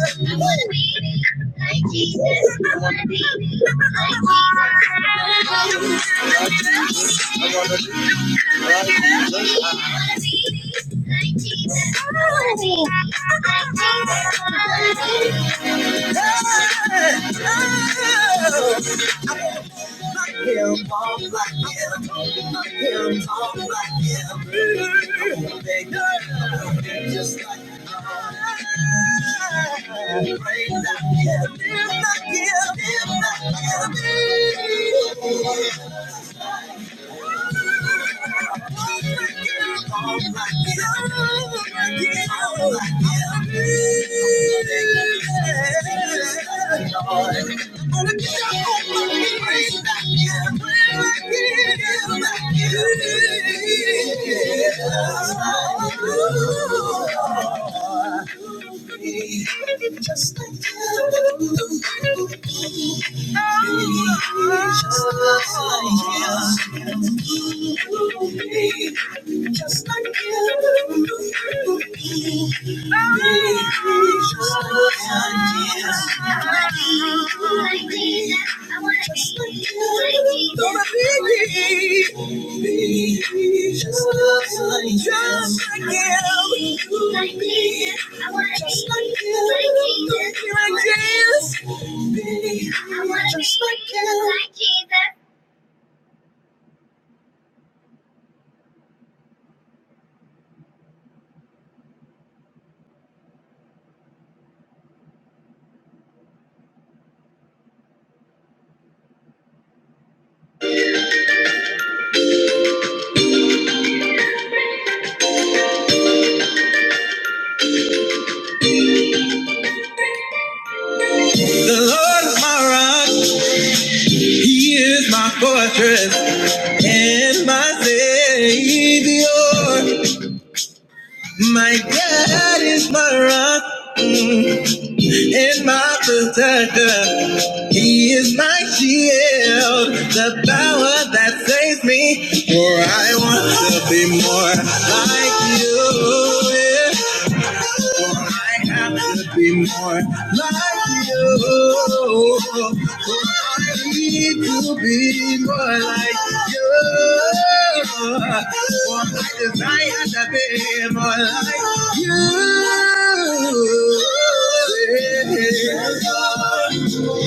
F: I wanna be like Jesus. I wanna be like Jesus. I wanna be like Jesus. I wanna be like Jesus. I wanna be like Jesus. Thank you. Just like you, just like me. just like you, here I dance. Be just like you.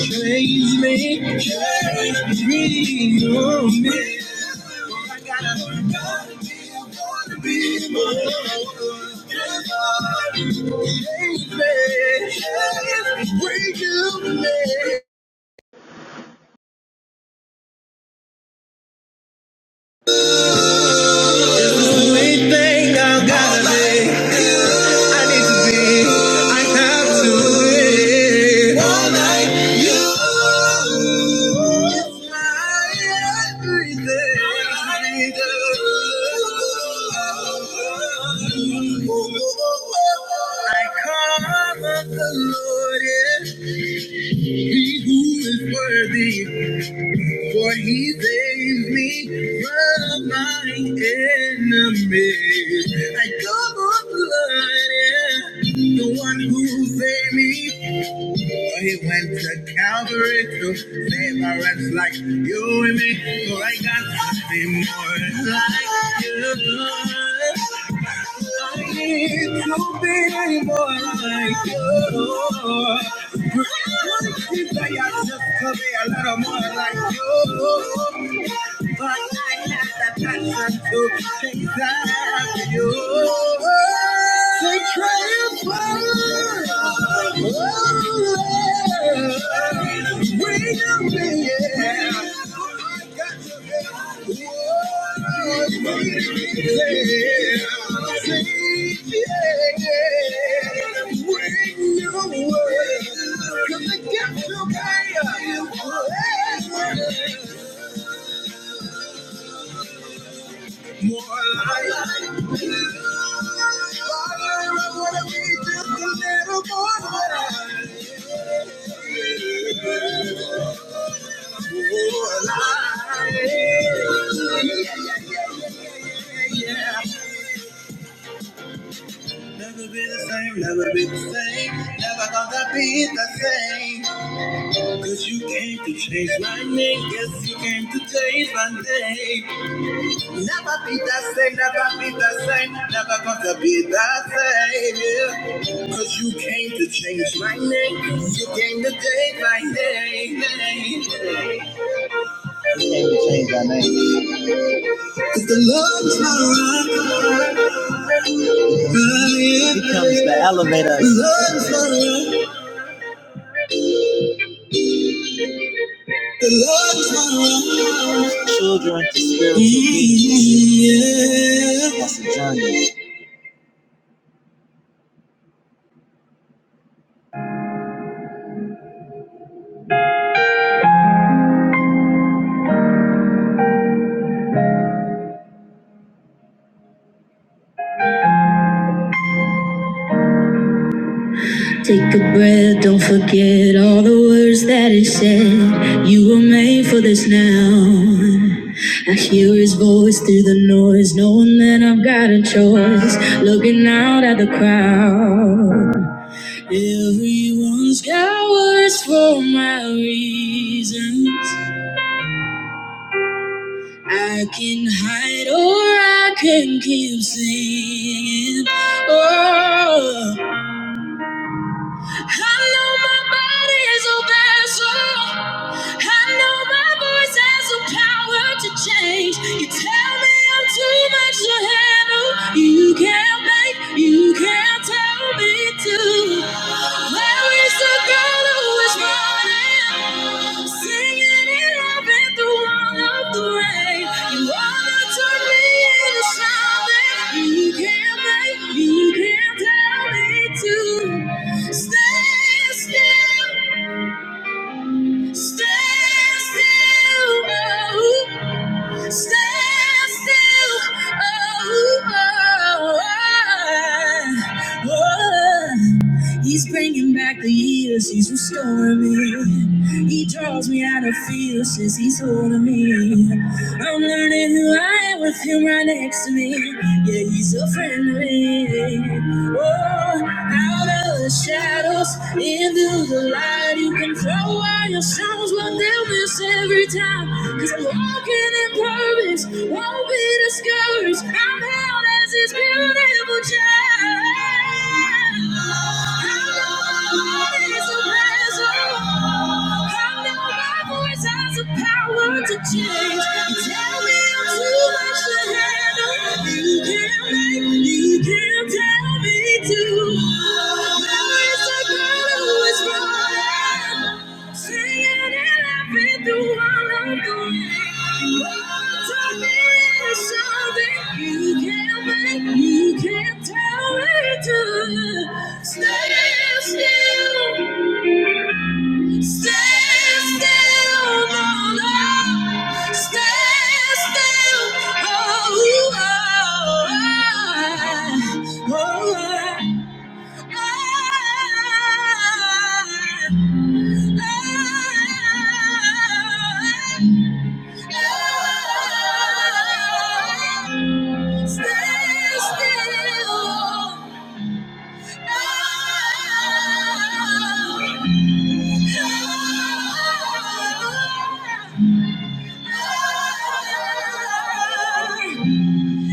F: Praise me, praise me, oh me. I gotta, gotta be, wanna be more. Praise me, praise me, break me. I call on the Lord, yes, He who is worthy, for He saves me from my enemies. I call on the Lord, yeah, the one who saved me. He went to Calvary to save a wretch like you and me. So I got to be more like you. I need to be more like you. I think I just could be a little more like you. But I had that passion to chase after you. To triumph oh, Lord, we know me, yeah. I got to be, oh, yeah. See, yeah, yeah. Bring your word, 'cause it gets to me. More like I wanna be just a little more like More like Yeah. Never be the same, never be the same, never gonna be the same. Cause you came to change my name, yes, you came to change my name. Never be the same, never be the same, never gonna be the same. yeah. Cause you came to change my name, you came to take my name. Cause the love's not right. Take a breath, don't forget all the words that he said. You were made for this now. I hear his voice through the noise, knowing that I've got a choice. Looking out at the crowd. Everyone's got words for my reasons. I can hide or I can keep singing. Oh, I know my body's a vessel. I know my voice has the power to change. You tell me I'm too much to handle. You can't make, you can't tell me to. There is a girl who is running, singing and loving through. all the He's bringing back the years, he's restoring me. He draws me out of fear, says he's holding me. I'm learning who I am with him right next to me. Yeah, he's a friend of me. Oh, out of the shadows, into the light, you can throw out your songs, but they'll miss every time. Cause I'm walking in purpose, won't be discouraged. I'm held as his beautiful child to Tell me You can't Stand still. Stay still, my love. Stay still. Oh, oh, oh, oh, oh, oh. Stay still. Oh, oh, oh.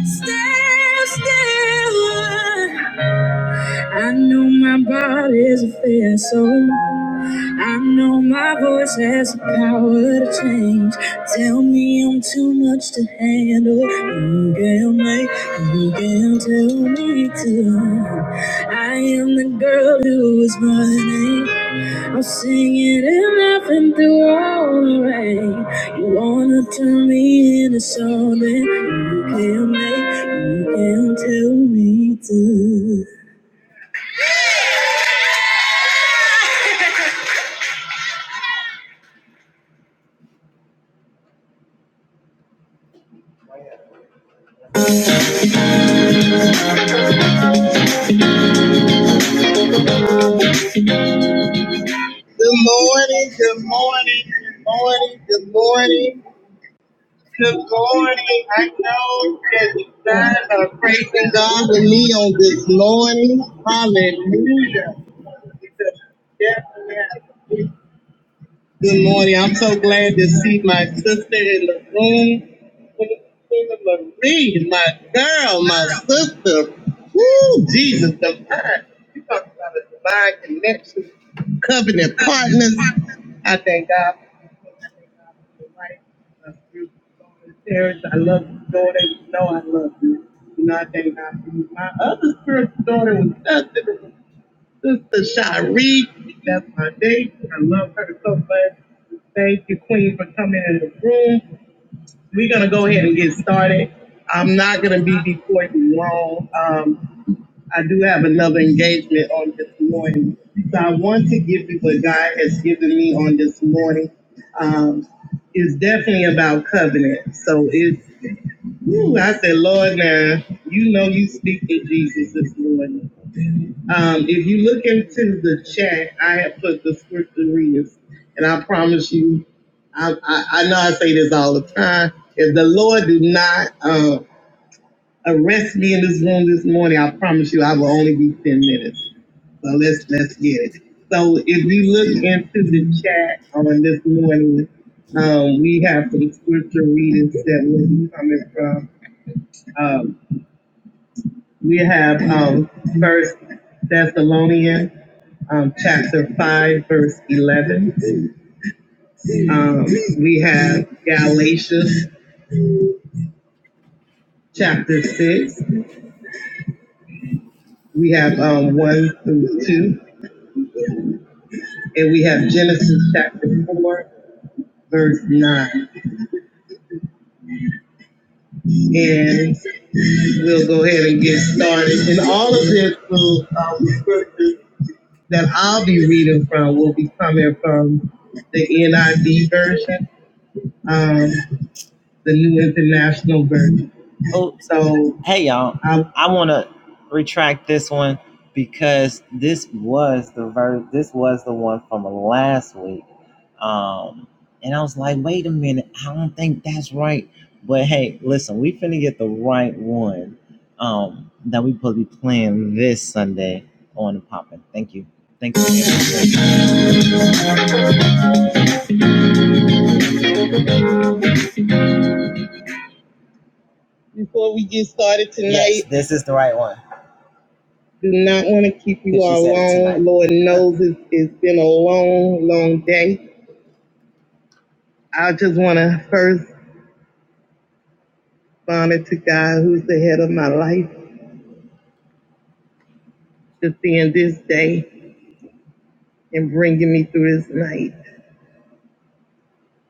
F: Still, still, my body's a fair soul. I know my voice has the power to change. Tell me I'm too much to handle. You can make, you can tell me to. I am the girl who is running. i am singing and laughing through all the rain. You wanna turn me into something you can't make, you can't tell me to. Good morning, good morning, good morning, good morning. Good morning. I know that you guys are praising God with me on this morning. Hallelujah. Yes, yes. Good morning. I'm so glad to see my sister in the room. Marie, my girl, my sister. Woo, Jesus, divine. You talk about a divine connection, covenant partners. I thank God for the right of you, Terrence. I love you, daughter. You know I love you. You know, I thank God for you. My other spiritual daughter was nothing. Sister Shiree, that's my date. I love her so much. Thank you, Queen, for coming in the room. We're gonna go ahead and get started. I'm not gonna be before you long. Um, I do have another engagement on this morning, so I want to give you what God has given me on this morning. Um, it's definitely about covenant. So it's, whew, I said, Lord, now you know you speak to Jesus this morning. Um, if you look into the chat, I have put the scripture readings, and I promise you, I, I, I know I say this all the time. If the Lord do not uh, arrest me in this room this morning, I promise you, I will only be ten minutes. So let's let's get it. So if you look into the chat on this morning, um, we have some scripture readings that will be coming from. Um, we have um, First Thessalonians. um, chapter 5, verse 11. Um, we have Galatians chapter 6. We have um, 1 through 2. And we have Genesis chapter 4, verse 9. And we'll go ahead and get started. And all of this will, um, scriptures that I'll be reading from will be coming from the NIV version, um, the New International Version. So I'll keep you Lord knows it's, it's been a long, long day. I just want to first honor to God who's the head of my life, just seeing this day and bringing me through this night.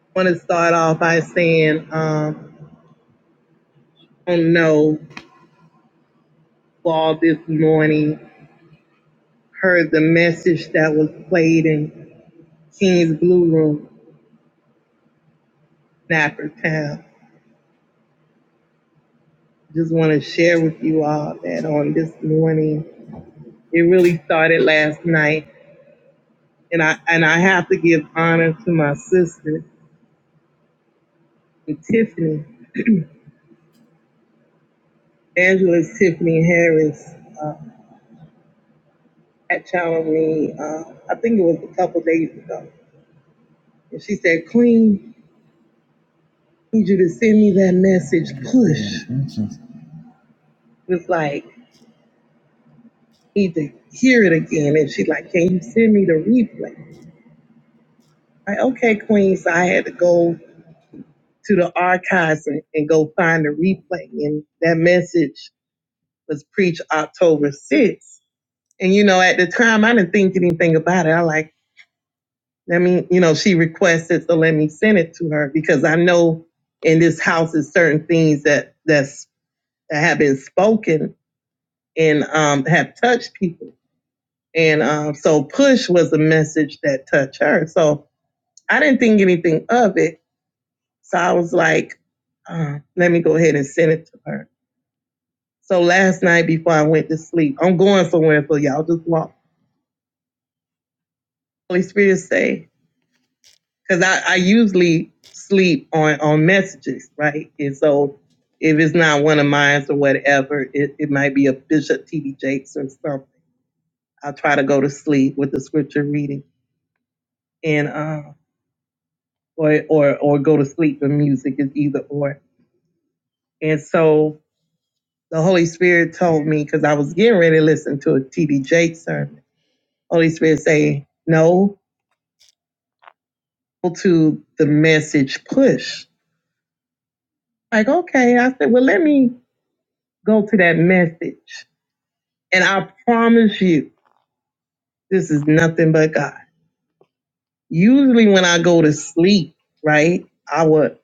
F: I want to start off by saying, um, not know. all this morning, heard the message that was played in King's Blue Room, Napper Town. Just want to share with you all that on this morning, it really started last night and I and I have to give honor to my sister Tiffany, Angela's Tiffany Harris, had challenged me. Uh, I think it was a couple days ago, and she said, "Clean, need you to send me that message. Push." It was like need to hear it again, and she like, "Can you send me the replay?" Like, okay, Queen. So I had to go to the archives and, and go find the replay, and that message was preached October 6th. And you know, at the time, I didn't think anything about it. I like Let me, you know, she requested, so let me send it to her because I know in this house is certain things that that's that have been spoken and um, have touched people. And um, so push was a message that touched her. So I didn't think anything of it. So I was like, uh, let me go ahead and send it to her. So last night before I went to sleep, I'm going somewhere, so y'all just walk. Holy Spirit say, because I, I usually sleep on on messages, right? And so if it's not one of mine or whatever, it, it might be a Bishop T.D. Jakes or something. I'll try to go to sleep with the scripture reading and uh, or or or go to sleep with music is either or. And so the Holy Spirit told me because I was getting ready to listen to a T.D. Jakes sermon. Holy Spirit say no to the message push. Like okay, I said, well let me go to that message And I promise you, this is nothing but God. Usually, when I go to sleep, right, I would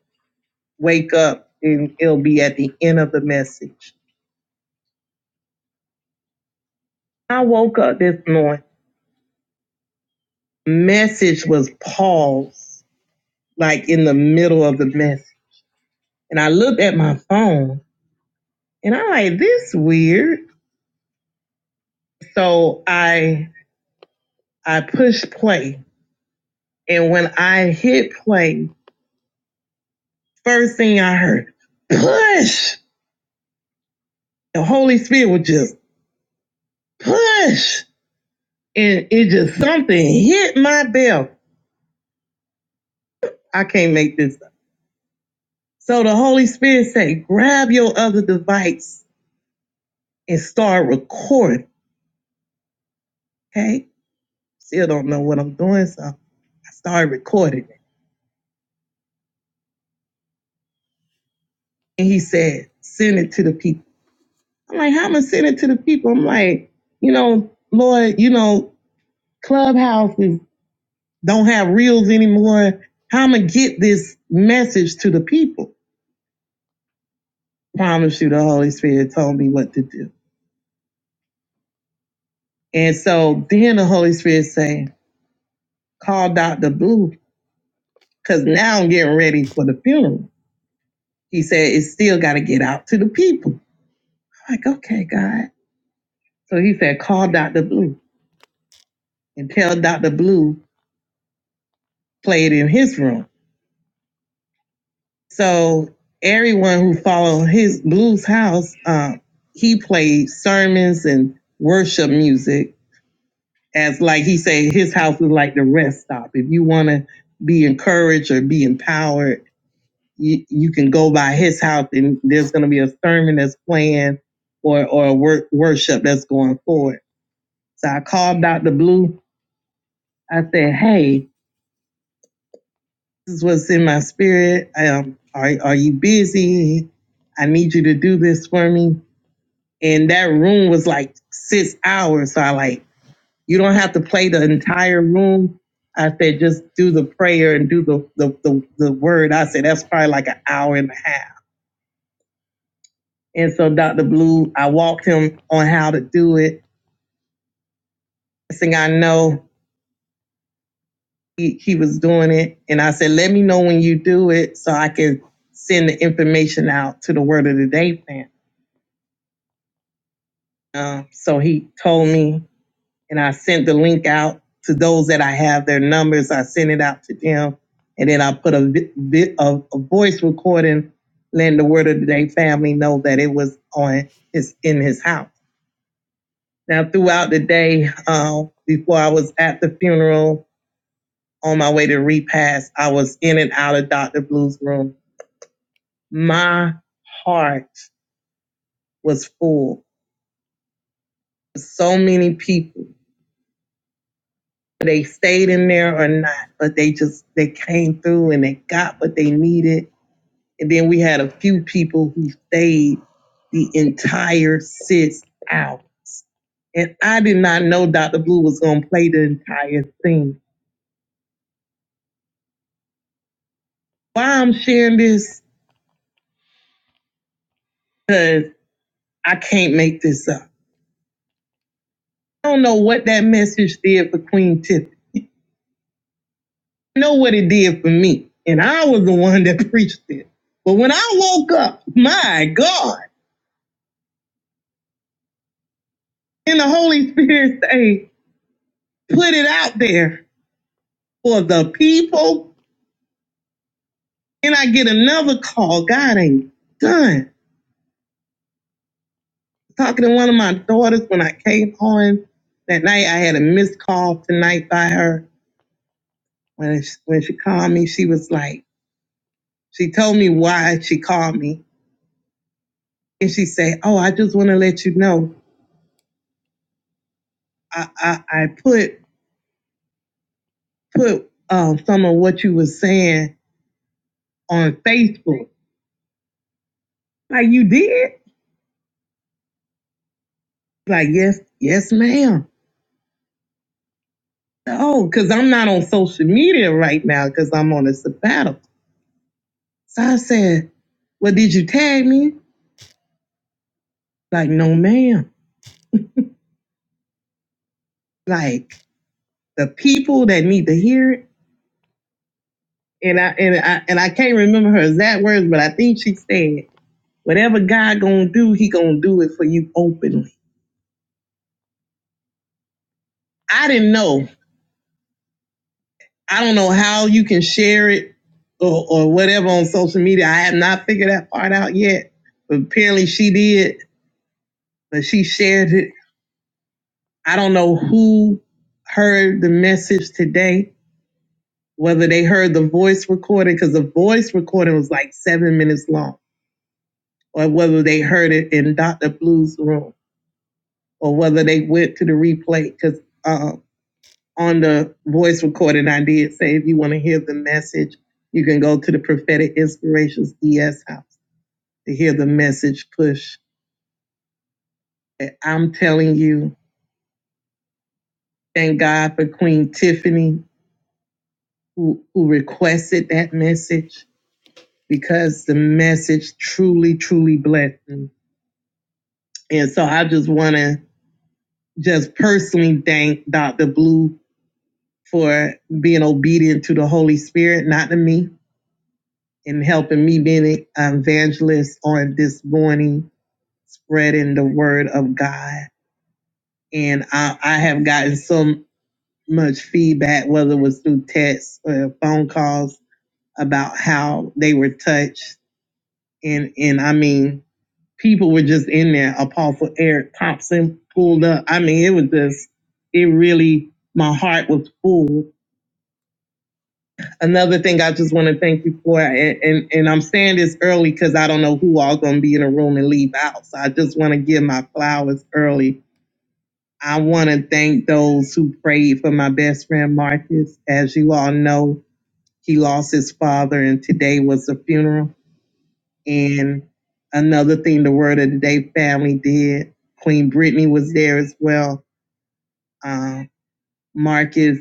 F: wake up and it'll be at the end of the message. I woke up this morning, message was paused, like in the middle of the message. And I looked at my phone and I'm like, this weird. So I I pushed play. And when I hit play, first thing I heard, push. The Holy Spirit was just push. And it just something hit my bell. I can't make this up. So the Holy Spirit said, grab your other device and start recording. Okay. Still don't know what I'm doing. So I started recording it. And he said, send it to the people. I'm like, how am I going send it to the people? I'm like, you know, Lord, you know, clubhouses don't have reels anymore. How am I get this message to the people? Promise you the Holy Spirit told me what to do. And so then the Holy Spirit say, call Dr. Blue, because now I'm getting ready for the funeral. He said, it's still got to get out to the people. I'm like, okay, God. So he said, call Dr. Blue and tell Dr. Blue play it in his room. So everyone who followed his Blue's house, um, he played sermons and worship music as like he said, his house is like the rest stop. If you want to be encouraged or be empowered, you, you can go by his house and there's going to be a sermon that's playing or, or a wor- worship that's going forward. So I called Dr. Blue. I said, hey, this is what's in my spirit. Um, are, are you busy? I need you to do this for me. And that room was like six hours. So I like, you don't have to play the entire room. I said, just do the prayer and do the, the, the, the word. I said, that's probably like an hour and a half. And so Dr. Blue, I walked him on how to do it. Next thing I know, he, he was doing it. And I said, let me know when you do it so I can send the information out to the Word of the Day fan. Um, so he told me, and I sent the link out to those that I have their numbers. I sent it out to them. And then I put a, bit of a voice recording letting the Word of the Day family know that it was on his in his house. Now, throughout the day, uh, before I was at the funeral, on my way to repast, I was in and out of Dr. Blue's room. My heart was full. So many people, they stayed in there or not, but they just, they came through and they got what they needed. And then we had a few people who stayed the entire six hours. And I did not know Dr. Blue was going to play the entire thing. Why I'm sharing this? Because I can't make this up. I don't know what that message did for Queen Tiffany. I know what it did for me. And I was the one that preached it. But when I woke up, my God, and the Holy Spirit say, put it out there for the people. And I get another call. God ain't done. Talking to one of my daughters when I came home that night, I had a missed call tonight by her. When she, when she called me, she was like, she told me why she called me. and she say, "Oh, I just want to let you know, I I, I put put um, some of what you was saying on Facebook. Like you did? Like yes, yes, ma'am. Oh, because I'm not on social media right now because I'm on a sabbatical. So I said, "Well, did you tag me? Like no, ma'am. Like the people that need to hear it." And I and I and I can't remember her exact words, but I think she said, "Whatever God gonna do, He gonna do it for you openly." I didn't know. I don't know how you can share it or, or whatever on social media. I have not figured that part out yet. But apparently she did, but she shared it. I don't know who heard the message today, whether they heard the voice recording, because the voice recording was like seven minutes long, or whether they heard it in Dr. Blue's room, or whether they went to the replay, because uh, on the voice recording I did say if you want to hear the message, you can go to the Prophetic Inspirations ES house to hear the message push. And I'm telling you, thank God for Queen Tiffany who, who requested that message because the message truly, truly blessed me. And so I just want to just personally thank Dr. Blue for being obedient to the Holy Spirit, not to me In helping me being an evangelist on this morning, spreading the word of God. And I, I have gotten so much feedback, whether it was through texts or phone calls, about how they were touched. And and I mean, people were just in there. Apostle Eric Thompson pulled up. I mean, it was just, it really, my heart was full Another thing I just want to thank you for, and, and, and I'm saying this early because I don't know who all going to be in the room and leave out. So I just want to give my flowers early. I want to thank those who prayed for my best friend Marcus. As you all know, he lost his father, and today was the funeral. And another thing the Word of the Day family did, Queen Brittany was there as well. Uh, Marcus,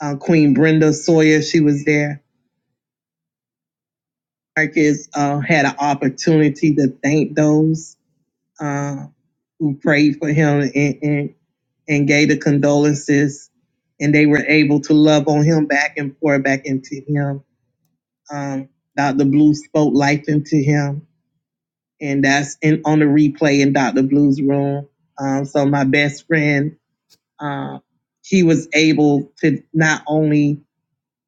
F: uh, Queen Brenda Sawyer, she was there Marcus uh, had an opportunity to thank those uh, who prayed for him and, and, and gave the condolences, and they were able to love on him back and pour back into him. Um, Dr. Blue spoke life into him, and that's in on the replay in Dr. Blue's room. Um, so my best friend, uh, he was able to not only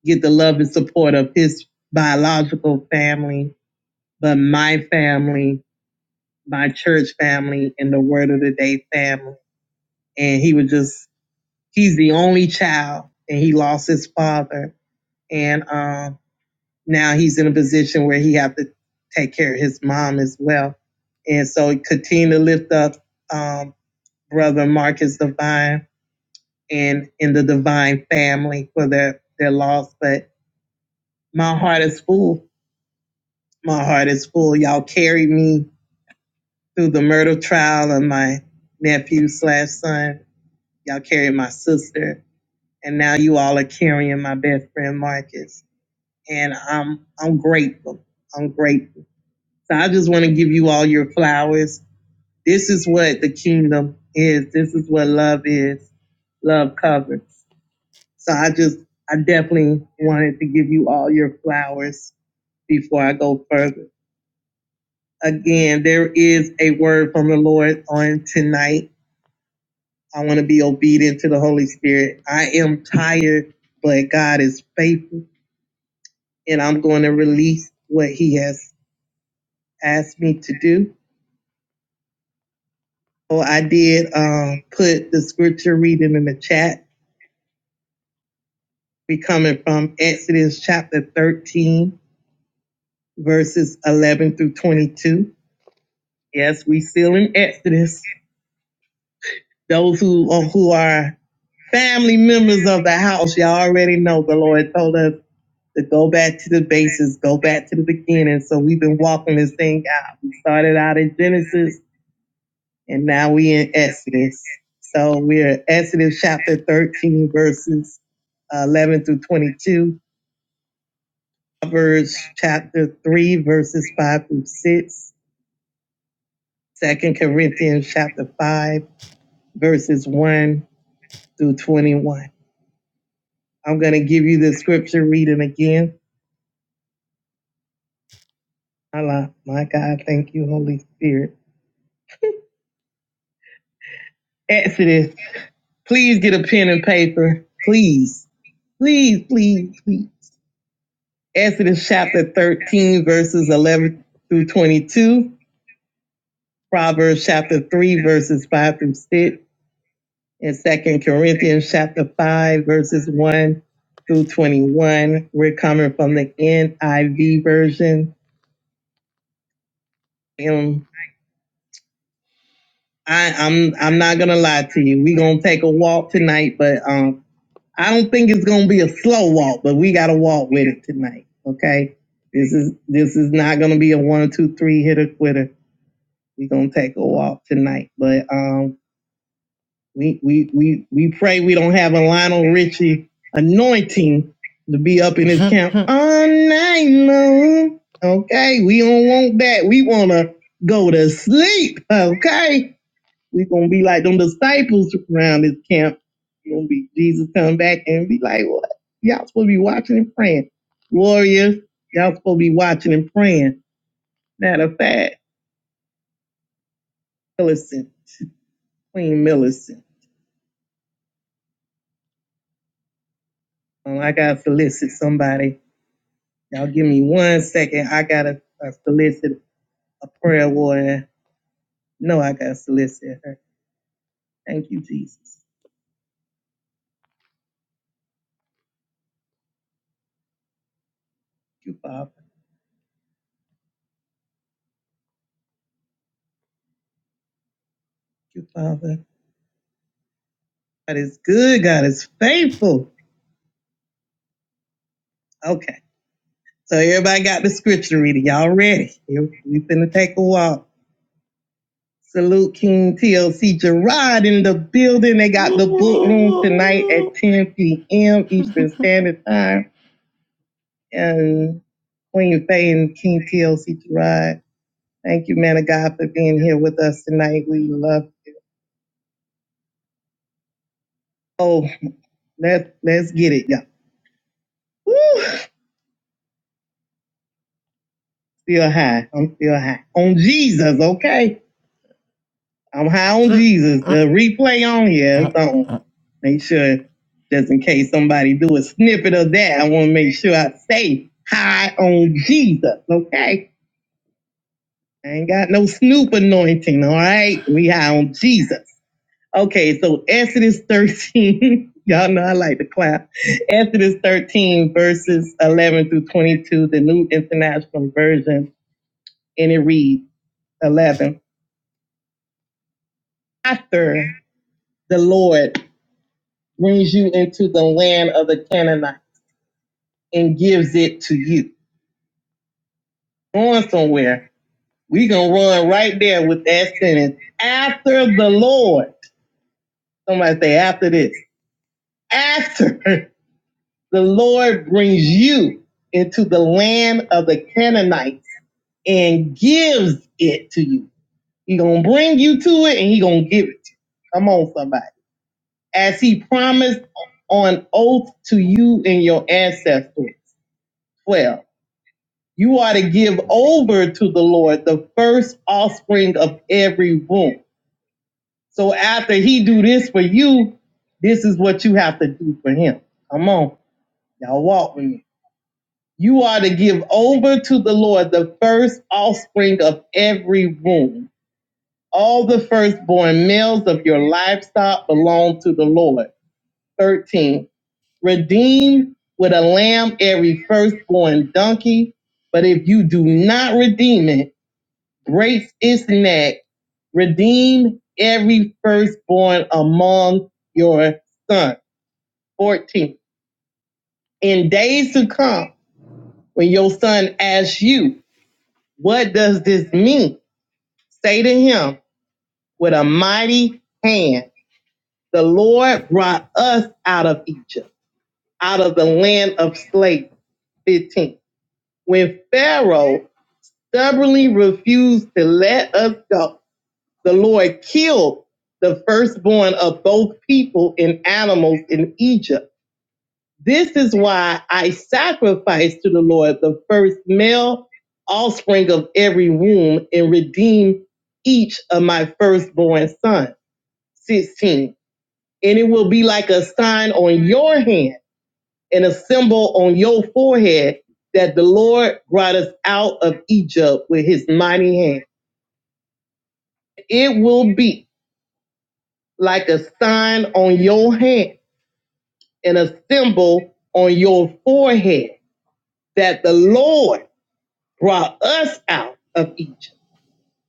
F: get the love and support of his biological family, but my family my church family and the word of the day family. And he was just, he's the only child and he lost his father. And um, now he's in a position where he have to take care of his mom as well. And so continue to lift up um, brother Marcus Divine and in the Divine family for their, their loss. But my heart is full. My heart is full. Y'all carried me through the murder trial of my nephew slash son Y'all carried my sister, and now you all are carrying my best friend Marcus. And I'm I'm grateful. I'm grateful. So I just want to give you all your flowers. This is what the kingdom is. This is what love is. Love covers. So I just I definitely wanted to give you all your flowers before I go further. Again, there is a word from the Lord on tonight. I want to be obedient to the Holy Spirit. I am tired, but God is faithful. and I'm going to release what he has asked me to do. So I did um, put the scripture reading in the chat. We coming from Exodus chapter 13, verses 11 through 22. Yes, we still in Exodus. Those who are, who are family members of the house, y'all already know the Lord told us to go back to the basis, go back to the beginning. So we've been walking this thing. I started out in Genesis And now we in Exodus. So we're Exodus chapter 13, verses uh, 11 through 22, Proverbs chapter 3, verses 5 through 6, Second Corinthians chapter 5, verses 1 through 21. I'm going to give you the scripture reading again. Allah, my God, thank you, Holy Spirit. Exodus, please get a pen and paper. Please, please, please, please. Exodus chapter 13, verses 11 through 22. Proverbs chapter three, verses five through six, and Second Corinthians chapter five, verses one through twenty-one. We're coming from the NIV version. And I, I'm I'm not gonna lie to you. We're gonna take a walk tonight, but um I don't think it's gonna be a slow walk, but we gotta walk with it tonight. Okay. This is this is not gonna be a one, two, three hitter quitter. We're gonna take a walk tonight. But um We we we we pray we don't have a Lionel Richie anointing to be up in his camp all night long. Okay, we don't want that. We wanna go to sleep. Okay, we gonna be like them disciples around this camp. We gonna be Jesus come back and be like, what? Y'all supposed to be watching and praying, warriors. Y'all supposed to be watching and praying. Matter of fact, Millicent, Queen Millicent. Oh, I gotta solicit somebody Y'all give me one second. I gotta uh, solicit a prayer warrior. No, I gotta solicit her. Thank you, Jesus. Thank you, Father. Thank you, Father. God is good. God is faithful. Okay. So everybody got the scripture reading. Y'all ready? Here, We finna take a walk. Salute King TLC Gerard in the building. They got the book room tonight at 10 p.m. Eastern Standard Time. And Queen Faye and King TLC Gerard. Thank you, man of God, for being here with us tonight. We love. Oh, let let's get it, y'all. Still high. I'm still high on Jesus. Okay, I'm high on Jesus. The replay on here. So make sure, just in case somebody do a snippet of that, I want to make sure I say high on Jesus. Okay, I ain't got no Snoop anointing. All right, we high on Jesus. Okay, so Exodus 13, y'all know I like to clap. Exodus 13, verses 11 through 22, the New International Version, and it reads 11. After the Lord brings you into the land of the Canaanites, going somewhere, we going to run right there with that sentence. After the Lord, somebody say after this, after the Lord brings you into the land of the Canaanites and gives it to you. He gonna bring you to it and he gonna give it to you. Come on, somebody. As he promised on him. Come on, y'all walk with me. You are to give over to the Lord the first offspring of every womb. All the firstborn males of your livestock belong to the Lord. 13. Donkey, do not demon when your sash. What does this mean? Say to him with a mighty hand, the Lord brought us out of Egypt out of the land of slaves. 15. When Pharaoh stubbornly refused to let us go, the Lord killed the firstborn of both people and animals in Egypt. This is why I sacrifice to the Lord the first male offspring of every womb in each of my firstborn sons. 16. And it will be like a sign on your hand and a symbol on your forehead that the Lord brought us out of Egypt with his mighty hand. It will be like a sign on your hand and a symbol on your forehead that the Lord brought us out of Egypt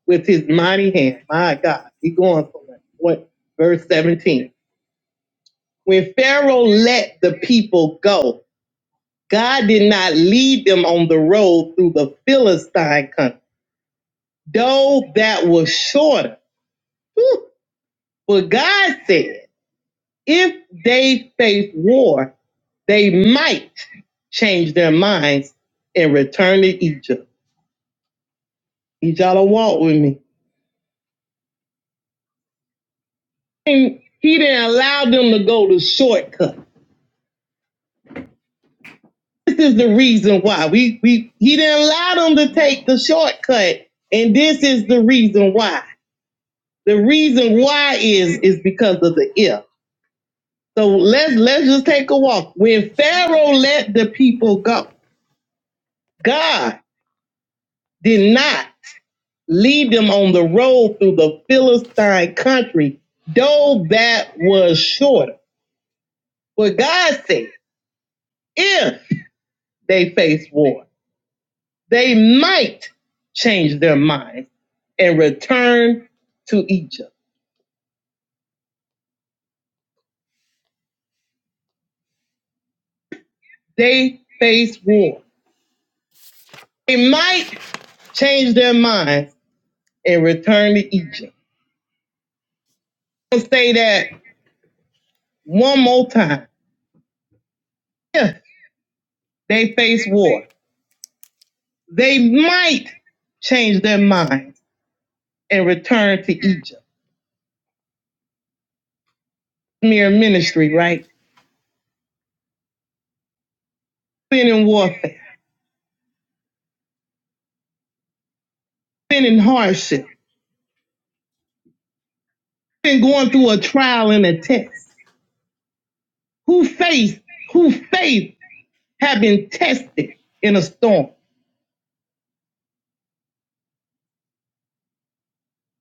F: with his mighty hand. My God, he going for that. What? Verse 17. When Pharaoh let the people go, God did not lead them on the road through the Philistine country, though that was shorter But God said, if they face war, they might change their minds and return to Egypt. Need y'all to walk with me. He didn't allow them to go the shortcut. This is the reason why. We we he didn't allow them to take the shortcut. And this is the reason why. The reason why is is because of the if. So God did not lead them on the road through the Philistine country, though that was shorter. What God said, if they face war, they might change their minds and return to Egypt. They face war. They might change their minds and return to Egypt. I'm gonna say that one more time. If they face war, they might change their minds and return to Egypt. Mere ministry, right? Been in warfare, been in hardship, been going through a trial and a test. whose faith, whose faith have been tested in a storm.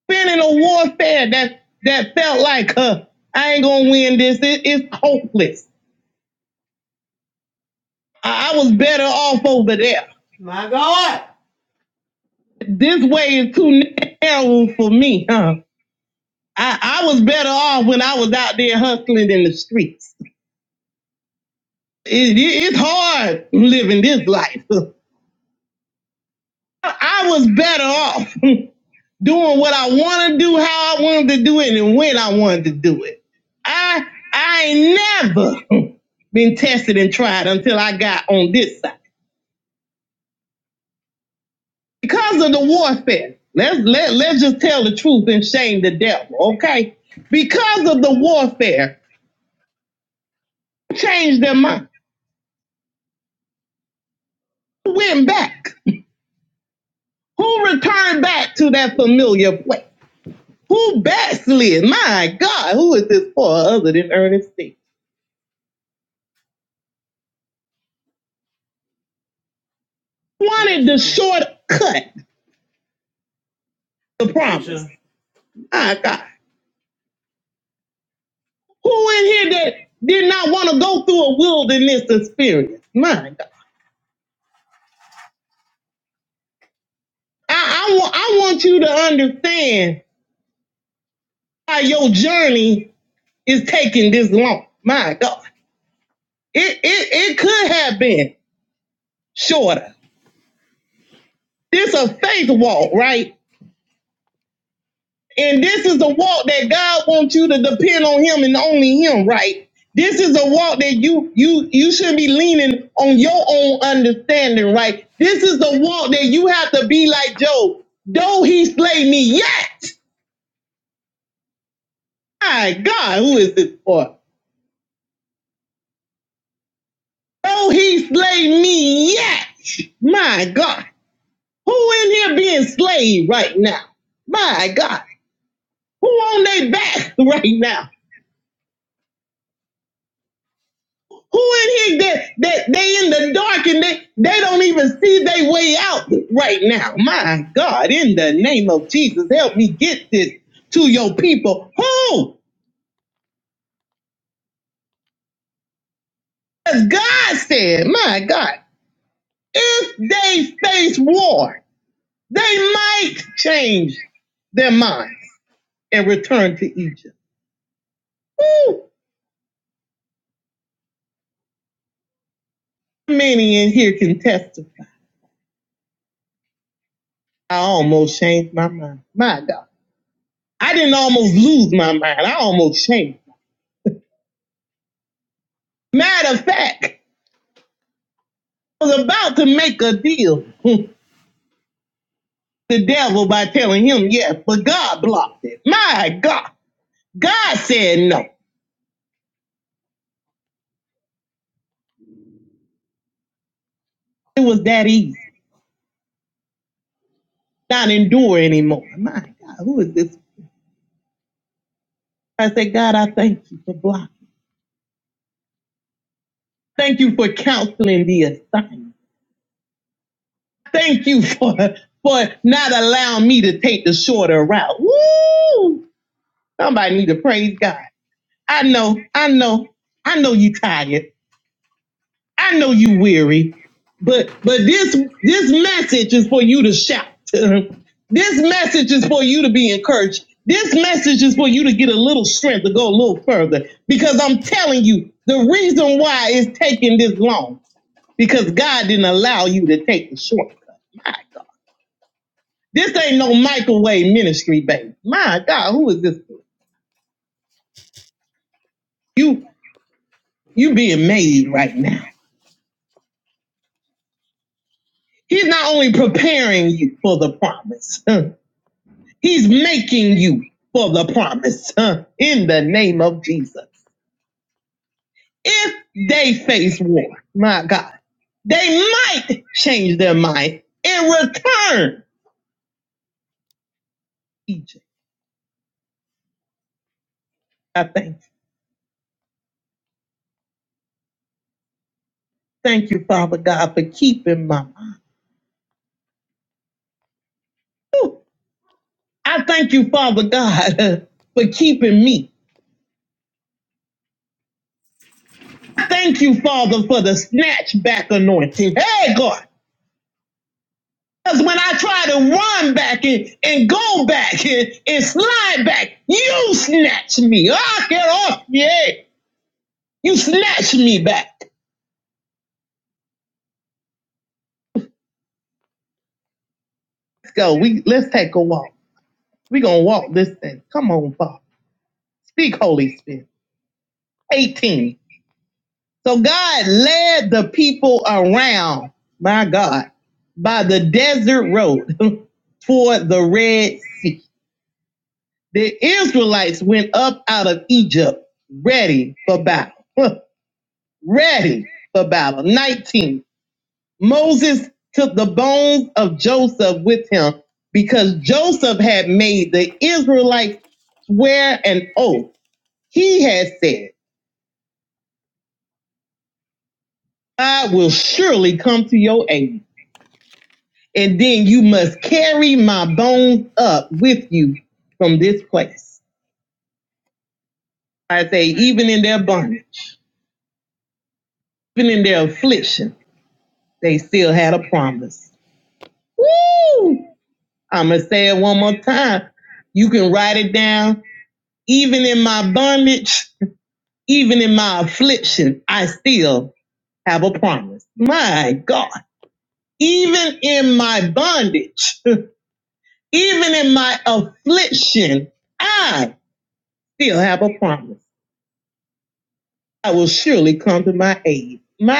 F: Been in a warfare that that felt like, huh, I ain't gonna win this. It, it's hopeless. I was better off over there. This way is too narrow for me, huh? I, I was better off. I was out there hustling in the streets. It, it, it's hard. I was better off doing what I want to do, how I want. I I ain't never been tested and tried until I got on this side. because of the warfare. Let's let let's just tell the truth and shame the devil, okay? Because of the warfare, wanted the shortcut, the problem. My God, my God. I, I want I want you to understand why your journey is taking this long. My God, it it it could have been shorter. This a faith walk, right? Who in here being slave right now? My God, that that they in the dark and they doubt. Wow, my the name of Jesus, help me get this. Yo, people, my God, if they face war, they might change their mind and return to Egypt. Many in here can testify. I almost changed my mind. My God. I didn't almost lose my mind. I almost changed. Madam, thank you for blocking. Thank you for counseling the assignment. Thank you for for not allowing me to take the shorter route. Woo! Somebody need to praise God. I know I'm tired. I know you weary. But but this this message is for you to shout. this message is for you to be encouraged. This you you being made right now. He's not only preparing you for the promise, he's making you for the promise in the name of Jesus. If they face war, my God, they might change their mind in return. Egypt, I thank thank you, Father God, for keeping my Thank you, Father, for the snatch back anointing. Hey, God. Because when I try to run back and, and go back and, and slide back, you snatch me. Ah, get off. Yeah. You snatch me back. Let's go. We, let's take a walk. We're going to walk this thing. Come on, Father. Speak, Holy Spirit. 18. So God led the people around, my God, by the desert road toward the Red Sea. The Israelites went up out of Egypt ready for battle. 19. Moses took the bones of Joseph with him because Joseph had made the Israelites swear an oath. He had said, I will surely come to your aid, and then you must carry my bones up with you from this place. I say, even in their bondage, even in their affliction, they still had a promise. I'm going to say it one more time. You can write it down. Even in my bondage, even in my affliction, I still have a promise. My God. Even in my bondage, even in my affliction, I still have a promise. My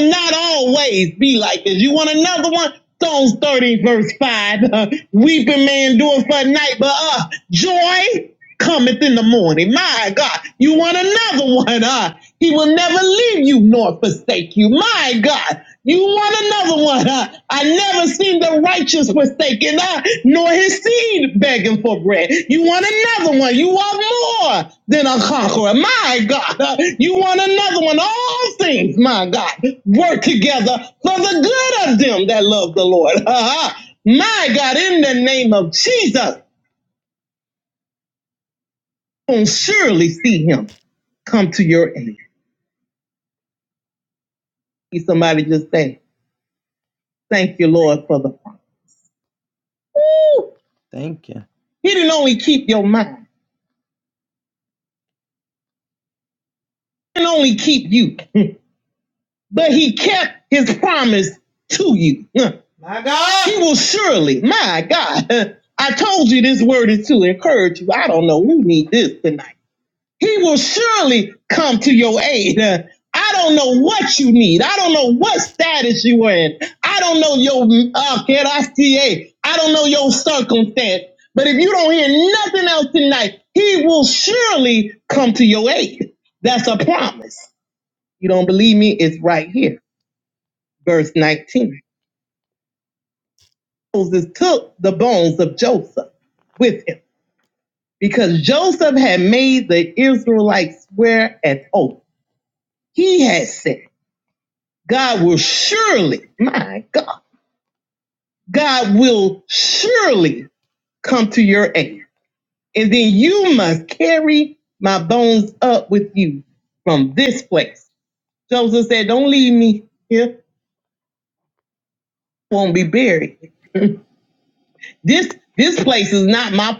F: Rome not always be like this. You want another one? Psalms 30, verse 5. Uh, weeping may endure for a night, but uh, joy cometh in the morning. My God, you want another one? Uh, he will never leave you nor forsake you. My God. You want another one, huh? I never seen the righteous forsaken, huh? nor his seed begging for bread. You want another one. You want more than a conqueror. My God, huh? you want another one. All things, my God, work together for the good of them that love the Lord. huh? My God, in the name of Jesus, will surely see him come to your aid. See Somebody just say, thank you, Lord, for the Father. He didn't only keep your mind. He didn't only keep you. but he kept his promise to you. Huh. He will surely, my God, huh. I told you this word is to encourage you. I don't know who need this tonight. He will surely come to your aid. huh. I don't know what you need. I don't know what status you are in. I don't know your uh, I I don't know your circumstance. But if you don't hear nothing else tonight, he will surely come to your aid. That's a promise. You don't believe me? It's right here, verse 19. Moses took the bones of Joseph with him because Joseph had made the Israelites swear an oath. He had said, God will surely, my God, God will surely come to your aid. You must carry my bones up with you from this place. Joseph said, Don't leave me. This this place is not my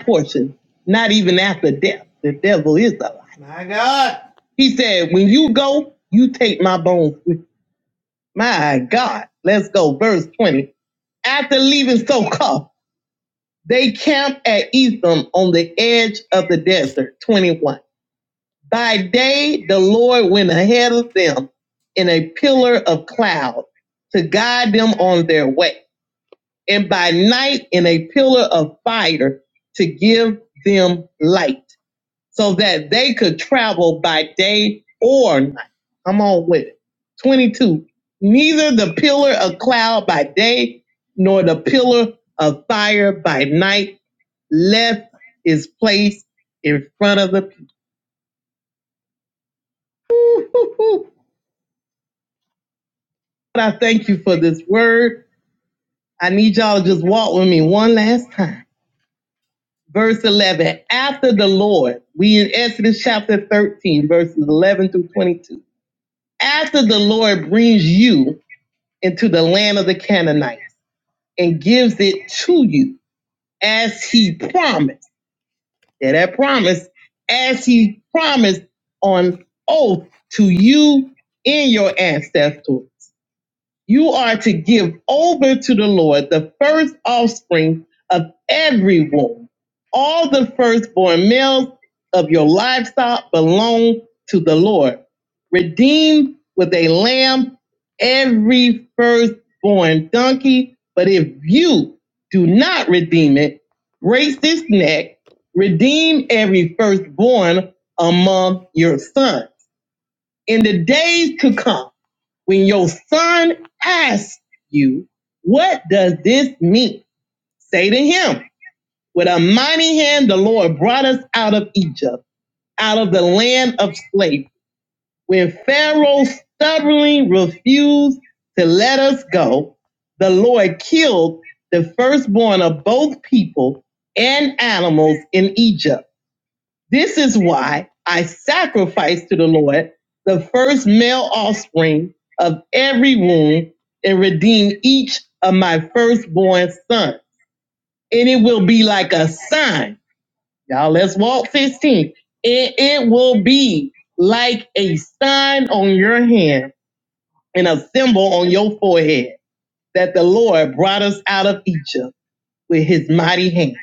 F: prison. after the devil is alive. He said, When you go, you take my bones with you. My God, let's go. Verse 20. After leaving Soka, they camped at Etham on the edge of the desert. 21. By day, the Lord went ahead of them in a pillar of cloud to guide them on their way, and by night, in a pillar of fire to give them light so that they could travel by day or night. Come on, with pillar of cloud by day, nor the fire in front of the people. But I thank you for this word. I need y'all to just walk with me one last time. Verse 11, after the Lord, we in Exodus chapter 13, verse through 20, that one oath to you and your ancestors. You are to give over to the Lord the first offspring of every everyone, all the first in him. With a mighty hand, the Lord brought us out of Egypt, out of the land of slavery. Pharaoh stubbornly refused. The Lord killed of my firstborn that the Lord brought us. with his mighty hand.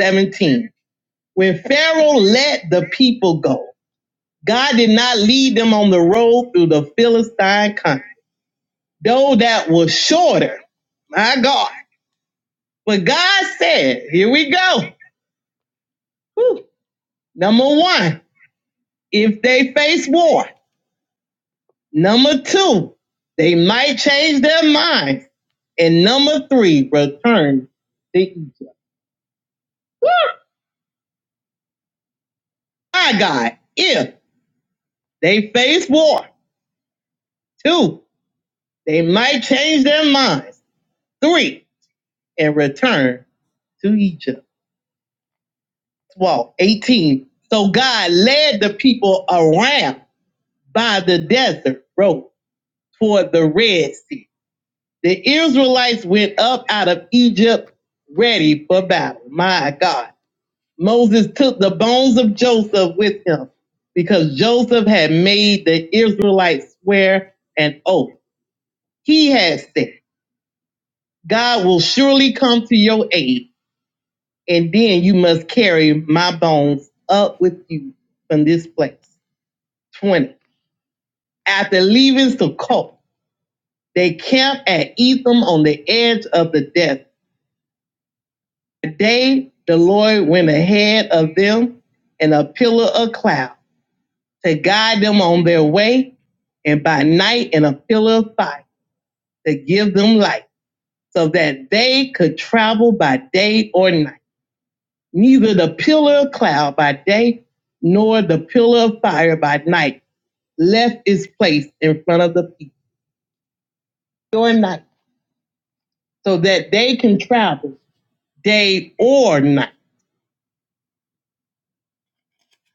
F: 17. When Pharaoh let the people go, God did not lead them on the road through the Philistine country. No, that was shorter. My God. But God said, here we go. Whew. Number one, if they face war. Number two, they might change their minds. And number three, return to Egypt. My God, if sons of Joseph with him. because Joseph had made the Israelites swear an oath. He had succumbed you from this 20. After leaving Sukkot, they camped at Etham on the edge of the death. The day the Lord went ahead of them in a pillar of cloud to guide them on their way, and by night in a pillar of fire to give them light, so that they could travel by day or night. neither the pillar of cloud by day nor the pillar of fire by night left its place in front of the people during night so that they can travel day or night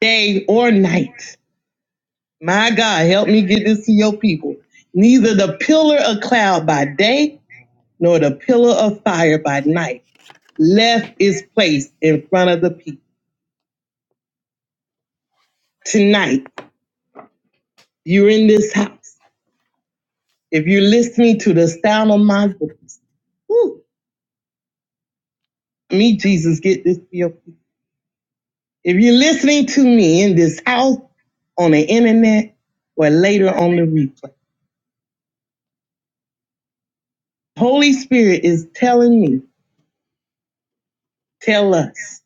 F: day or night my god help me get this to your people neither the pillar of cloud by day nor the pillar of fire by night left its place in front of the people tonight you're in this house if you're listening to the sound of my voice whew, me jesus get this to your people If you're listening to me in this house, on the internet, or later on the replay, Holy Spirit is telling me, tell us,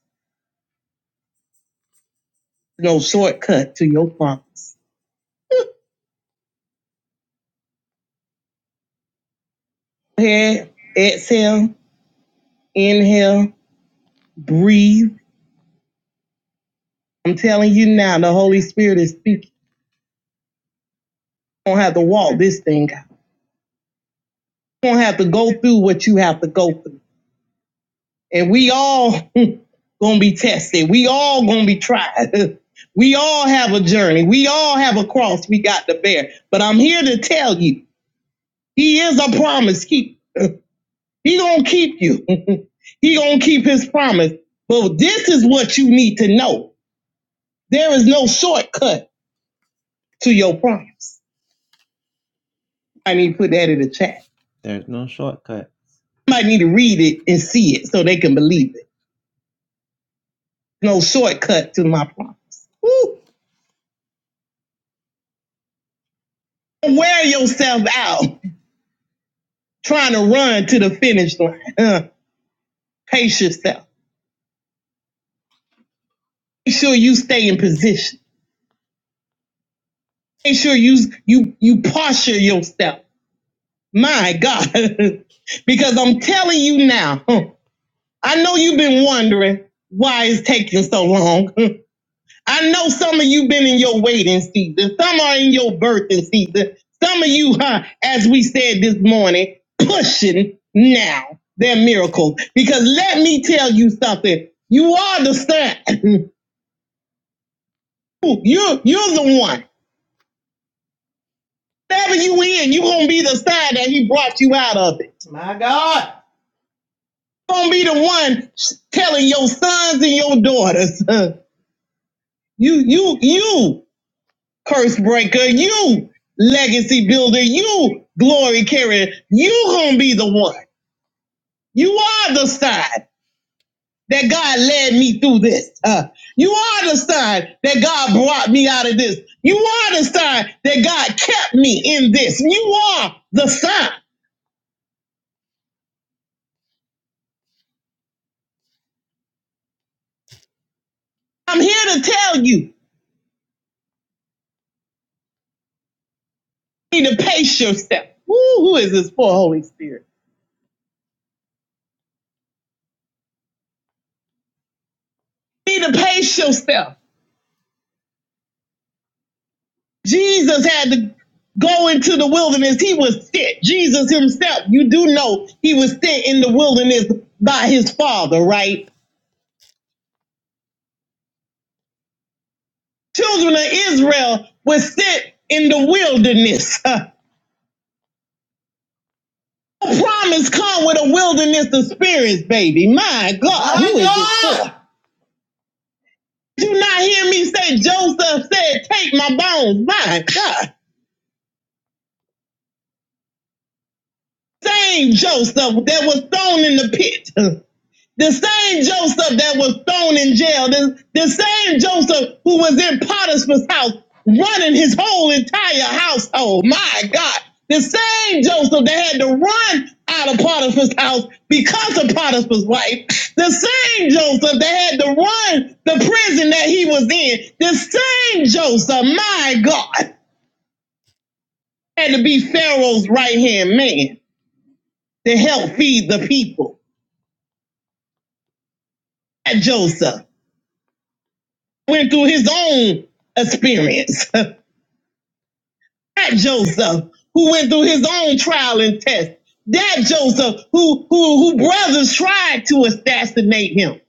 F: no shortcut to your promise. Head, exhale, inhale, breathe. I'm telling you now, the Holy Spirit is speaking. You don't have to walk this thing out. You don't have to go through what you have to go through. and we all gonna be tested. We all gonna be tried. we all have a journey. We all have a cross we got to bear. But I'm here to tell you, He is a promise keep. He gonna keep you. he gonna keep His promise. But this is what you need to know. There is no shortcut to your promise. I need to put that in. I need to read it and- so they can. believe. No shortcut to my promise. Don't Wear yourself out trying to run to the finish line. Uh, pace yourself. Make sure you stay in position. Make sure you you you posture yourself. My God, because I'm telling you now, huh, Father, son, you're you're the one. Whatever you in, you gonna be the sign that He brought you out of. In this, you are the sign. I'm here to tell you, be the pace yourself. Children of Israel were sit in the wilderness. promise come with a wilderness experience, baby. My God. Joseph that had to run the prison that he was in. The same Joseph, my God, had to be Pharaoh's right hand man to help feed the people. That Joseph went through his own experience. that Joseph who went through his own trial and test. That Joseph who whoever tried to assassinate him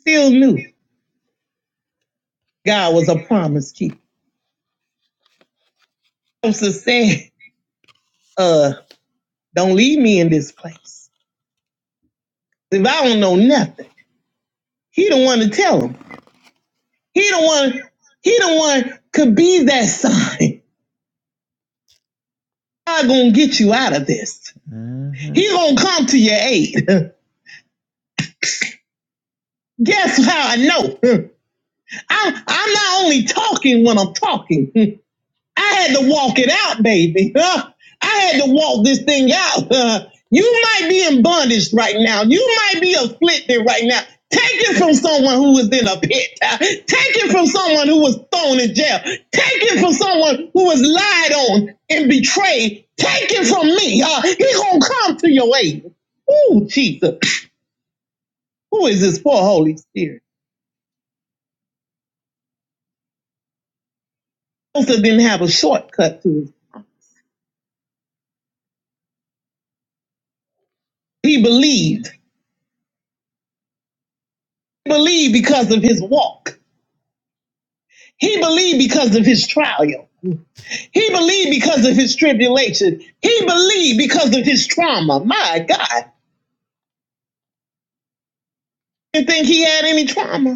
F: still knew God was a promise keeper. Joseph said, uh, don't leave me in this place. If I don't know nothing. He don't want to tell him. He could be that son gonna get you. I know. Talking when I'm talking. Take it from someone who was thrown in jail. Take it from someone who was lied on and betrayed. Take it from me. Uh, he gonna come to your aid. Ooh, Jesus. Who is this poor Holy Spirit? Joseph didn't have a shortcut to it. He believed because of his walk. He believed because of his trial. He believed because of his tribulation. He believed because of his trauma. you think he trauma?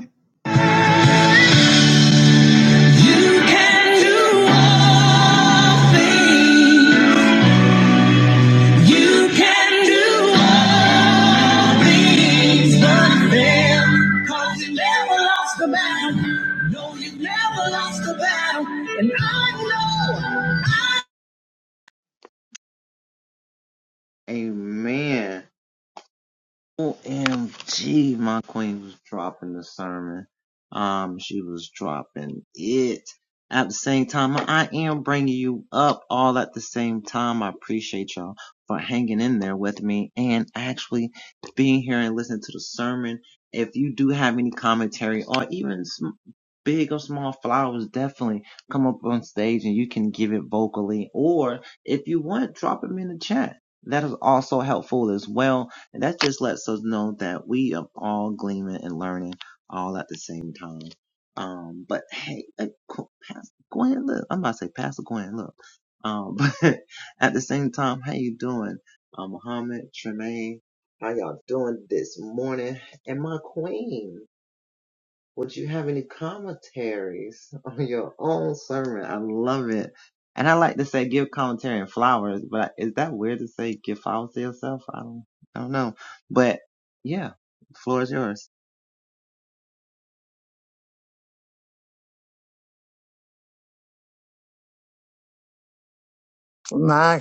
B: My,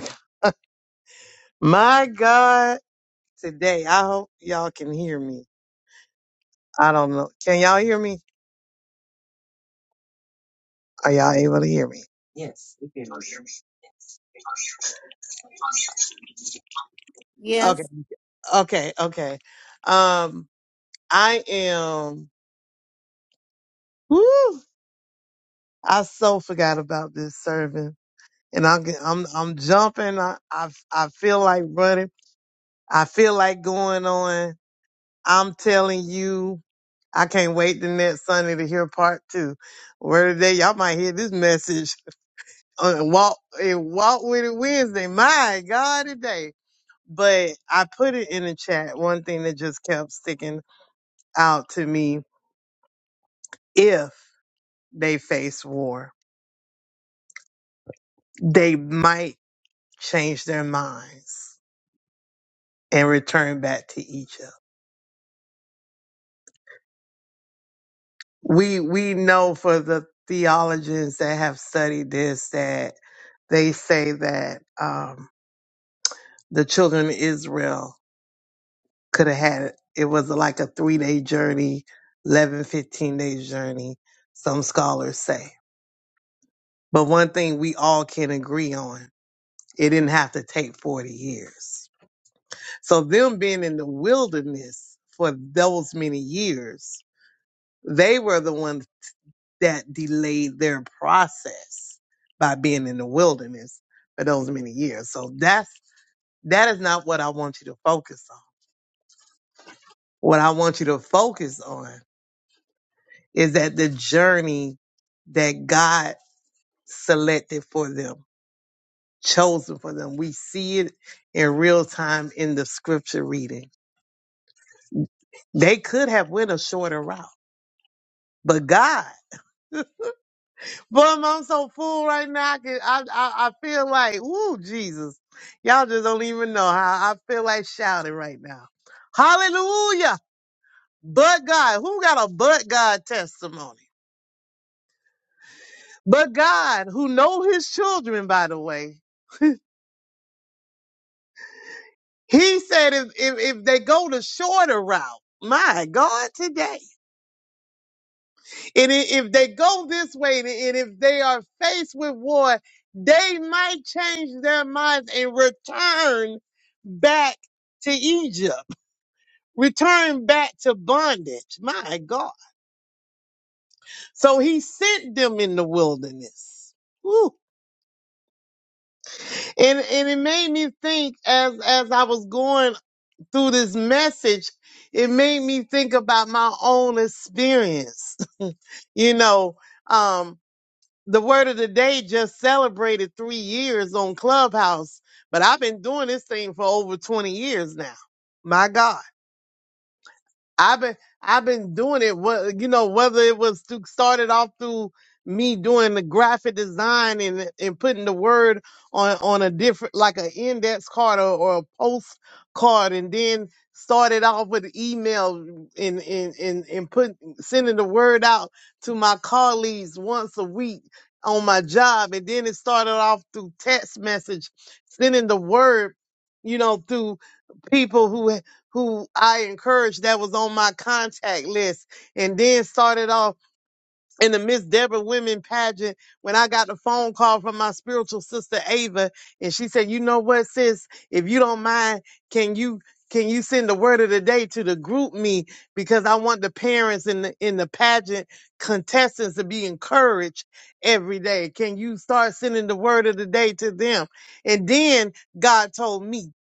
B: my God, today, I hope y'all can hear me. I don't know. Can y'all hear me? Are y'all able to hear me? Yes, we can. hear you. Okay.
G: Yes.
B: Okay. Okay. Um, I am, woo, I so forgot about this service. and I'm I'm I'm jumping. I I, I feel like running. I feel like going on. I'm telling you, I can't wait the next Sunday to hear part two. Where today y'all might hear this message on walk and walk with it Wednesday. My God, today. But I put it in the chat. One thing that just kept sticking out to me: if they face war, they might change their minds and return back to Egypt we we know for the theologians that have studied this that they say that um, the children of Israel could have had it. It was like a three day journey, eleven fifteen 15 day journey, some scholars say. But one thing we all can agree on, it didn't have to take 40 years. So, them being in the wilderness for those many years, they were the ones. that delayed their process by being in the wilderness for those many years. So that's that is not what I want you to focus on. What I want you to focus on is that the journey that God selected for them, chosen for them. We see it in real time in the scripture reading. They could have went a shorter route, but God Bum, I'm so full right now. I can, I, I, I feel like, ooh, Jesus. Y'all just don't even know how I feel like shouting right now. Hallelujah. But God, who got a but God testimony? But God, who know his children, by the way, he said if, if, if they go the shorter route, my God, today. And i- if they go this way, and and if they are faced with war, they might change their minds and return back to Egypt, return back to bondage. My God. So he sent them in the wilderness. Woo. And and it made me think as as I was going through this message, it made me think about my own experience. you know, um, the word of the day just celebrated three years on Clubhouse, but I've been doing this thing for over 20 years now. My God. I've been I've been doing it. What you know, whether it was to started off through me doing the graphic design and and putting the word on on a different like an index card or, or a post card, and then started off with email and and and and put sending the word out to my colleagues once a week on my job, and then it started off through text message, sending the word, you know, through people who who I encouraged that was on my contact list and then started off in the Miss Deborah Women pageant when I got the phone call from my spiritual sister Ava, and she said, "You know what, sis? If you don't mind, can you?" Can you send the word of the day to the group me because I want the parents in the in the pageant contestants to be encouraged every day. Can you start sending the word of the day to them? And then God told me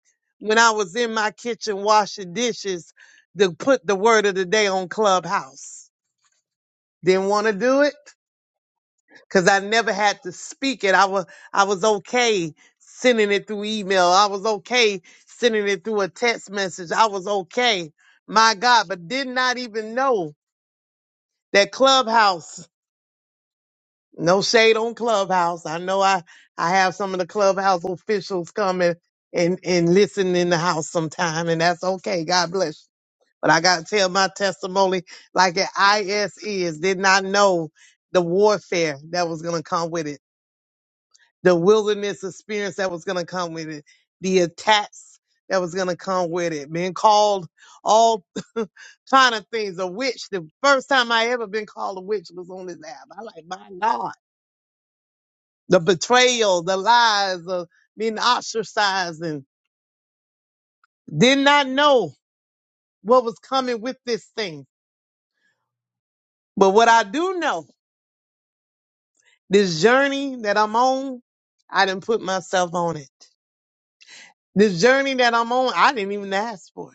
B: when I was in my kitchen washing dishes to put the word of the day on Clubhouse. Didn't want to do it because I never had to speak it. I was I was okay sending it through email. I was okay sending it through a text message. I was okay. My God, but did not even know that Clubhouse. No shade on Clubhouse. I know I I have some of the Clubhouse officials come and and, and listen in the house sometime, and that's okay. God bless. you. But I gotta tell my testimony like it is. Did not know the warfare that was gonna come with it the wilderness experience that was going to come with it, the attacks that was going to come with it, being called all kind of things. A witch. The first time I ever been called a witch was on this app. I like my God, the betrayal, the lies, of being ostracized, and did not know what was coming with this thing. But what I do know, this journey that I'm on, I didn't put myself on it. This journey that I'm on, I didn't even ask for it.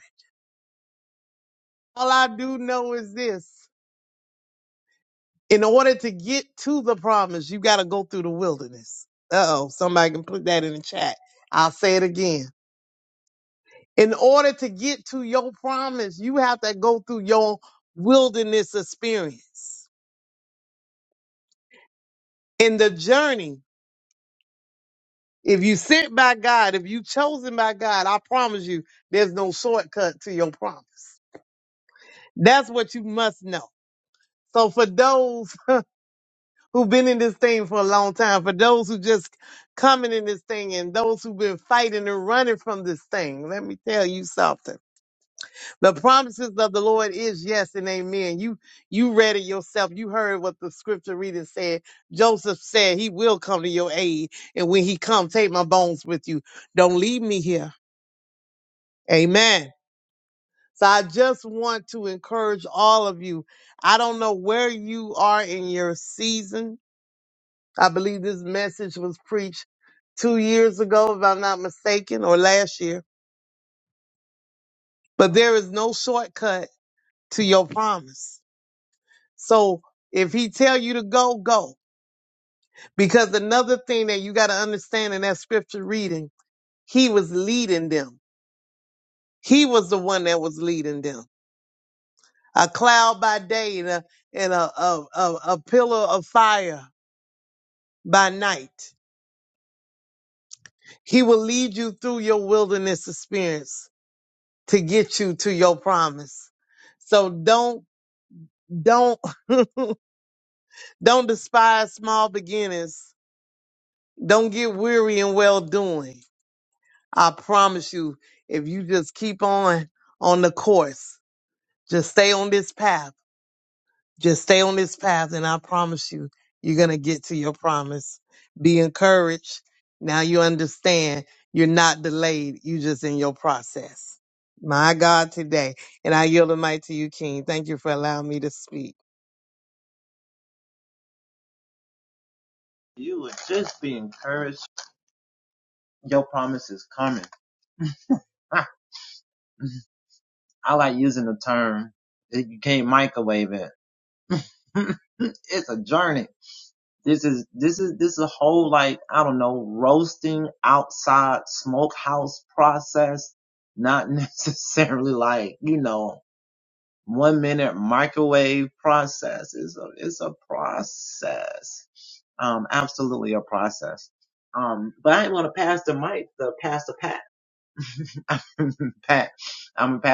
B: All I do know is this. In order to get to the promise, you got to go through the wilderness. Uh oh, somebody can put that in the chat. I'll say it again. In order to get to your promise, you have to go through your wilderness experience. In the journey, if you sent by God, if you chosen by God, I promise you, there's no shortcut to your promise. That's what you must know. So for those who've been in this thing for a long time, for those who just coming in this thing and those who've been fighting and running from this thing. Let me tell you something. The promises of the Lord is yes and amen. You you read it yourself. You heard what the scripture reading said. Joseph said he will come to your aid. And when he comes, take my bones with you. Don't leave me here. Amen. So I just want to encourage all of you. I don't know where you are in your season. I believe this message was preached two years ago, if I'm not mistaken, or last year. But there is no shortcut to your promise. So if he tell you to go, go. Because another thing that you got to understand in that scripture reading, he was leading them. He was the one that was leading them. A cloud by day and a and a a, a, a pillar of fire by night. He will lead you through your wilderness experience. to get you to your promise. So don't, don't, don't despise small beginnings. Don't get weary in well doing. I promise you, if you just keep on on the course, just stay on this path Just stay on this path and I promise you, you're going to get to your promise. Be encouraged. Now you understand you're not delayed. You just in your process. My God today. And I yield the mic to you, King. Thank you for allowing me to speak.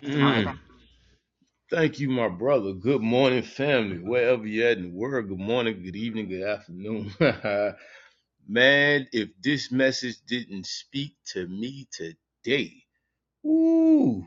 H: Mm, thank you, my brother. Good morning, family. Wherever you're at in the world, good morning, good evening, good afternoon. Man, if this message didn't speak to me today, Ooh.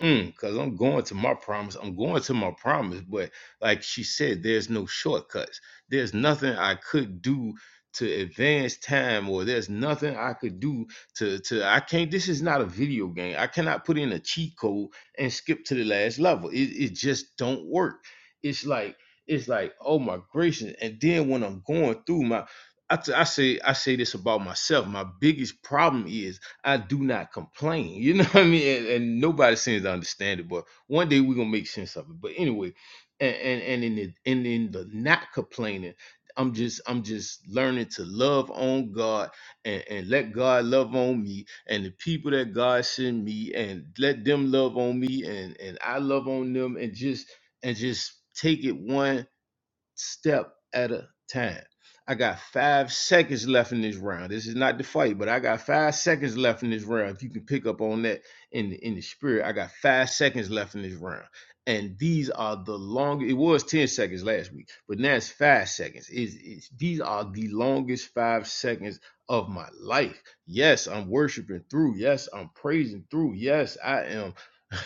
H: Mm, Cause I'm going to my promise. I'm going to my promise. But like she said, there's no shortcuts. There's nothing I could do to advance time, or there's nothing I could do to to I can't. This is not a video game. I cannot put in a cheat code and skip to the last level. It it just don't work. It's like it's like oh my gracious. And then when I'm going through my I, t- I say I say this about myself. My biggest problem is. I do not complain. You know what I mean? And, and nobody seems to understand it, but one day we're gonna make sense of it. But anyway, and and, and in the and in the not complaining, I'm just I'm just learning to love on God and, and let God love on me and the people that God send me and let them love on me and and I love on them and just and just take it one step at a time. I got five seconds left in this round. This is not the fight, but I got five seconds left in this round. If you can pick up on that in the, in the spirit, I got five seconds left in this round. And these are the longest. It was ten seconds last week, but now it's five seconds. Is is these are the longest five seconds of my life? Yes, I'm worshiping through. Yes, I'm praising through. Yes, I am.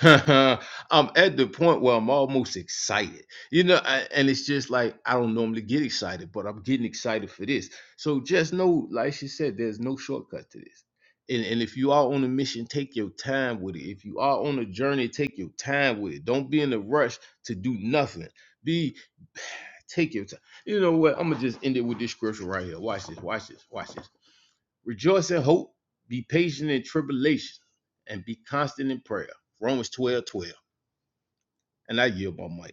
H: I'm at the point where I'm almost excited. You know, I, and it's just like I don't normally get excited, but I'm getting excited for this. So just know, like she said, there's no shortcut to this. And and if you are on a mission, take your time with it. If you are on a journey, take your time with it. Don't be in a rush to do nothing. Be take your time. You know what? I'm gonna just end it with this scripture right here. Watch this. Watch this. Watch this. Rejoice in hope. Be patient in tribulation, and be constant in prayer. Romans 12:12. And I yield my mic.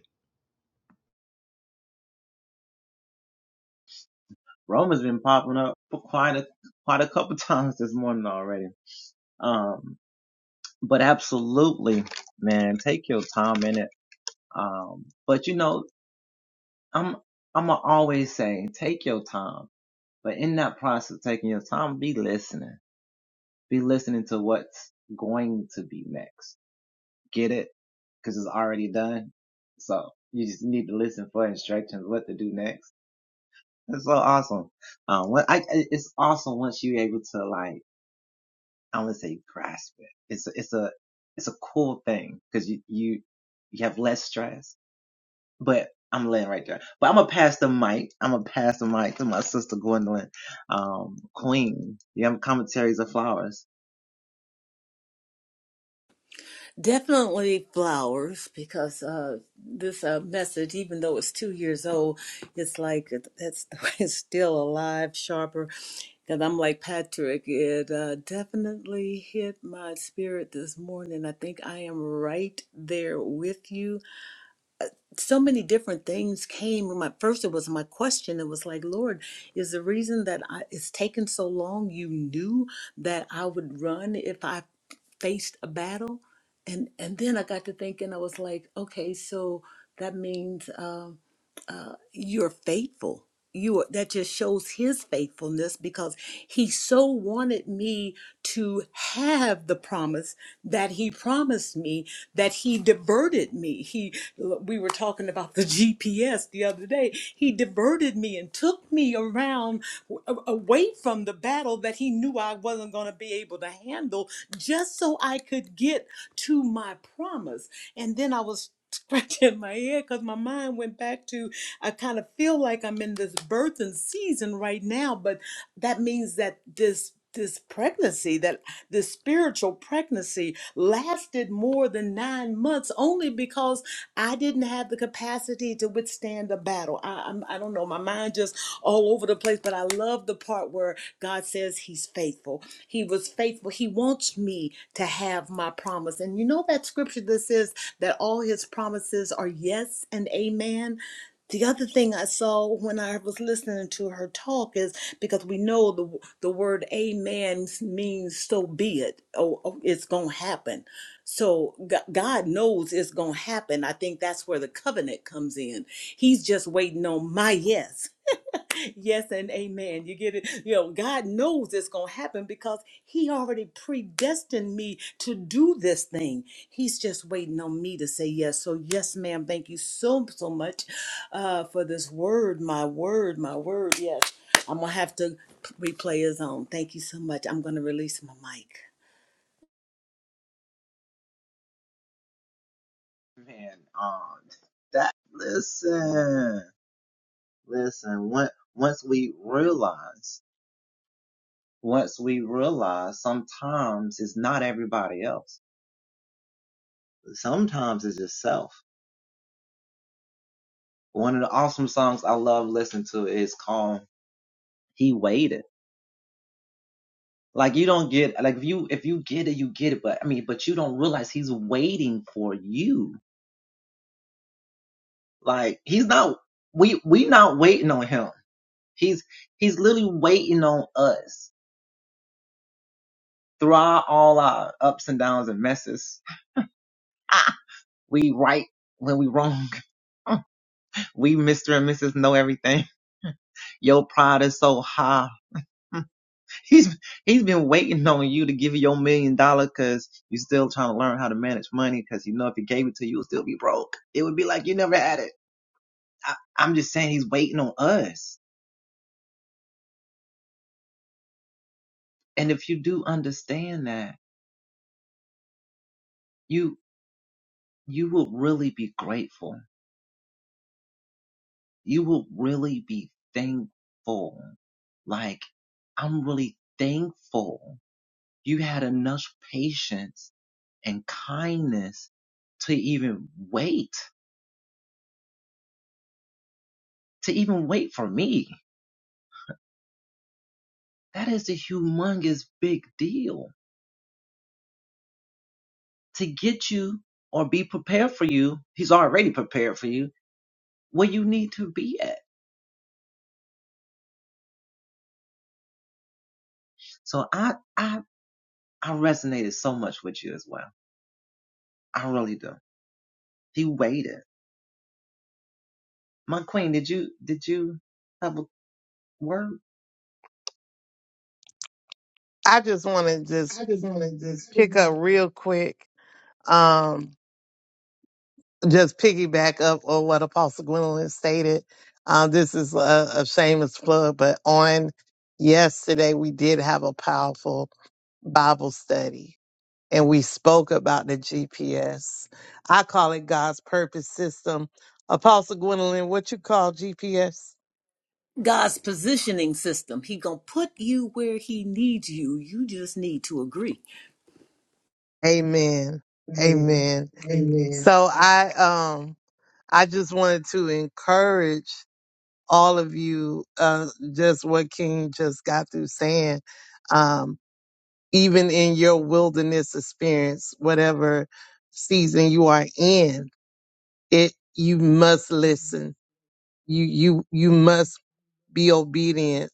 G: Definitely flowers because uh, this uh, message, even though it's two years old, it's like it- it's, it's still alive, sharper. And I'm like Patrick, it uh, definitely hit my spirit this morning. I think I am right there with you. So many different things came. My first, it was my question. It was like, Lord, is the reason that I, it's taken so long? You knew that I would run if I faced a battle and and then i got to thinking i was like okay so that means um, uh, you're faithful. You are, that just shows his faithfulness because he so wanted me to have the promise that he promised me that he diverted me. He we were talking about the GPS the other day. He diverted me and took me around w- away from the battle that he knew I wasn't going to be able to handle just so I could get to my promise and then I was scratching my head because my mind went back to I kind of feel like I'm in this birthing season right now, but that means that this this pregnancy that this spiritual pregnancy lasted more than nine months only because i didn't have the capacity to withstand the battle I, I'm, I don't know my mind just all over the place place, but I love the part where God says He's faithful. He was faithful. He wants me to have my promise. And you know that scripture that says that all His promises are yes and amen? The other thing I saw when I was listening to her talk is because we know the the word amen means so be it. Oh, oh, it's going to happen. So God knows it's going to happen. I think that's where the covenant comes in. He's just waiting on my yes. Yes and amen. You get it? You know, God knows it's going to happen because He already predestined me to do this thing. He's just waiting on me to say yes. So, yes, ma'am, thank you so, so much uh, for this word. My word, my word. Yes. I'm going to have to replay his own. Thank you so much. I'm going to release my mic.
B: I just want to just I just want to just pick up real quick, um, just piggyback up on what Apostle Gwendolyn stated. Um, this is a, a shameless plug, but on yesterday we did have a powerful Bible study and we spoke about the GPS. I call it God's purpose system. Apostle Gwendolyn, what you call GPS?
G: God's positioning system. He going to put you where He needs you. You just need to agree.
B: Amen. Amen. Amen. Amen. So I um I just wanted to encourage all of you uh just what King just got through saying. Um even in your wilderness experience, whatever season you are in, it you must listen you you you must be obedient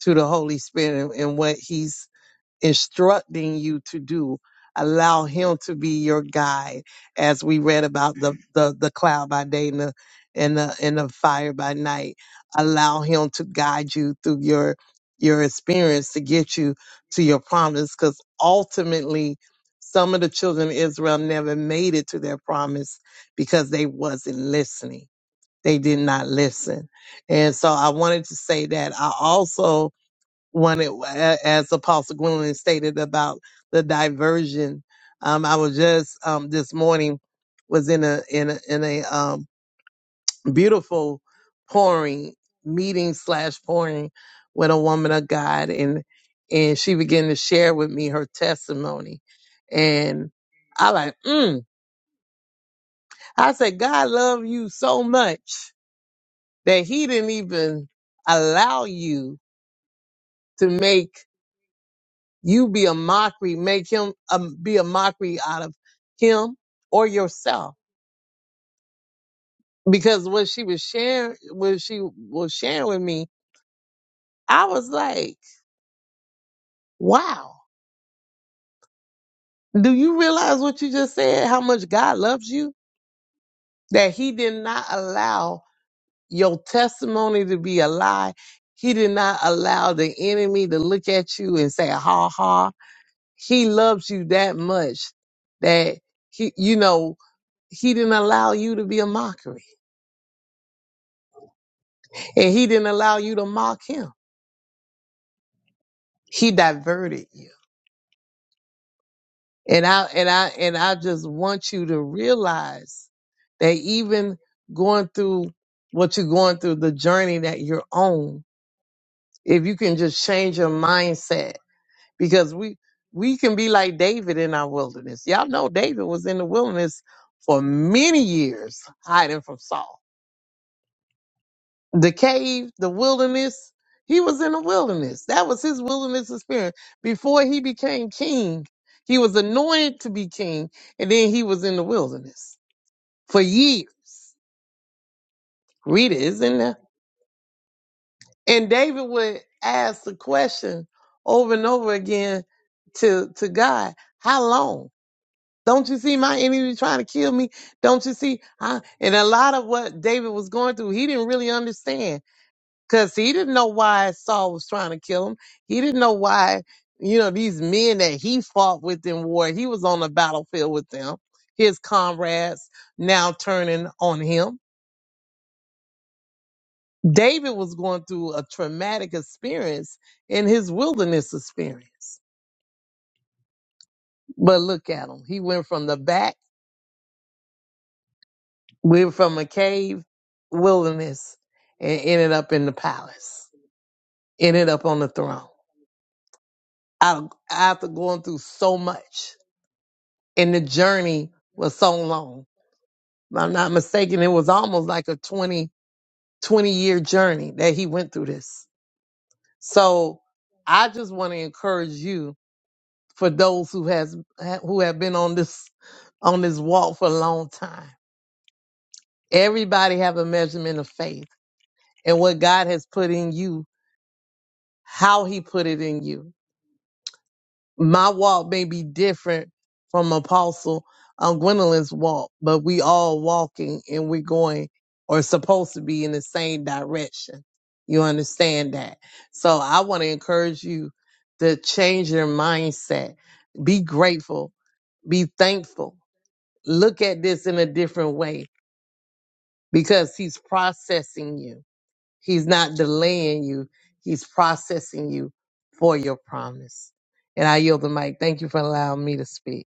B: to the Holy Spirit and, and what He's instructing you to do. Allow Him to be your guide, as we read about the the, the cloud by day and the and the and the fire by night. Allow Him to guide you through your your experience to get you to your promise, because ultimately. Some of the children of Israel never made it to their promise because they wasn't listening they did not listen. And so I wanted to say that. I also wanted, a- as Apostle Gwendolyn stated about the diversion. Um, I was just, um, this morning was in a, in a, in a, um, beautiful pouring meeting slash pouring with a woman of God and, and she began to share with me her testimony and I like, mm, I said, God love you so much that he didn't even allow you to make you be a mockery, make him um, be a mockery out of him or yourself. Because what she was sharing, what she was sharing with me, I was like, wow, do you realize what you just said? How much God loves you? That he did not allow your testimony to be a lie. He did not allow the enemy to look at you and say, ha ha he loves you that much that he, you know, he didn't allow you to be a mockery and he didn't allow you to mock him. He diverted you. And I, and I, and I just want you to realize that even going through what you're going through, the journey that you're on, if you can just change your mindset because we, we can be like David in our wilderness. Y'all know David was in the wilderness for many years hiding from Saul the cave, the wilderness. He was in the wilderness. That was his wilderness experience. Before he became king, he was anointed to be king, and then he was in the wilderness for years. Read it, it's in there. And David would ask the question over and over again to, to God, how long? Don't you see my enemy trying to kill me? Don't you see? I, and a lot of what David was going through, he didn't really understand Cause he didn't know why Saul was trying to kill him. He didn't know why, you know, these men that he fought with in war, he was on the battlefield with them. His comrades now turning on him. David was going through a traumatic experience in his wilderness experience. But look at him. He went from the back, went from a cave wilderness and ended up in the palace, ended up on the throne. Out- After going through so much. and the journey was so long. If I'm not mistaken, it was almost like a 20, 20 year journey that he went through this. So I just want to encourage you for those who has who have been on this on this walk for a long time. Everybody have a measurement of faith and what God has put in you, how he put it in you. my walk may be different from Apostle um, Gwendolyn's walk, but we all walking and we're going or supposed to be in the same direction. You understand that? So I want to encourage you to change your mindset. Be grateful. Be thankful. Look at this in a different way because he's processing you. He's not delaying you. He's processing you for your promise. And I yield the mic. Thank you for allowing me to speak.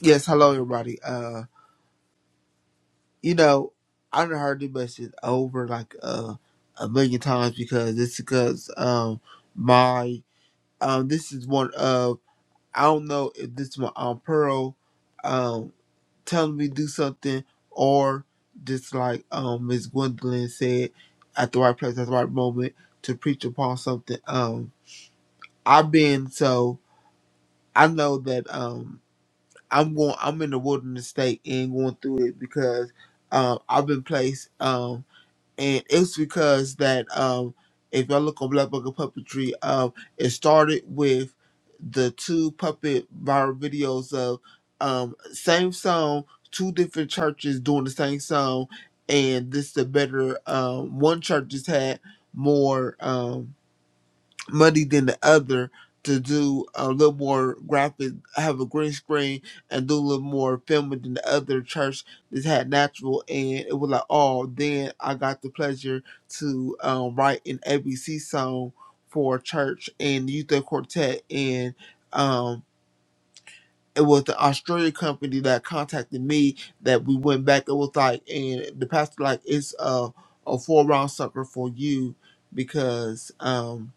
I: Yes, hello everybody. Uh, you know, I done heard this message over like uh a million times because it's because um my um this is one of I don't know if this is my aunt Pearl um telling me to do something or just like um Miss Gwendolyn said at the right place at the right moment to preach upon something. Um, I've been so I know that um I'm going. I'm in the wilderness state and going through it because um, I've been placed, um, and it's because that um, if y'all look on Black Book of Puppetry, um, it started with the two puppet viral videos of um, same song, two different churches doing the same song, and this the better um, one church just had more. Um, money than the other to do a little more graphic, have a green screen, and do a little more filming than the other church that had natural. And it was like, oh, then I got the pleasure to um, write an ABC song for church and youth and quartet. And um, it was the Australian company that contacted me that we went back. It was like, and the pastor like, it's a, a four round sucker for you because. um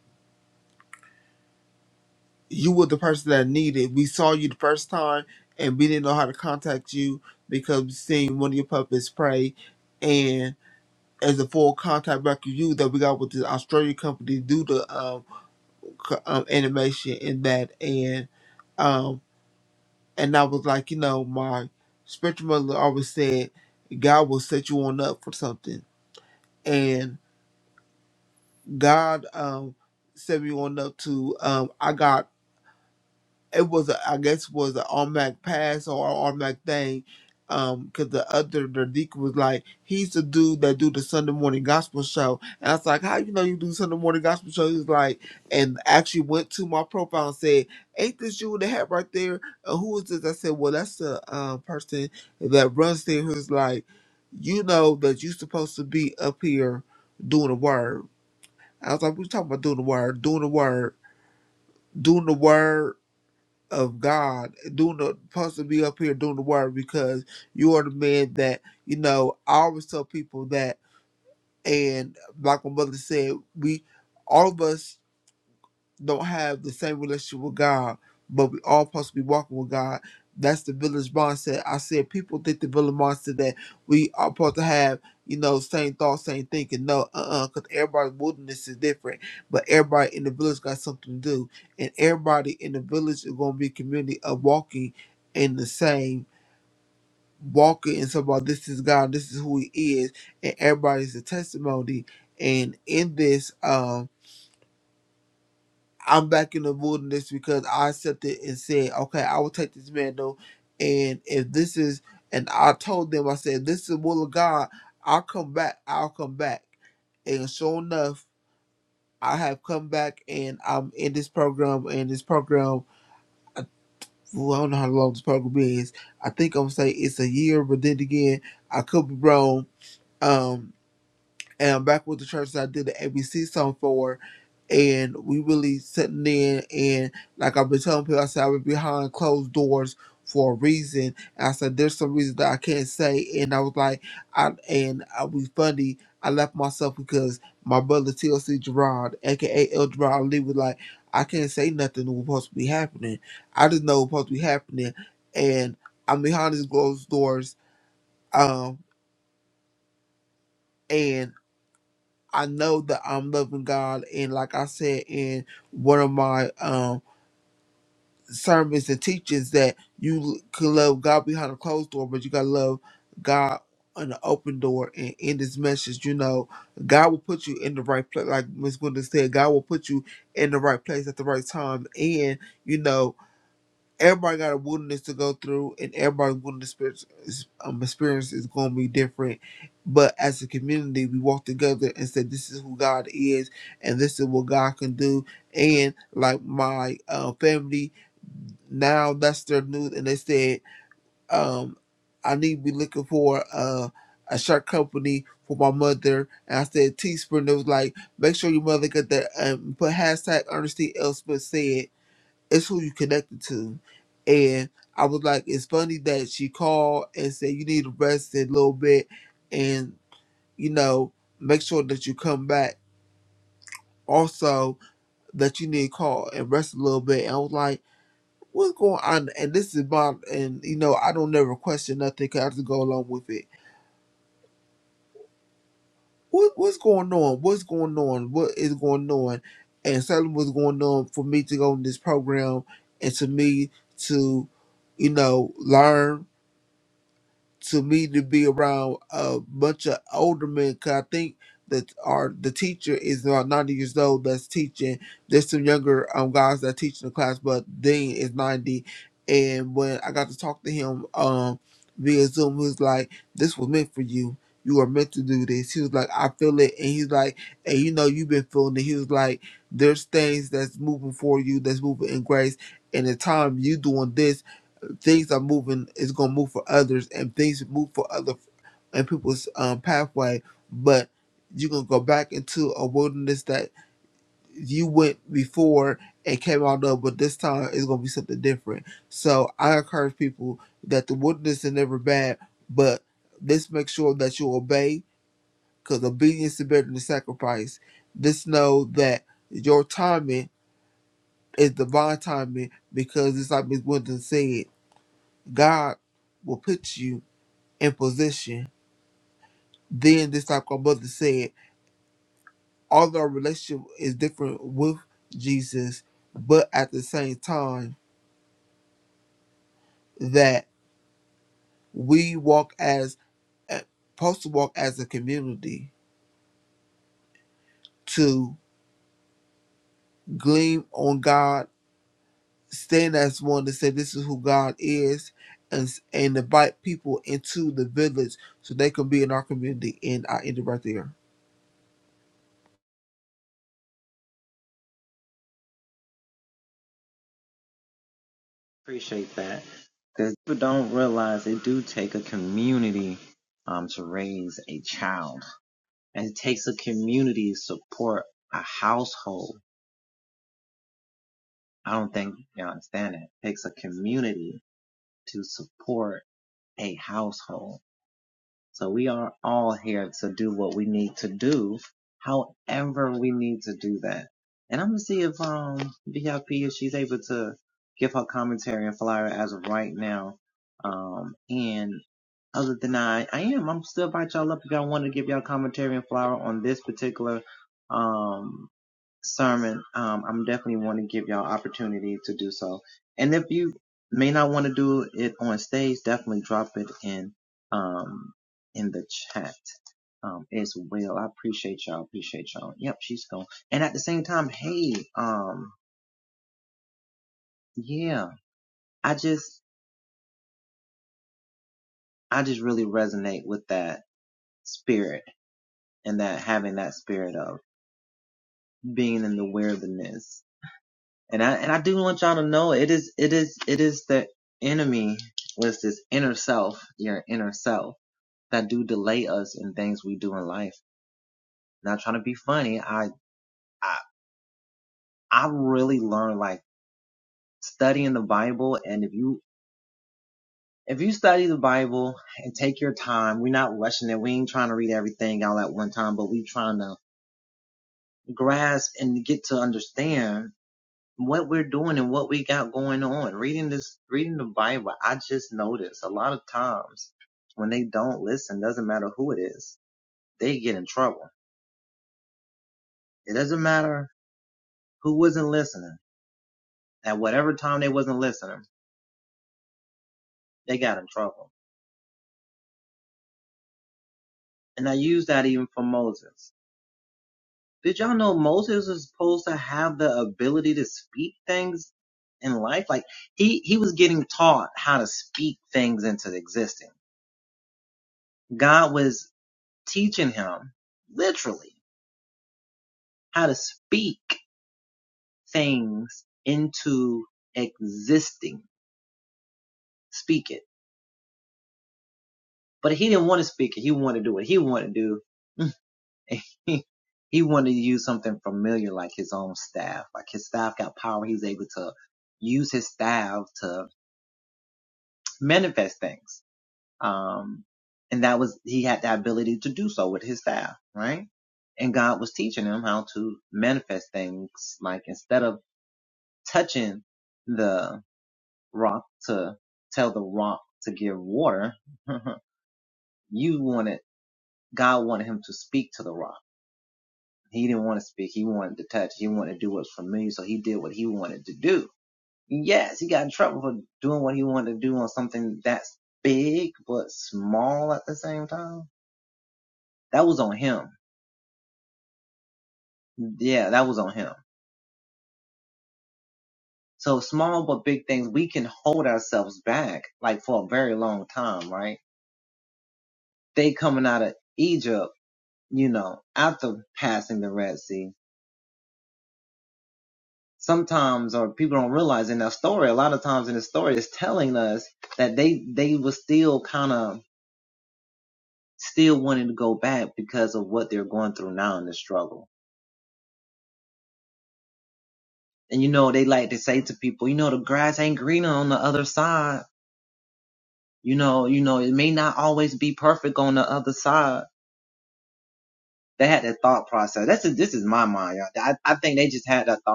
I: you were the person that needed. We saw you the first time and we didn't know how to contact you because we seen one of your puppets pray and as a full contact record you that we got with the Australian company to do the um, co- um animation and that and um and I was like, you know, my spiritual mother always said God will set you on up for something and God um set me on up to um I got it was a, I guess was an automatic pass or an automatic thing. Um, cause the other the deacon was like, he's the dude that do the Sunday morning gospel show, and I was like, how you know you do Sunday morning gospel show? He was like, and actually went to my profile and said, ain't this you with the hat right there? Uh, who is this? I said, well, that's the uh, person that runs there who's like, you know that you supposed to be up here doing the word. I was like, we talking about doing the word, doing the word, doing the word of God, doing the supposed to be up here doing the work because you are the man that you know. I always tell people that, and like my mother said, we all of us don't have the same relationship with God, but we all supposed to be walking with God. That's the village bond said. I said people think the village bond said that we are supposed to have, you know, same thoughts, same thinking. No, uh uh because everybody's wilderness is different. But everybody in the village got something to do. And everybody in the village is gonna be a community of walking in the same walking and so about this is God, this is who he is, and everybody's a testimony. And in this um. I'm back in the wilderness because I accepted and said, okay, I will take this mantle. And if this is, and I told them, I said, this is the will of God. I'll come back. I'll come back. And sure enough, I have come back and I'm in this program. And this program, I, well, I don't know how long this program is. I think I'm going to say it's a year, but then again, I could be wrong. Um, and I'm back with the church that I did the ABC song for, and we really sitting in and like I've been telling people, I said I've been behind closed doors for a reason. And I said there's some reason that I can't say, and I was like, I and i was funny. I left myself because my brother TLC Gerard, aka El Gerard Lee, was like, I can't say nothing that was supposed to be happening. I just know what's supposed to be happening, and I'm behind these closed doors. Um, and I know that I'm loving God, and like I said in one of my um sermons and teachings, that you could love God behind a closed door, but you gotta love God on the open door. And in this message, you know, God will put you in the right place. Like Miss Gwenda said, God will put you in the right place at the right time, and you know everybody got a wilderness to go through, and everybody's wilderness experience, um, experience is going to be different. But as a community, we walk together and said, "This is who God is, and this is what God can do." And like my uh, family now, that's their news, and they said, um, "I need to be looking for uh, a shirt company." For my mother, and I said Teespring. It was like, make sure your mother get that. Um, put hashtag Ernestine Elspeth said, it's who you connected to. And I was like, it's funny that she called and said you need to rest a little bit and, you know, make sure that you come back. Also that you need to call and rest a little bit. And I was like, what's going on? And this is my and you know, I don't never question nothing 'cause I just go along with it. What what's going on? What's going on? What is going on? And something was going on for me to go in this program and to me to, you know, learn to me to be around a bunch of older men because I think that our the teacher is about 90 years old that's teaching. There's some younger um guys that teach in the class, but Dean is 90. And when I got to talk to him um via Zoom, he was like, This was meant for you. You are meant to do this. He was like, I feel it. And he's like, and you know, you've been feeling it. He was like, there's things that's moving for you, that's moving in grace. And the time you doing this things are moving is going to move for others and things move for other and people's um, pathway but you're going to go back into a wilderness that you went before and came out of but this time it's going to be something different so i encourage people that the wilderness is never bad but let's make sure that you obey because obedience is better than sacrifice let know that your timing is divine timing because it's like miss winston said god will put you in position. Then this like our brother said, although our relationship is different with Jesus, but at the same time that we walk as eh, supposed to walk as a community to glean on God, stand as one to say this is who God is, and and invite people into the village so they can be in our community. And I ended right there.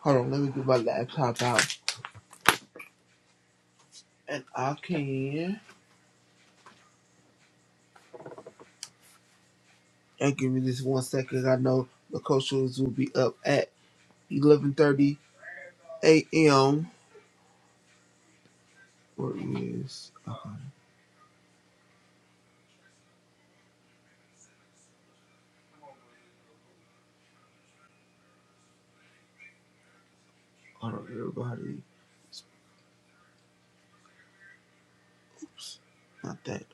I: Hold on, let me get my laptop out, and I can. And give me this one second. I know the coaches will be up at 11:30 a.m. Where is? Okay. Hold on, everybody. Oops, not that.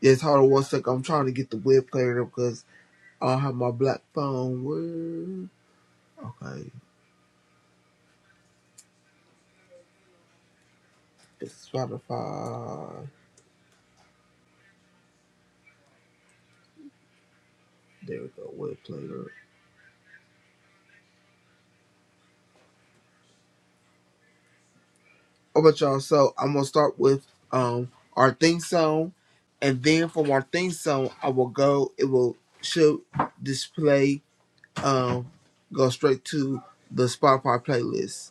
I: Yes, hold on one second. I'm trying to get the web cleared up because I don't have my black phone. Where? Okay, it's Spotify. There we go. Web player. Oh, but y'all. So I'm gonna start with um our theme song, and then from our theme song, I will go. It will show display um, go straight to the Spotify playlist.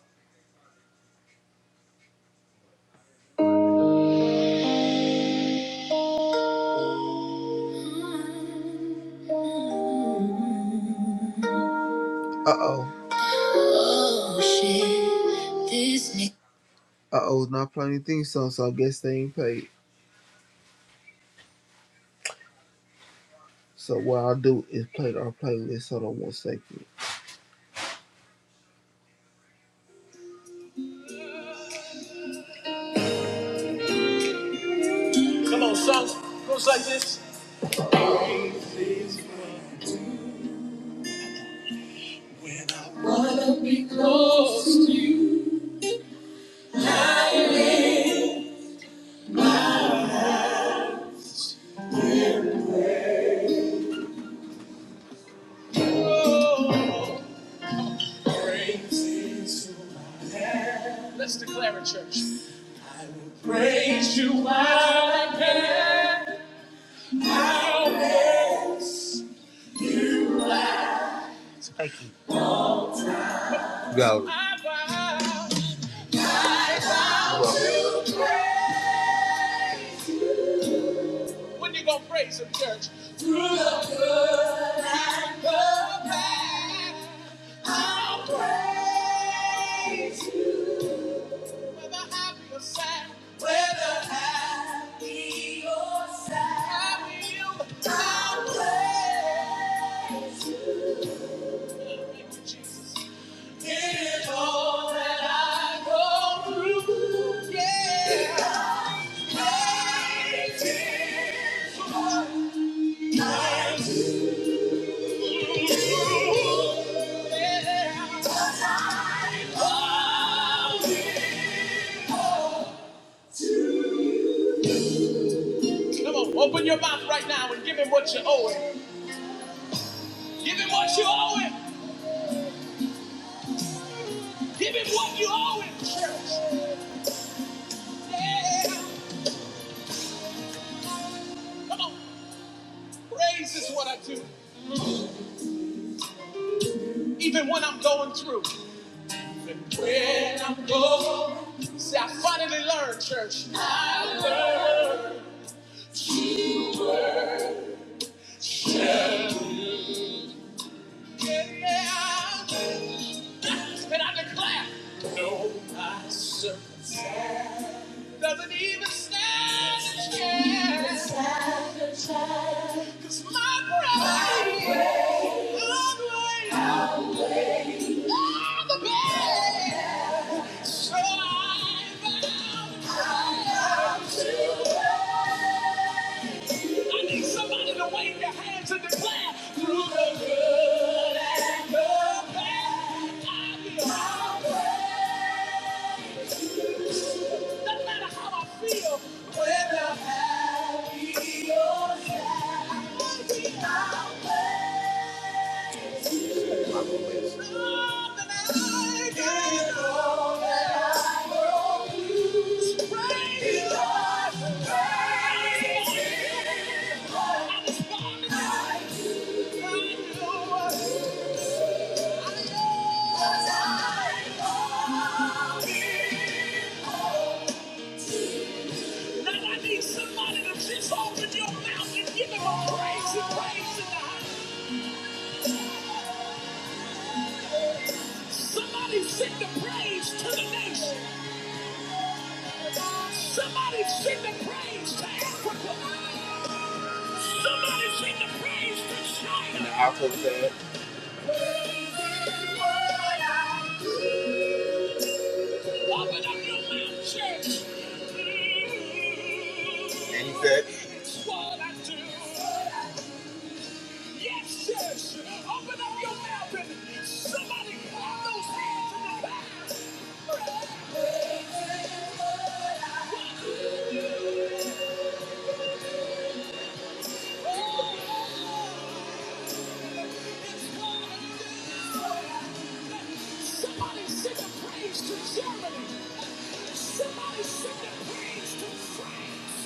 I: Uh oh. Oh shit, this nigga. Uh oh, not playing anything song, so I guess they ain't paid. So what I'll do is play our playlist. Hold on one second. Come on, songs goes like this. Oh, praises to my Lamb. Let's declare a church. Thank you. Go. When you gonna praise him, church? I'll Yeah. Come on, open your mouth right now and give him what you owe him. Give him what you owe him. Give him what you owe him, church. Yeah. Come on, praise is what I do, even when I'm going through. Even when I'm going, see, I finally learned, church. I learned, yeah. And I declare, no, my circumstance doesn't even stand a chance. I need somebody to wave their hands and declare, through the good and the bad, I will. Thank you. Now I need somebody to just open your mouth and give him a praise and praise in the house. Somebody sing the praise to the nation. Somebody sing the praise to Africa. Somebody sing the praise to China. And the outro said, Open up your mouth, church. And he said, It's what I do. Yes, yes. Open up your mouth and somebody clap those hands in the back. Oh. Somebody sing a praise to Germany. Somebody sing a praise to France.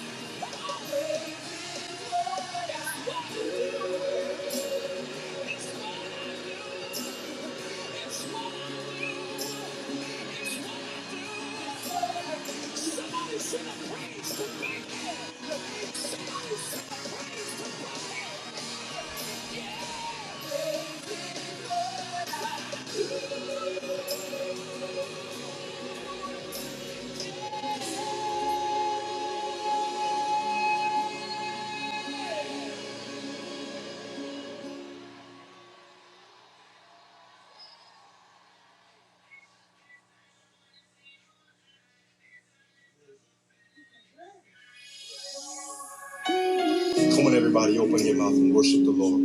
I: Come on, everybody, open your mouth and worship the Lord.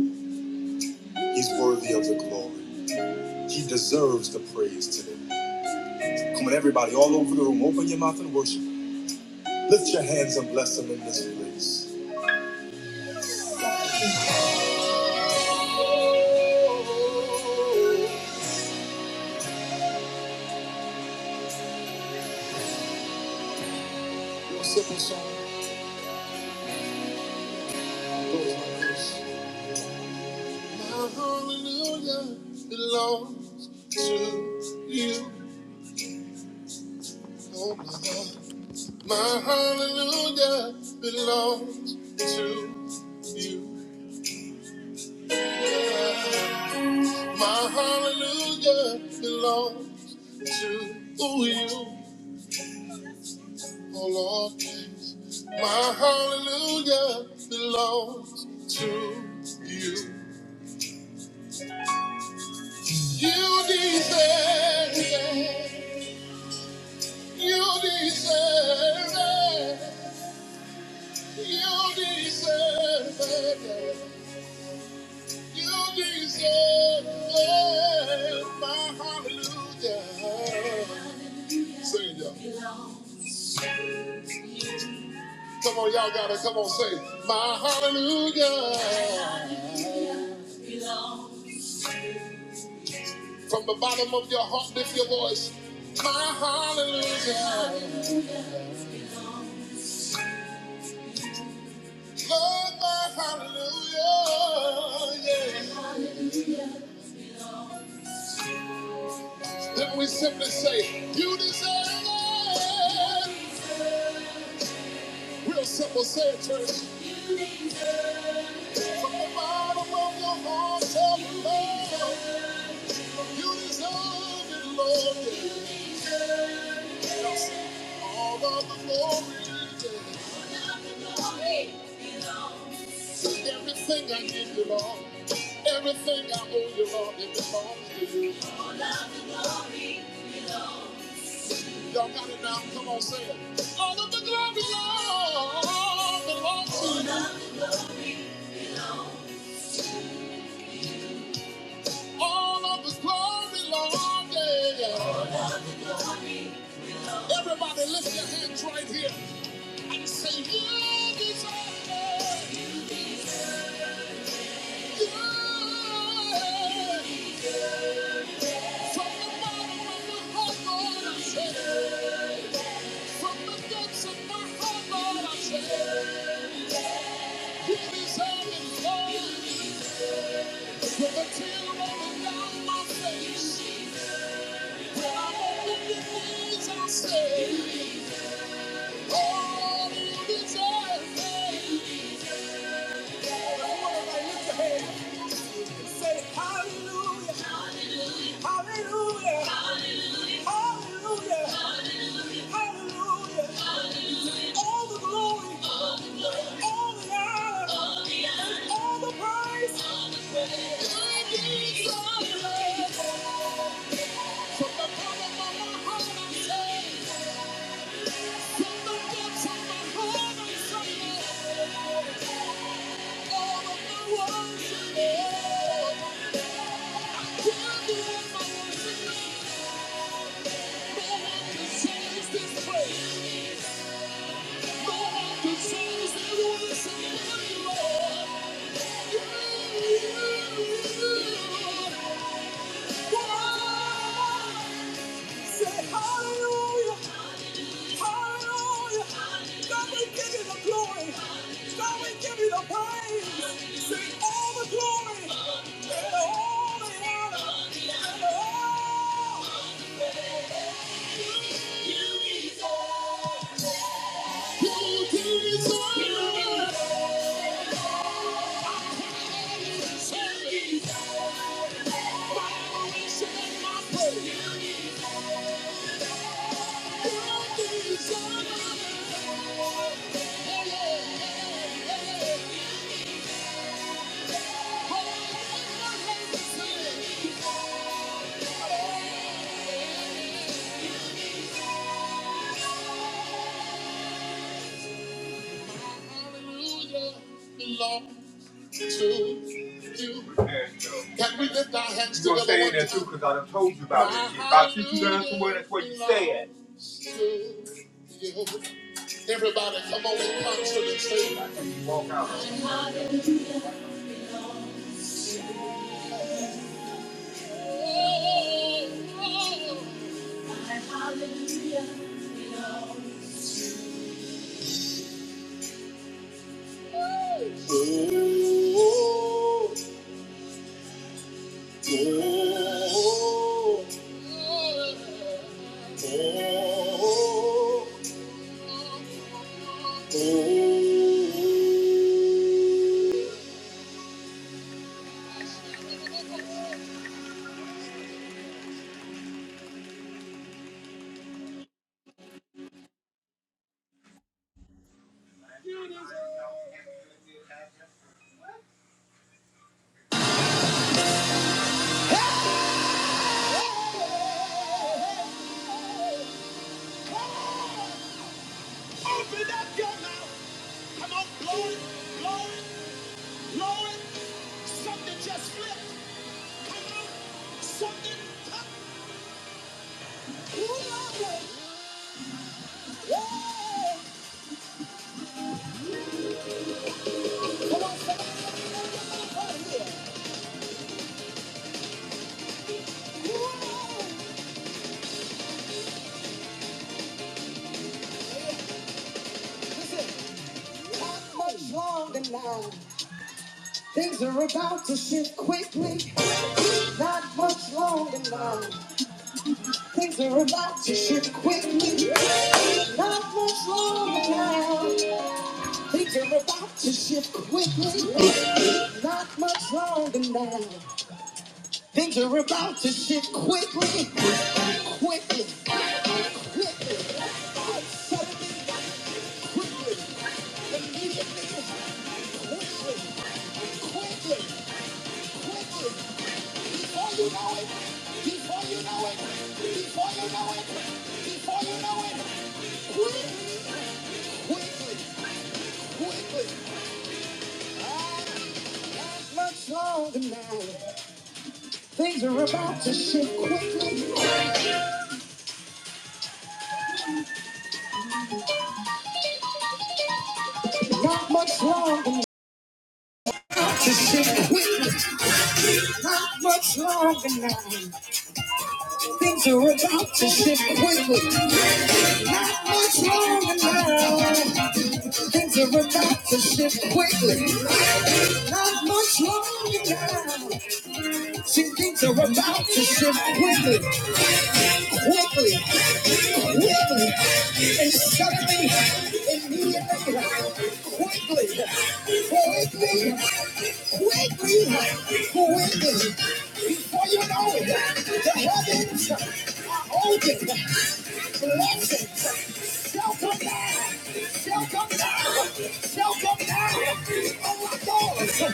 I: He's worthy of the glory. He deserves the praise today. Come on, everybody, all over the room, open your mouth and worship. Lift your hands and bless Him in this place. Sing song goes like this. My hallelujah belongs to you, oh my God. My hallelujah belongs to you. My hallelujah belongs to you. Oh Lord, my hallelujah belongs to you. You deserve it. You deserve it. You deserve it. You deserve it. My hallelujah. Sing it, y'all. Come on, y'all gotta come on, say, my hallelujah. From the bottom of your heart, lift your voice. My hallelujah. Lord, my hallelujah. Yeah. Then we simply say, You deserve it. Real simple, say it, church. From the bottom of your heart, tell the Lord, You deserve it, Lord. Yeah. All of the glory. Yeah. Everything I give you, Lord. Everything I owe you, Lord, it belongs to you. Y'all got it now? Come on, say it. All of the glory, Lord, belongs to you. All of the glory, Lord, yeah. Everybody lift your hands right here and say, You deserve it. Yeah. From the bottom of your heart, Lord, I say, From the depths of my heart, Lord, I say, You deserve it all. With a tear rolling down my face, when I hold up your hands, I say, Oh, you deserve it. Everybody lift your hands and say, Hallelujah, hallelujah, hallelujah, hallelujah. All the glory, all the honor, all the praise. Thank you. Say hallelujah, hallelujah. God, we give you the glory. God, we give you the praise. Say all the glory and all the honor and all. You deserve. You deserve. Hallelujah belongs to you. Can we lift our hands You're together? You're saying that too, because I done told you about it. If I teach you down somewhere, that's where you stay at. Everybody, come on and constantly say that. Walk out. Hallelujah. Oh, oh, oh, oh. Open up your mouth. Come on, blow it, blow it, blow it. Something just flipped. Listen, not much longer now. Things are about to shift quickly. Not much longer now. Things are about to shift quickly. Not much longer now. Things are about to shift quickly. Not much longer now. Things are about to shift quickly, quickly, quickly. Suddenly, quickly, immediately, quickly, quickly, quickly. before you know it, before you know it, before you know it, before you know it, quickly, quickly, quickly. Much longer now. Things are about to shift quickly. Not much longer. now. To shift quickly. Not much longer now. Things are about to shift quickly. Not much longer now. Things are about to shift quickly. Not much longer now. See, things are about to shift quickly quickly, quickly, and suddenly, immediately, quickly, quickly, quickly, quickly. Before you know it, the heavens are open. Blessings shall come down, shall come down, shall come down. Oh my God. Weekly, weekly,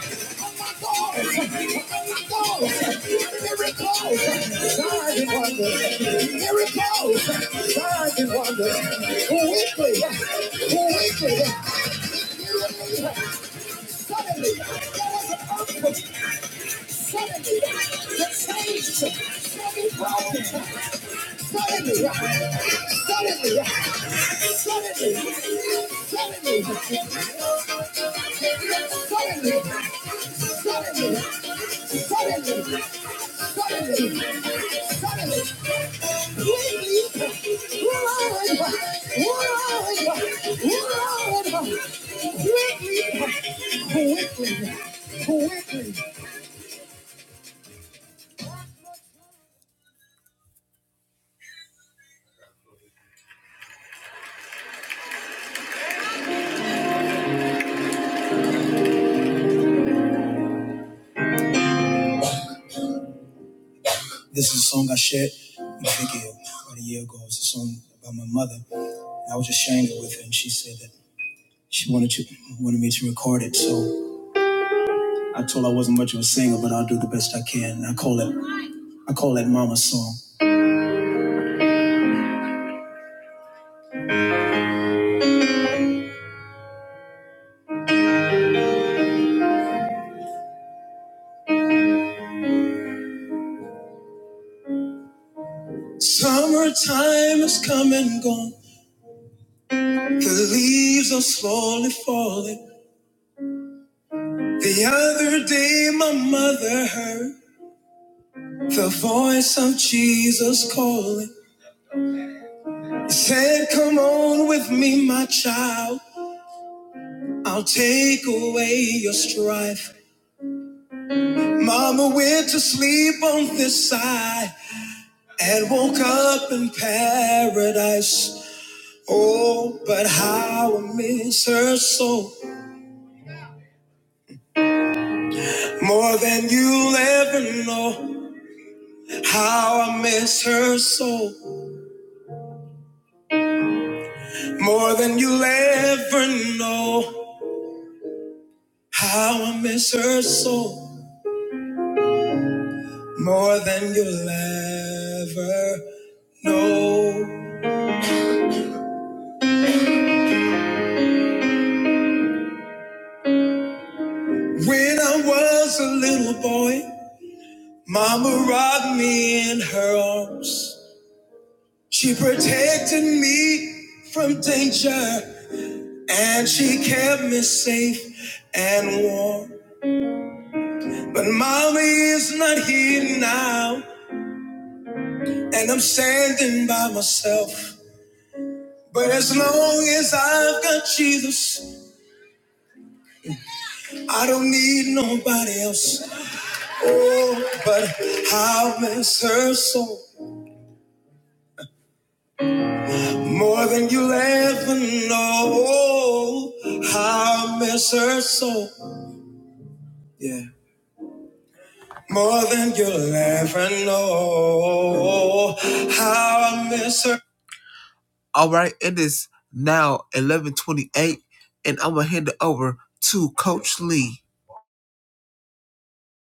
I: suddenly there was an earthquake. Quickly, quickly, quickly. The song I shared, I think it, about a year ago, it was a song about my mother. I was just sharing it with her, and she said that she wanted to wanted me to record it. So I told her I wasn't much of a singer, so I can. And I call it I call that Mama's song. Time is coming, the leaves are slowly falling. The other day my mother heard the voice of Jesus calling. He said, Come on with me, my child. I'll take away your strife. Mama went to sleep on this side and woke up in paradise. Oh, but how I miss her so more than you'll ever know. How I miss her so more than you'll ever know. How I miss her so more than you'll ever know. when I was a little in arms, she protected me. He kept me safe and warm. Mommy is not here now, and I'm standing by myself. As long as I've got Jesus, nobody's gonna know how I'm so more than you ever know. How I'm- All right, it is now 11:28, and I'm gonna hand it over to Coach Lee.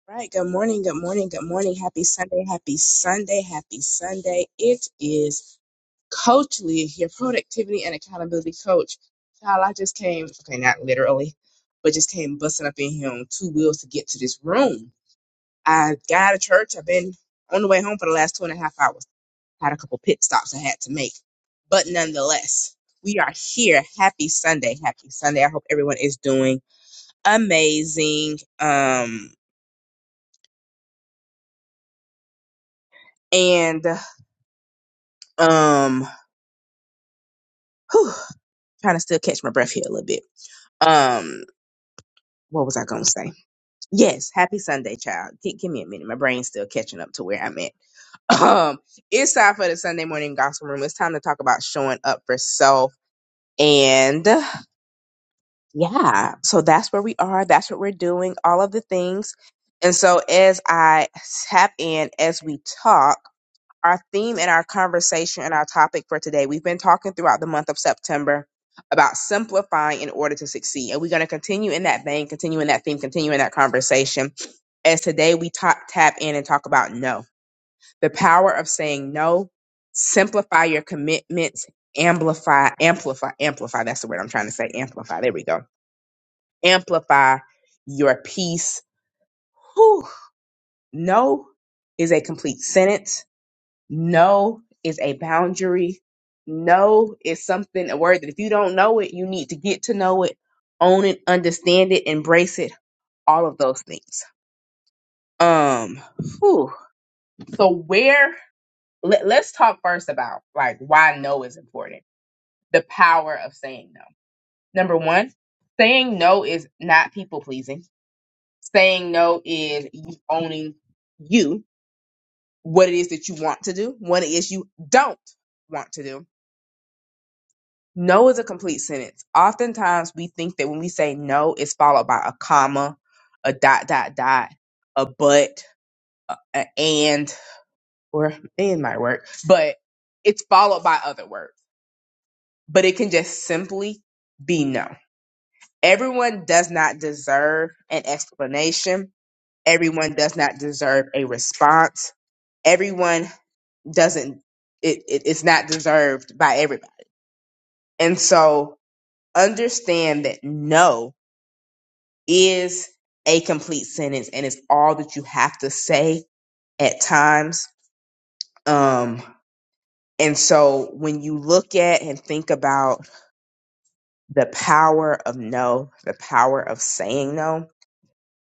J: Right. Good morning. Good morning. Good morning. Happy Sunday. Happy Sunday. Happy Sunday. It is Coach Lee your productivity and accountability coach. Child, I just came, okay, not literally, but just came busting up in here on two wheels to get to this room. I got out of church. I've been on the way home for the last two and a half hours. Had a couple pit stops I had to make. But nonetheless, we are here. Happy Sunday. Happy Sunday. I hope everyone is doing amazing. Um, and, um, whew, trying to still catch my breath here a little bit. Um, what was I gonna say? Yes, happy Sunday, child. Gi- give me a minute. My brain's still catching up to where I'm at. Um, it's time for the Sunday morning gospel room. It's time to talk about showing up for self. And yeah, so that's where we are. That's what we're doing. All of the things. And so as I tap in, as we talk. our theme and our conversation and our topic for today. We've been talking throughout the month of September about simplifying in order to succeed. And we're going to continue in that vein, continue in that theme, continue in that conversation. As today we ta- tap in and talk about no, the power of saying no, simplify your commitments, amplify, amplify, amplify. That's the word I'm trying to say. Amplify. There we go. Amplify your peace. Whew. No is a complete sentence no is a boundary. No is something, a word that if you don't know it, you need to get to know it, own it, understand it, embrace it, all of those things. Um, whew. so where, let, let's talk first about like why no is important, the power of saying no. Number one, saying no is not people pleasing. Saying no is you owning you, what it is that you want to do, what it is you don't want to do No is a complete sentence. Oftentimes we think that when we say no, it's followed by a comma, a dot, dot, dot, a but, a, a and, or and might work, but it's followed by other words. But it can just simply be no. Everyone does not deserve an explanation. Everyone does not deserve a response. Everyone doesn't, it, it, it's not deserved by everybody. And so understand that no is a complete sentence and it's all that you have to say at times. Um, and so when you look at and think about the power of no, the power of saying no,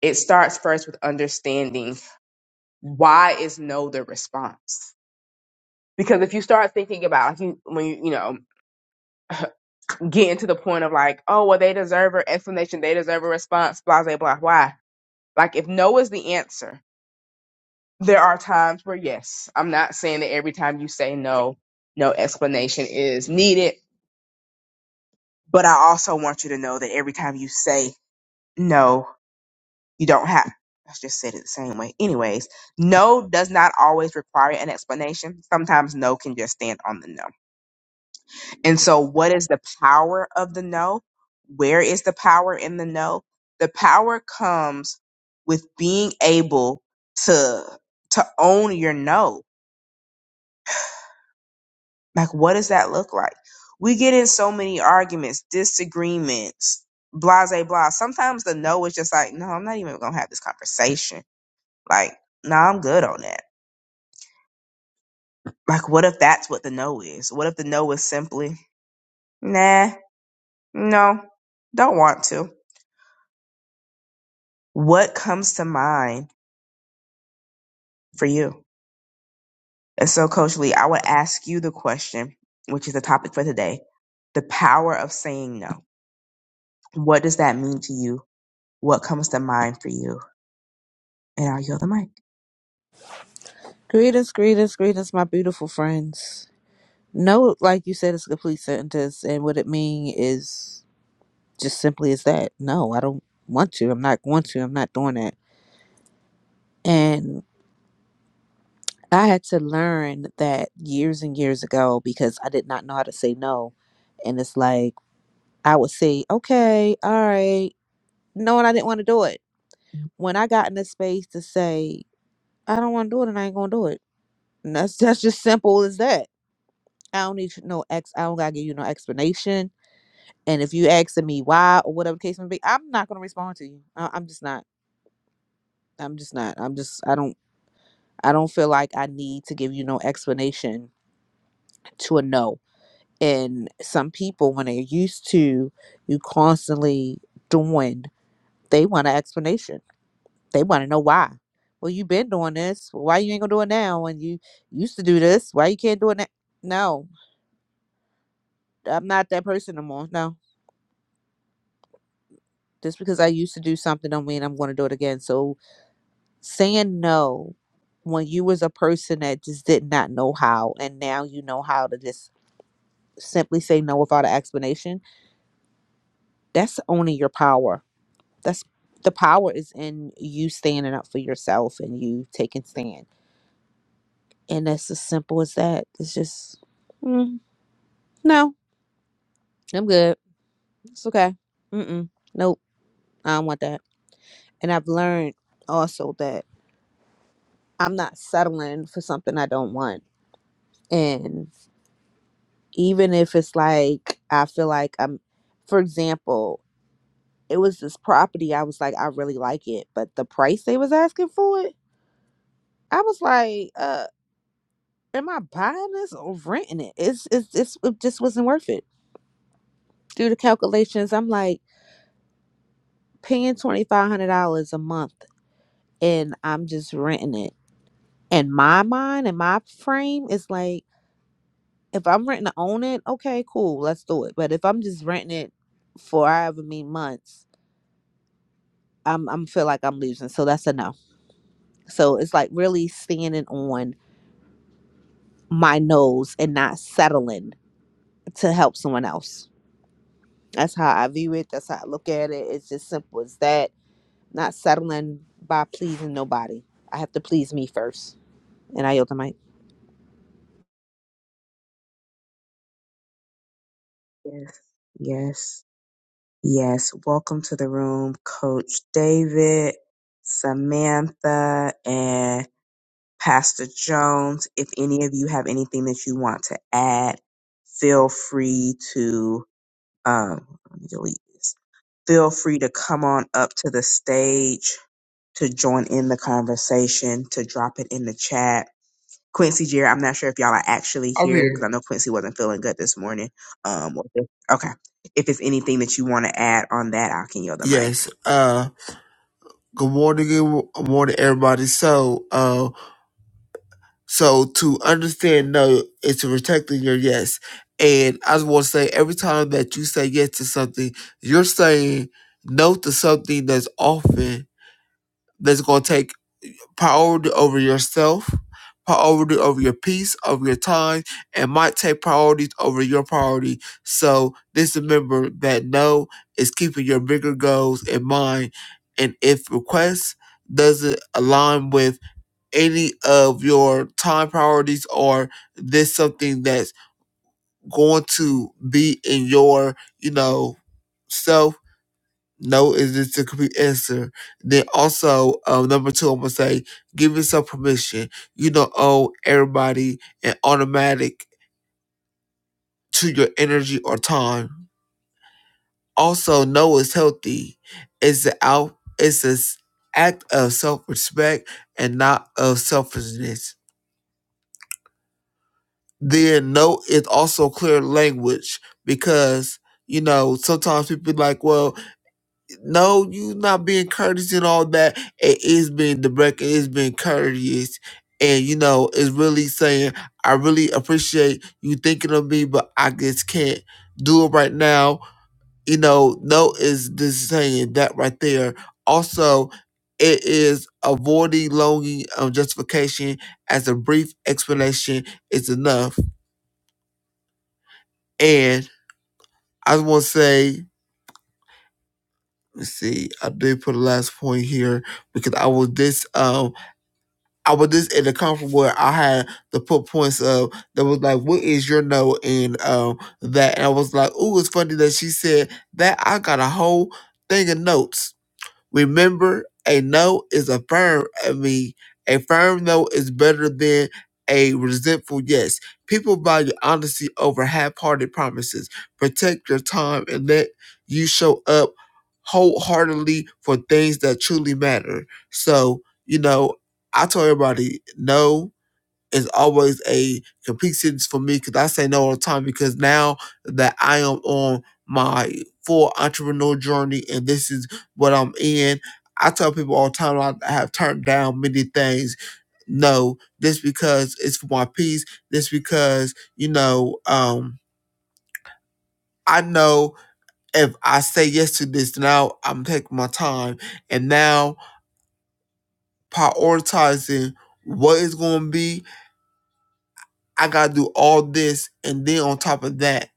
J: it starts first with understanding why is no the response? Because if you start thinking about like you when you you know getting to the point of like, oh well they deserve an explanation, they deserve a response, blah blah blah. Why? Like if no is the answer, there are times where yes, I'm not saying that every time you say no, no explanation is needed, but I also want you to know that every time you say no, you don't have I just said it the same way. Anyways, no does not always require an explanation. Sometimes no can just stand on the no. And so what is the power of the no? Where is the power in the no? The power comes with being able to to own your no Like, what does that look like? We get in so many arguments, disagreements, blah, blah, blah. Sometimes the no is just like, no, I'm not even going to have this conversation. Like, no, nah, I'm good on that. Like, what if that's what the no is? What if the no is simply, nah, no, don't want to? What comes to mind for you? And so, Coach Lee, I would ask you the question, which is the topic for today the power of saying no. What does that mean to you? What comes to mind for you? And I'll yield the mic.
K: Greetings, greetings, greetings, my beautiful friends. No, like you said, it's a complete sentence, and what it mean is just simply as that. No, I don't want to. I'm not going to. I'm not doing that. And I had to learn that years and years ago because I did not know how to say no. And it's like I would say, okay, all right, knowing I didn't want to do it. When I got in the space to say, I don't want to do it, and I ain't gonna do it. And that's that's just simple as that. I don't need no ex. I don't gotta give you no explanation. And if you asking me why or whatever the case may be, I'm not gonna respond to you. I- I'm just not. I'm just not. I'm just. I don't. I don't feel like I need to give you no explanation to a no. And some people, when they're used to you constantly doing, they want an explanation. They want to know why. Well, you've been doing this. Well, Why you ain't gonna do it now? And you used to do this. Why you can't do it now? No, I'm not that person no more. No, just because I used to do something don't mean I'm gonna do it again. So saying no when you was a person that just did not know how and now you know how to just simply say no without an explanation that's owning your power that's the power is in you standing up for yourself and you taking stand and that's as simple as that it's just mm, no i'm good it's okay Mm-mm, nope i don't want that and i've learned also that i'm not settling for something i don't want and. even if it's like I feel like I'm for example, it was this property I was like I really like it, but the price they was asking for it, I was like, uh am I buying this or renting it? It's it's it's it just wasn't worth it. Do the calculations, I'm like paying $2500 a month and I'm just renting it. And my mind and my frame is like if I'm renting to own it, okay, cool, let's do it. But if I'm just renting it for however many months, I'm I'm feel like I'm losing. So that's a no. So it's like really standing on my nose and not settling to help someone else. That's how I view it. That's how I look at it. It's just simple as that. Not settling by pleasing nobody. I have to please me first. And I yield the mic.
J: Yes. Yes. Yes. Welcome to the room, Coach David, Samantha, and Pastor Jones. If any of you have anything that you want to add, feel free to um let me delete this. Feel free to come on up to the stage to join in the conversation, to drop it in the chat. Quincy Jerry. I'm not sure if y'all are actually
I: I'm
J: here
I: here.
J: because I know Quincy wasn't feeling good this morning. Um, or if- okay. If it's anything that you want to add on that, I can yield the mic.
I: Yes. Uh. Good morning, good morning, everybody. So, uh, so to understand no is to protecting your yes. And I just want to say, every time that you say yes to something, you're saying no to something that's often that's going to take priority over yourself, priority over your peace, over your time, and might take priorities over your priority. So just remember that no is keeping your bigger goals in mind. And if requests doesn't align with any of your time priorities or this something that's going to be in your, you know, self no is just the complete answer. Then also, um, number two, I'm gonna say give yourself permission. You don't owe everybody an automatic to your energy or time. Also, no is healthy. It's the out. It's an act of self respect and not of selfishness. Then no is also clear language because you know sometimes people be like, well, No, you not being courteous and all that. It is being direct. It is being courteous, and you know, it's really saying I really appreciate you thinking of me, but I just can't do it right now. You know, no is this saying that right there. Also, it is avoiding longing of justification as a brief explanation is enough. And I want to say, let's see, I did put a last point here because I was this. Um, I was just in a comfort where I had the put points of that was like, "What is your no?" and um that, and I was like, "Ooh, it's funny that she said that." I got a whole thing of notes Remember, a no is a firm. I mean, a firm no is better than a resentful yes. People value honesty over half-hearted promises. Protect your time and let you show up wholeheartedly for things that truly matter. So, you know, I tell everybody no is always a complete sentence for me because I say no all the time because now that I am on my full entrepreneur journey and this is what I'm in, I tell people all the time I have turned down many things. No, this because it's for my peace. This because, you know, um, I know if I say yes to this now, I'm taking my time and now prioritizing what it's going to be. I got to do all this and then on top of that.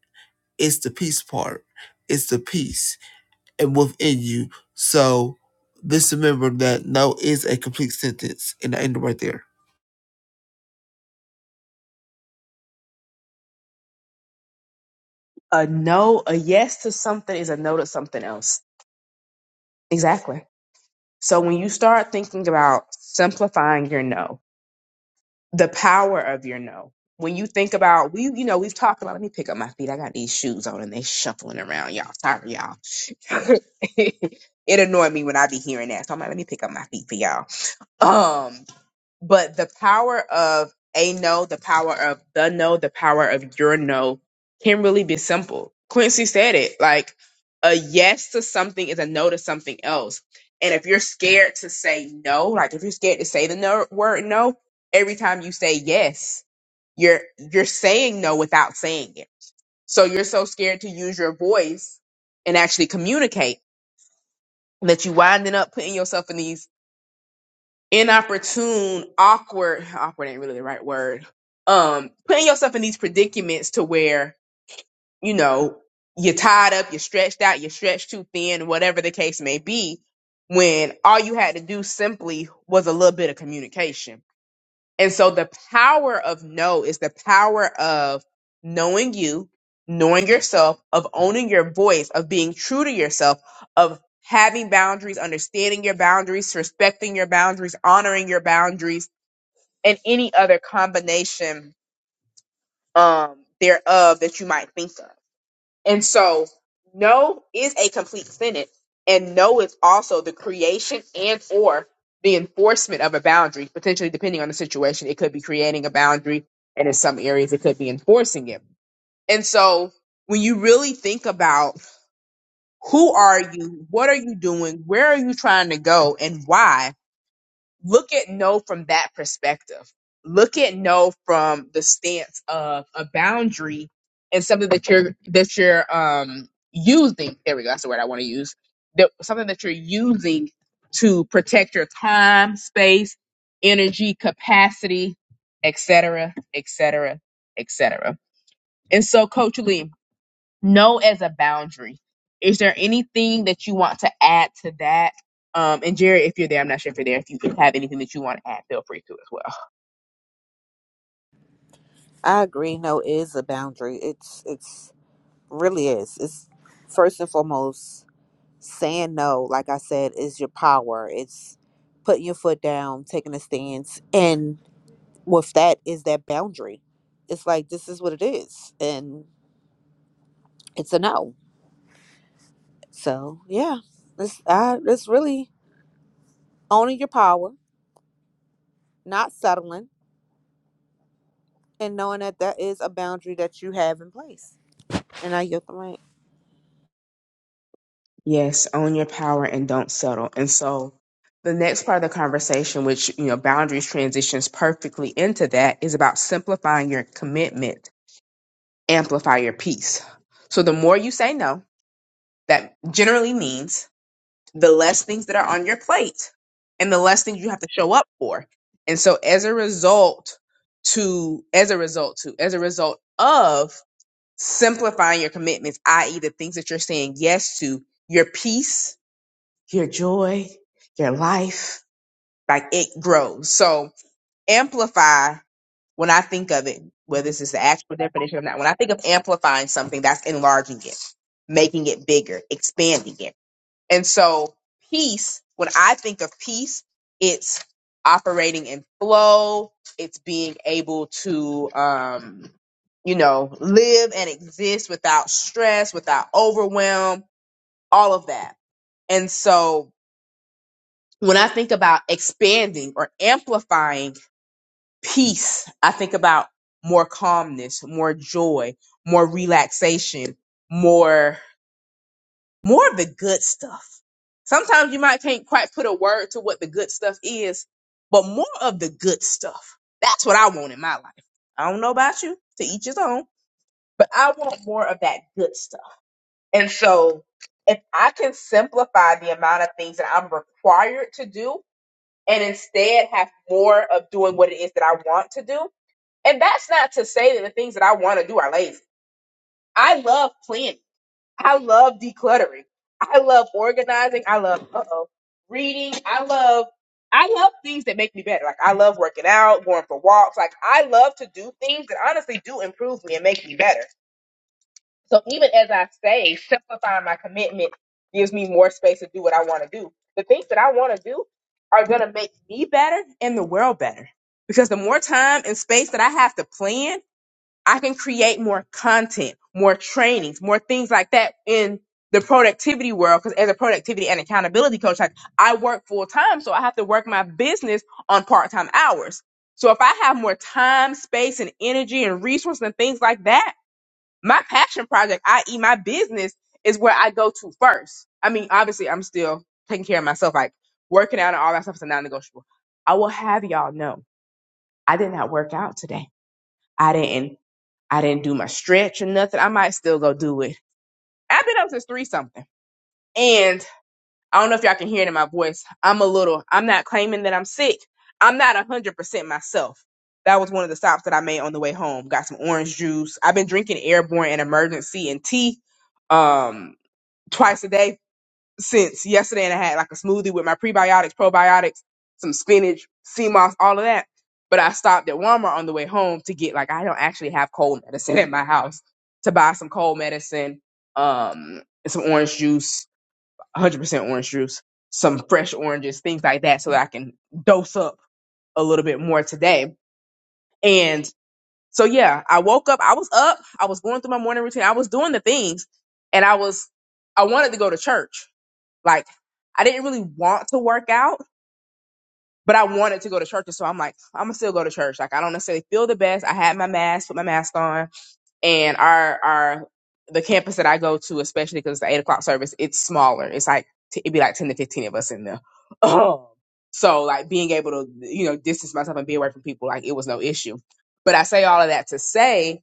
I: It's the peace part. It's the peace and within you. So just remember that no is a complete sentence. And I end it right there.
J: A no, a yes to something is a no to something else. Exactly. So when you start thinking about simplifying your no, the power of your no, when you think about we, you know, we've talked about. Let me pick up my feet. I got these shoes on and they shuffling around, y'all. Sorry, y'all. it annoyed me when I be hearing that. So I'm like, let me pick up my feet for y'all. Um, But the power of a no, the power of the no, the power of your no can really be simple. Quincy said it like a yes to something is a no to something else. And if you're scared to say no, like if you're scared to say the no word no, every time you say yes, you're you're saying no without saying it. So you're so scared to use your voice and actually communicate that you winding up putting yourself in these inopportune, awkward, awkward ain't really the right word. Um, putting yourself in these predicaments to where, you know, you're tied up, you're stretched out, you're stretched too thin, whatever the case may be, when all you had to do simply was a little bit of communication. And so the power of know is the power of knowing you, knowing yourself, of owning your voice, of being true to yourself, of having boundaries, understanding your boundaries, respecting your boundaries, honoring your boundaries, and any other combination um, thereof that you might think of. And so, no is a complete sentence, and no is also the creation and or the enforcement of a boundary. Potentially, depending on the situation, it could be creating a boundary, and in some areas, it could be enforcing it. And so, when you really think about who are you, what are you doing, where are you trying to go, and why, look at no from that perspective. Look at no from the stance of a boundary and something that you're that you're um using. There we go. That's the word I want to use. That something that you're using to protect your time, space, energy, capacity, etc., etc., etc. And so, Coach Lee, no as a boundary. Is there anything that you want to add to that? Um, and Jerry, if you're there, I'm not sure if you're there. If you have anything that you want to add, feel free to as well.
K: I agree. No is a boundary. It's it's really is. It's first and foremost saying no, like I said, is your power. It's putting your foot down, taking a stance. And with that is that boundary. It's like this is what it is. And it's a no. So yeah. It's I it's really owning your power, not settling, and knowing that that is a boundary that you have in place. And I get the right.
J: Yes, own your power and don't settle. And so the next part of the conversation, which you know, boundaries transitions perfectly into that, is about simplifying your commitment, amplify your peace. So the more you say no, that generally means the less things that are on your plate and the less things you have to show up for. And so as a result to as a result to as a result of simplifying your commitments, i.e. the things that you're saying yes to, your peace, your joy, your life, like it grows. So amplify when I think of it, whether this is the actual definition of that, when I think of amplifying something, that's enlarging it, making it bigger, expanding it. And so, peace, when I think of peace, it's operating in flow, it's being able to, um, you know, live and exist without stress, without overwhelm, all of that. And so, when I think about expanding or amplifying peace, I think about more calmness, more joy, more relaxation, more more of the good stuff. Sometimes you might can't quite put a word to what the good stuff is, but more of the good stuff. That's what I want in my life. I don't know about you, to each his own, but I want more of that good stuff. And so if I can simplify the amount of things that I'm required to do and instead have more of doing what it is that I want to do, and that's not to say that the things that I want to do are lazy. I love planning. I love decluttering. I love organizing. I love uh-oh, reading. I love I love things that make me better. Like I love working out, going for walks. Like I love to do things that honestly do improve me and make me better. So even as I say, simplifying my commitment gives me more space to do what I want to do. The things that I want to do are going to make me better and the world better. Because the more time and space that I have to plan I can create more content, more trainings, more things like that in the productivity world. Cause as a productivity and accountability coach, like I work full time. So I have to work my business on part time hours. So if I have more time, space and energy and resources and things like that, my passion project, i.e. my business is where I go to first. I mean, obviously I'm still taking care of myself, like working out and all that stuff is a non-negotiable. I will have y'all know I did not work out today. I didn't. I didn't do my stretch or nothing. I might still go do it. I've been up since three something. And I don't know if y'all can hear it in my voice. I'm a little, I'm not claiming that I'm sick. I'm not 100% myself. That was one of the stops that I made on the way home. Got some orange juice. I've been drinking airborne and emergency and tea um, twice a day since yesterday and I had like a smoothie with my prebiotics, probiotics, some spinach, sea moss, all of that. But I stopped at Walmart on the way home to get like I don't actually have cold medicine at my house to buy some cold medicine, um, and some orange juice, 100% orange juice, some fresh oranges, things like that, so that I can dose up a little bit more today. And so yeah, I woke up. I was up. I was going through my morning routine. I was doing the things, and I was I wanted to go to church like I didn't really want to work out, but I wanted to go to church. And so I'm like, I'm gonna still go to church. Like I don't necessarily feel the best. I had my mask, put my mask on, and our our the campus that I go to, especially because it's the eight o'clock service, it's smaller. It's like t- it'd be like ten to fifteen of us in there. so like being able to you know distance myself and be away from people, like it was no issue. But I say all of that to say,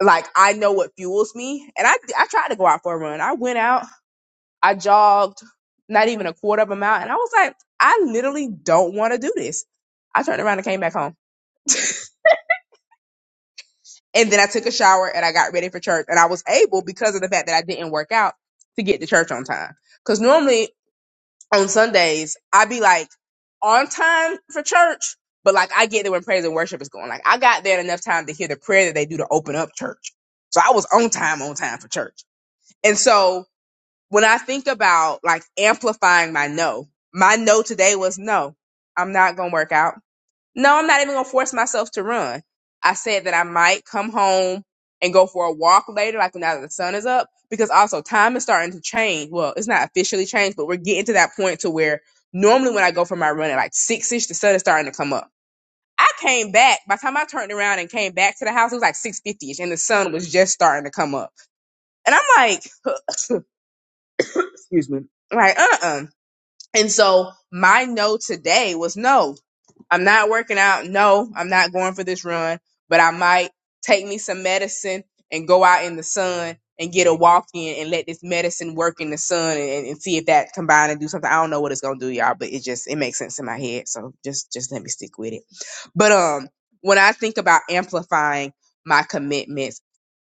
J: like I know what fuels me, and I I tried to go out for a run. I went out. I jogged not even a quarter of a mile. And I was like, I literally don't want to do this. I turned around and came back home. And then I took a shower and I got ready for church. And I was able, because of the fact that I didn't work out, to get to church on time. Because normally on Sundays, I'd be like on time for church, but like I get there when praise and worship is going. Like I got there in enough time to hear the prayer that they do to open up church. So I was on time, on time for church. And so when I think about like amplifying my no, my no today was no, I'm not going to work out. No, I'm not even going to force myself to run. I said that I might come home and go for a walk later, like now that the sun is up, because also time is starting to change. Well, it's not officially changed, but we're getting to that point to where normally when I go for my run at like six ish, the sun is starting to come up. I came back. By the time I turned around and came back to the house, it was like six fifty ish, and the sun was just starting to come up. And I'm like, huh, excuse me, I'm like uh uh And so my no today was no, I'm not working out. No, I'm not going for this run, but I might take me some medicine and go out in the sun and get a walk in and let this medicine work in the sun and, and see if that combined and do something. I don't know what it's gonna do, y'all, but it just it makes sense in my head. So just just let me stick with it. But um when I think about amplifying my commitments,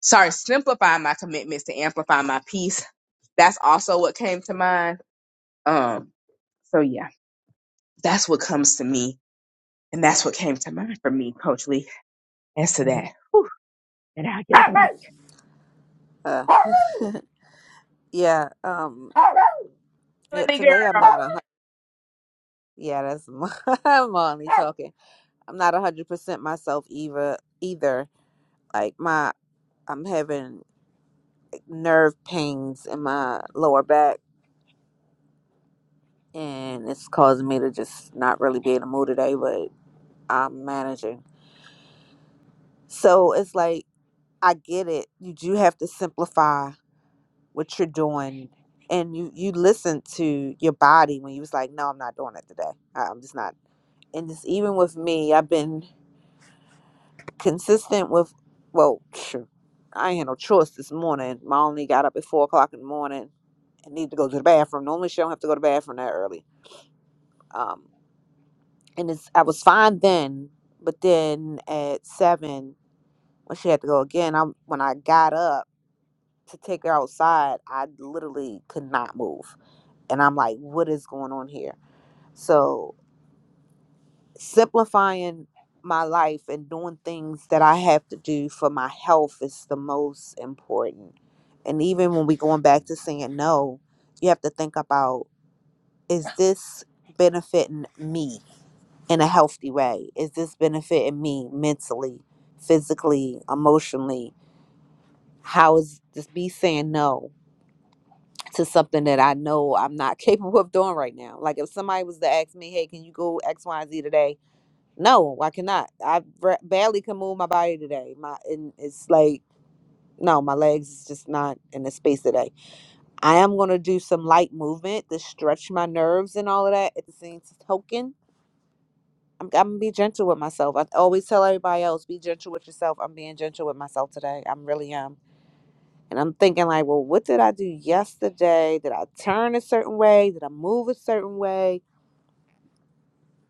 J: sorry, simplifying my commitments to amplify my peace, that's also what came to mind. Um so yeah. That's what comes to me. And that's what came to mind for me, Coach Lee, as to that. Whew, and I'll give the mic.
K: Uh, yeah. Um yeah,
J: Melanie
K: today I'm
J: girl.
K: not a hun- yeah, that's Molly talking. I'm not 100% myself either either. Like my I'm having like, nerve pains in my lower back and it's causing me to just not really be in the mood today, but I'm managing. So it's like I get it. You do have to simplify what you're doing and you you listen to your body when you was like, "No, I'm not doing it today. I- I'm just not." And it's even with me, I've been consistent with well phew, i ain't had no choice this morning my only got up at four o'clock in the morning and needed to go to the bathroom normally she don't have to go to the bathroom that early um and it's i was fine then but then at seven when she had to go again i when i got up to take her outside i literally could not move and i'm like what is going on here so simplifying my life and doing things that I have to do for my health is the most important. And even when we going back to saying no, you have to think about is this benefiting me in a healthy way? Is this benefiting me mentally, physically, emotionally? How is this me saying no to something that I know I'm not capable of doing right now? Like if somebody was to ask me, hey, can you go X, Y, Z today? No, I cannot. I ra- barely can move my body today. My and it's like no, my legs is just not in the space today. I am gonna do some light movement to stretch my nerves and all of that. At the same token, I'm, I'm gonna be gentle with myself. I always tell everybody else, be gentle with yourself. I'm being gentle with myself today. I'm really am. And I'm thinking like, well, what did I do yesterday? Did I turn a certain way? Did I move a certain way?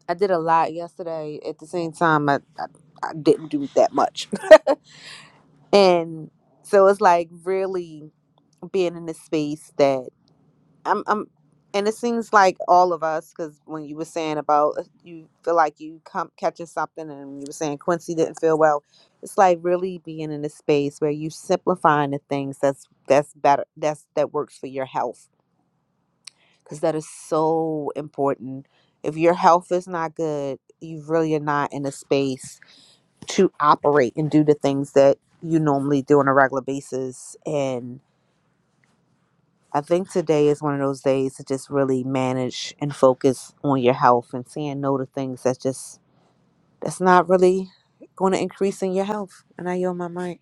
K: I did a lot yesterday. At the same time, I, I, I didn't do that much And so it's like really being in a space that I'm, I'm and it seems like all of us, because when you were saying about uh, you feel like you come catching something, and you were saying Quincy didn't feel well, it's like really being in a space where you simplifying the things that's that's better that's that works for your health, because that is so important. If your health is not good, you really are not in a space to operate and do the things that you normally do on a regular basis. And I think today is one of those days to just really manage and focus on your health and saying no to things that's just that's not really going to increase in your health. And I yield my mic.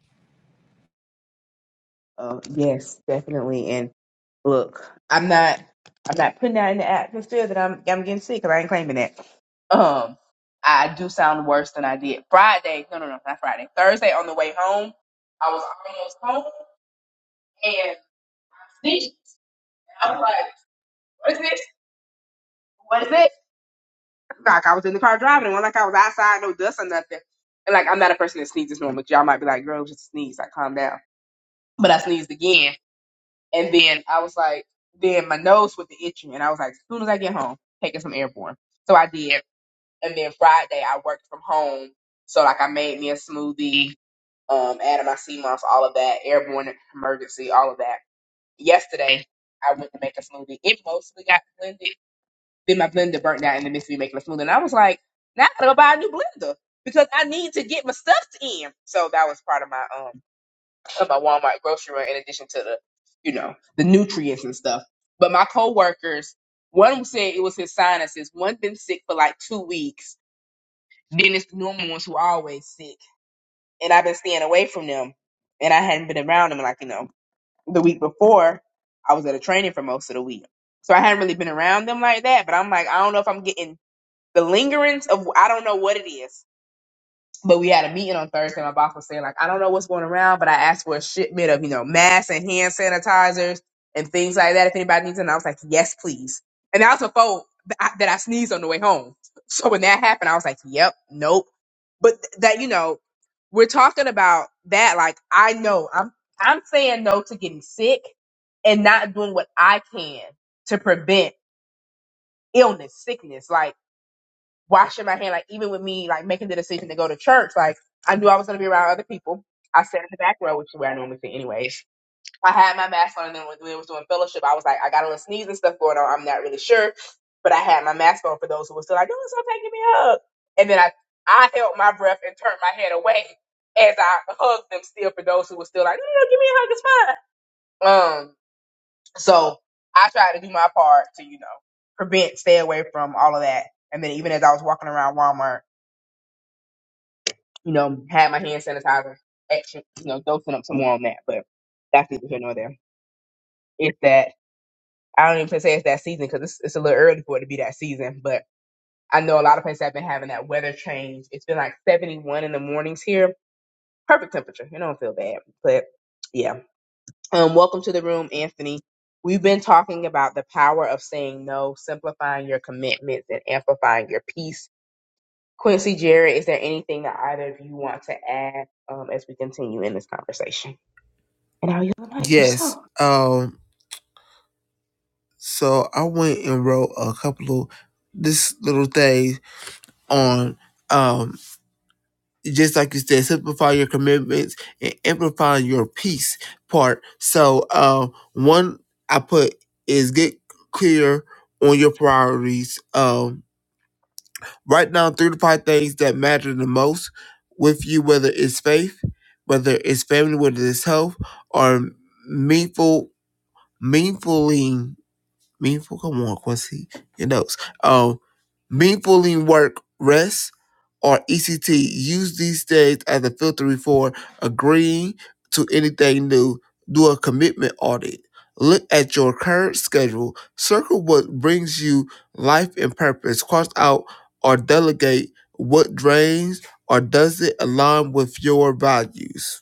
J: Oh, yes, definitely. And look, I'm not I'm not putting that in the atmosphere that I'm I'm getting sick, sick 'cause I ain't claiming that. Um I do sound worse than I did. Friday, no no no, not Friday. Thursday on the way home, I was almost home and sneezed. I was like, what is this? What is this? Like I was in the car driving, it wasn't like I was outside, no dust or nothing. And like I'm not a person that sneezes normally. Y'all might be like, girl, it was just a sneeze, like calm down. But I sneezed again, and then I was like, then my nose was the itching, and I was like, as soon as I get home, taking some airborne. So I did, and then Friday I worked from home, so like I made me a smoothie, um, added my sea moss, all of that, airborne emergency, all of that. Yesterday I went to make a smoothie. It mostly got blended then my blender burnt out in the midst of me making a smoothie. And I was like, now I gotta go buy a new blender because I need to get my stuff in. So that was part of my um of my Walmart grocery run in addition to the, you know, the nutrients and stuff. But my coworkers, one said it was his sinuses. One been sick for like two weeks. Then it's the normal ones who are always sick. And I've been staying away from them. And I hadn't been around them like, you know, the week before I was at a training for most of the week. So I hadn't really been around them like that. But I'm like, I don't know if I'm getting the lingerings of I don't know what it is. But we had a meeting on Thursday. My boss was saying like I don't know what's going around, but I asked for a shipment of you know masks and hand sanitizers and things like that if anybody needs it. And I was like, yes, please. And that was before th- I- that I sneezed on the way home. So when that happened, I was like, yep, nope. But th- that you know we're talking about that like i know i'm i'm saying no to getting sick and not doing what i can to prevent illness sickness like washing my hand, like even with me like making the decision to go to church, like I knew I was gonna be around other people. I sat in the back row, which is where I normally sit anyways. I had my mask on and then when we was doing fellowship, I was like, I got on a little sneeze and stuff going on. I'm not really sure. But I had my mask on for those who were still like, Oh, so taking me a hug. And then I I held my breath and turned my head away as I hugged them still for those who were still like, No, no, no, give me a hug, it's fine. Um, so I tried to do my part to, you know, prevent, stay away from all of that. And then even as I was walking around Walmart. you know, had my hand sanitizer extra, you know, dosing up some more on that. But that's neither here nor there. It's that I don't even say it's that season because it's, it's a little early for it to be that season. But I know a lot of places have been having that weather change. It's been like 71 in the mornings here. Perfect temperature. It don't feel bad. But yeah. Um, welcome to the room, Anthony. We've been talking about the power of saying no, simplifying your commitments, and amplifying your peace. Quincy Jared, is there anything that either of you want to add um, as we continue in this conversation? And I'll use the mic if
I: Yes.
J: so.
I: Um. So I went and wrote a couple of this little things on. Um. just like you said, simplify your commitments and amplify your peace part. So, uh, one I put is get clear on your priorities. Um, write down three to five things that matter the most with you, whether it's faith, whether it's family, whether it's health, or meaningful, meaningfully, meaningful. Come on, Quincy, your notes. Um, meaningfully work, rest or ECT use these days as a filter for agreeing to anything new. Do a commitment audit. Look at your current schedule. Circle what brings you life and purpose. Cross out or delegate what drains or doesn't align with your values.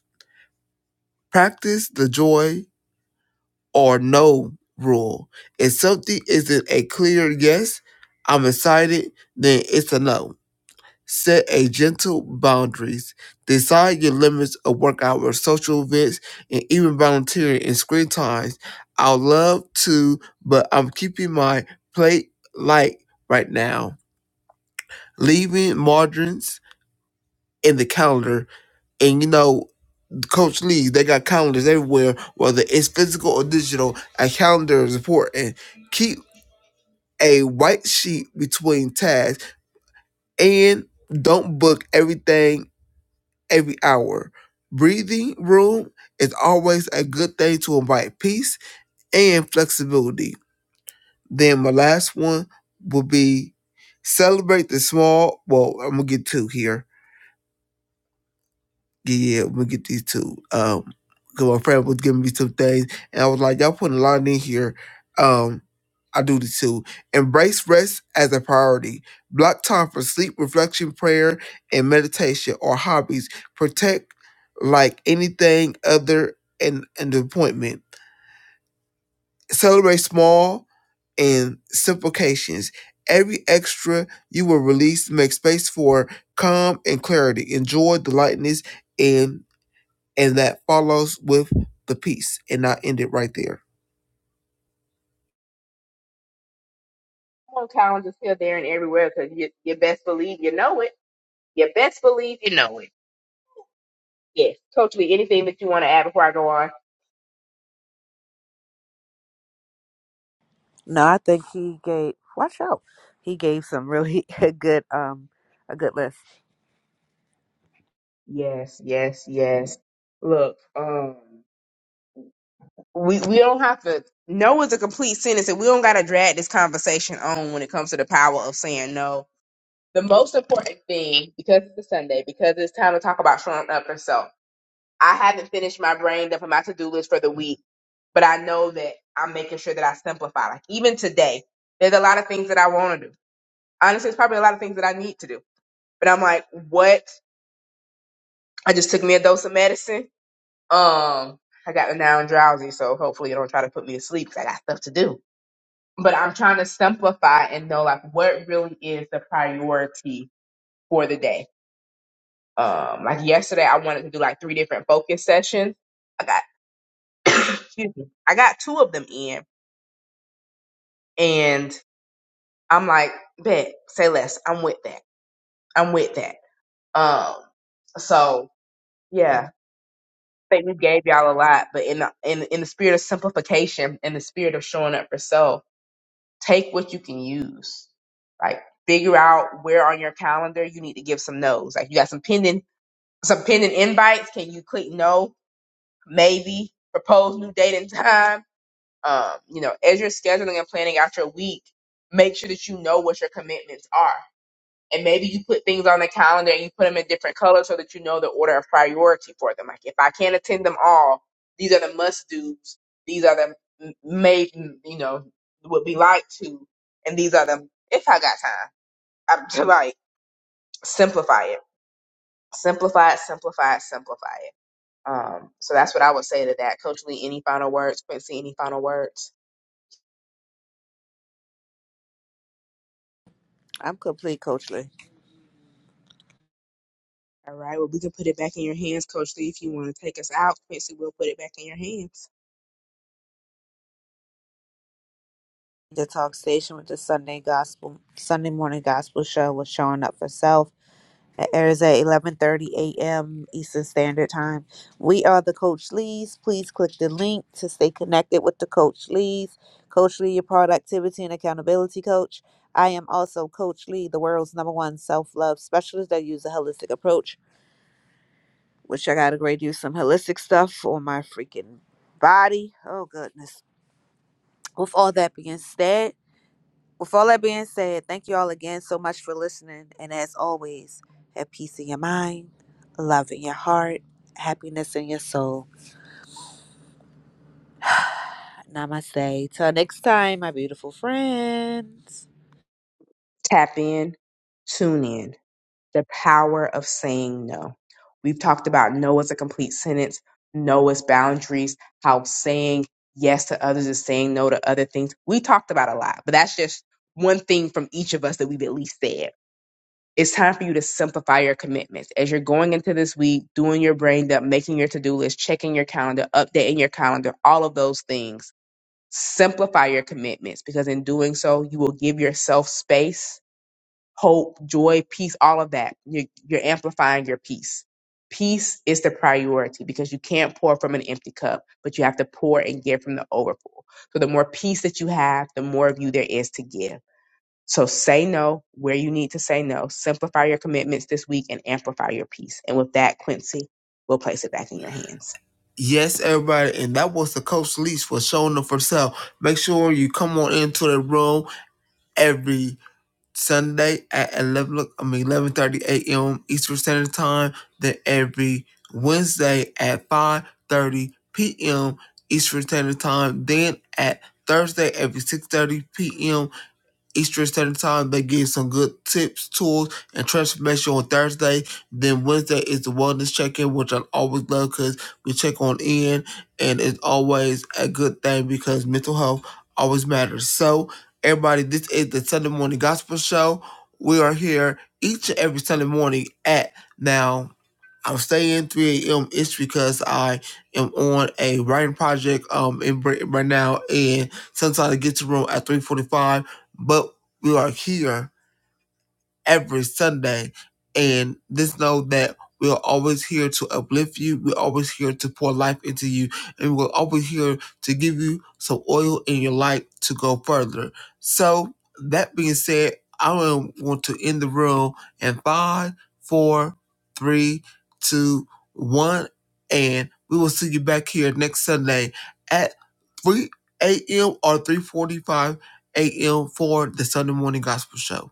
I: Practice the joy or no rule. If something isn't a clear yes, I'm excited, then it's a no Set a gentle boundaries. Decide your limits of work hours, social events, and even volunteering and screen times. I would love to, but I'm keeping my plate light right now. Leaving margins in the calendar. And you know, Coach Lee, they got calendars everywhere, whether it's physical or digital. A calendar is important. Keep a white sheet between tasks and don't book everything every hour. Breathing room is always a good thing to invite peace and flexibility. Then my last one will be celebrate the small. Well, I'm gonna get two here yeah, yeah, I'm gonna get these two. Um, cause my friend was giving me some things, and I was like, y'all putting a lot in here. Um, I do the two. Embrace rest as a priority. Block time for sleep, reflection, prayer, and meditation or hobbies. Protect like anything other and an appointment. Celebrate small and simplifications. Every extra you will release make space for calm and clarity. Enjoy the lightness and and that follows with the peace. And I end it right there.
J: Hormone challenge is still there and everywhere because you, you best believe you know it. You best believe you know it. Yes. Coach Lee, anything that you want to add before I go on?
K: No, I think he gave. Watch out. He gave some really a good um a good list.
J: Yes, yes, yes. Look, um, we we don't have to. No is a complete sentence, and we don't got to drag this conversation on when it comes to the power of saying no. The most important thing, because it's a Sunday, because it's time to talk about showing up for self. I haven't finished my brain up on my to do list for the week, but I know that I'm making sure that I simplify. Like even today, there's a lot of things that I want to do. Honestly, it's probably a lot of things that I need to do. But I'm like, what? I just took me a dose of medicine. Um, I got now I'm drowsy, so hopefully you don't try to put me to sleep 'cause I got stuff to do. But I'm trying to simplify and know like what really is the priority for the day. Um, like yesterday, I wanted to do like three different focus sessions. Excuse me. I got two of them in, and I'm like, bet, say less. I'm with that. I'm with that. Um, so yeah, I think we gave y'all a lot, but in the, in in the spirit of simplification and the spirit of showing up for self, take what you can use. Like figure out where on your calendar you need to give some no's. Like you got some pending some pending invites. Can you click no? Maybe propose new date and time Um, you know, as you're scheduling and planning out your week, make sure that you know what your commitments are. And maybe you put things on the calendar and you put them in different colors so that you know the order of priority for them. Like if I can't attend them all, these are the must do's. These are the m- may you know would be like to, and these are the if I got time. I'm like simplify it, simplify it, simplify it, simplify it. Um, so that's what I would say to that. Coach Lee, any final words? Quincy, any final words?
K: I'm complete, Coach Lee.
J: All right. Well, we can put it back in your hands, Coach Lee, if you want to take us out. Quincy, we'll put it back in your hands.
K: The talk station with the Sunday gospel Sunday morning gospel show was showing up for self It airs at 11:30 a.m. Eastern Standard Time. We are the Coach Lees. Please click the link to stay connected with the Coach Lees. Coach Lee, your productivity and accountability coach. I am also Coach Lee, the world's number one self-love specialist that use a holistic approach, which I gotta grade you some holistic stuff for my freaking body. Oh goodness. With all that being said, with all that being said, thank you all again so much for listening. And as always, have peace in your mind, love in your heart, happiness in your soul. Namaste. Till next time, my beautiful friends.
J: Tap in, tune in. the power of saying no. We've talked about no as a complete sentence, no as boundaries, how saying yes to others is saying no to other things. We talked about a lot, but that's just one thing from each of us that we've at least said. It's time for you to simplify your commitments. As you're going into this week, doing your brain dump, making your to do list, checking your calendar, updating your calendar, all of those things, simplify your commitments because in doing so, you will give yourself space hope, joy, peace, all of that. You're, you're amplifying your peace. Peace is the priority because you can't pour from an empty cup, but you have to pour and give from the overflow. So the more peace that you have, the more of you there is to give. So say no where you need to say no. Simplify your commitments this week and amplify your peace. And with that, Quincy, we'll place it back in your hands.
I: Yes, everybody, and that was the Coach Leash for showing up for sale. Make sure you come on into the room every Sunday at eleven. I mean eleven thirty a.m. Eastern Standard Time. Then every Wednesday at five thirty p.m. Eastern Standard Time. Then at Thursday every six thirty p.m. Eastern Standard Time. They give some good tips, tools, and transformation on Thursday. Then Wednesday is the wellness check-in, which I always love because we check on in, and it's always a good thing because mental health always matters. So, everybody, this is the Sunday Morning Gospel Show. We are here each and every Sunday morning at now. I'm staying 3 a.m. It's because I am on a writing project um in Britain right now, and sometimes I get to room at 3:45. But we are here every Sunday. And just know that we are always here to uplift you. We're always here to pour life into you. And we're always here to give you some oil in your life to go further. So, that being said, I am want to end the room in five, four, three, two, one. And we will see you back here next Sunday at 3 a.m. or 3.45 a.m. for the Sunday Morning Gospel Show.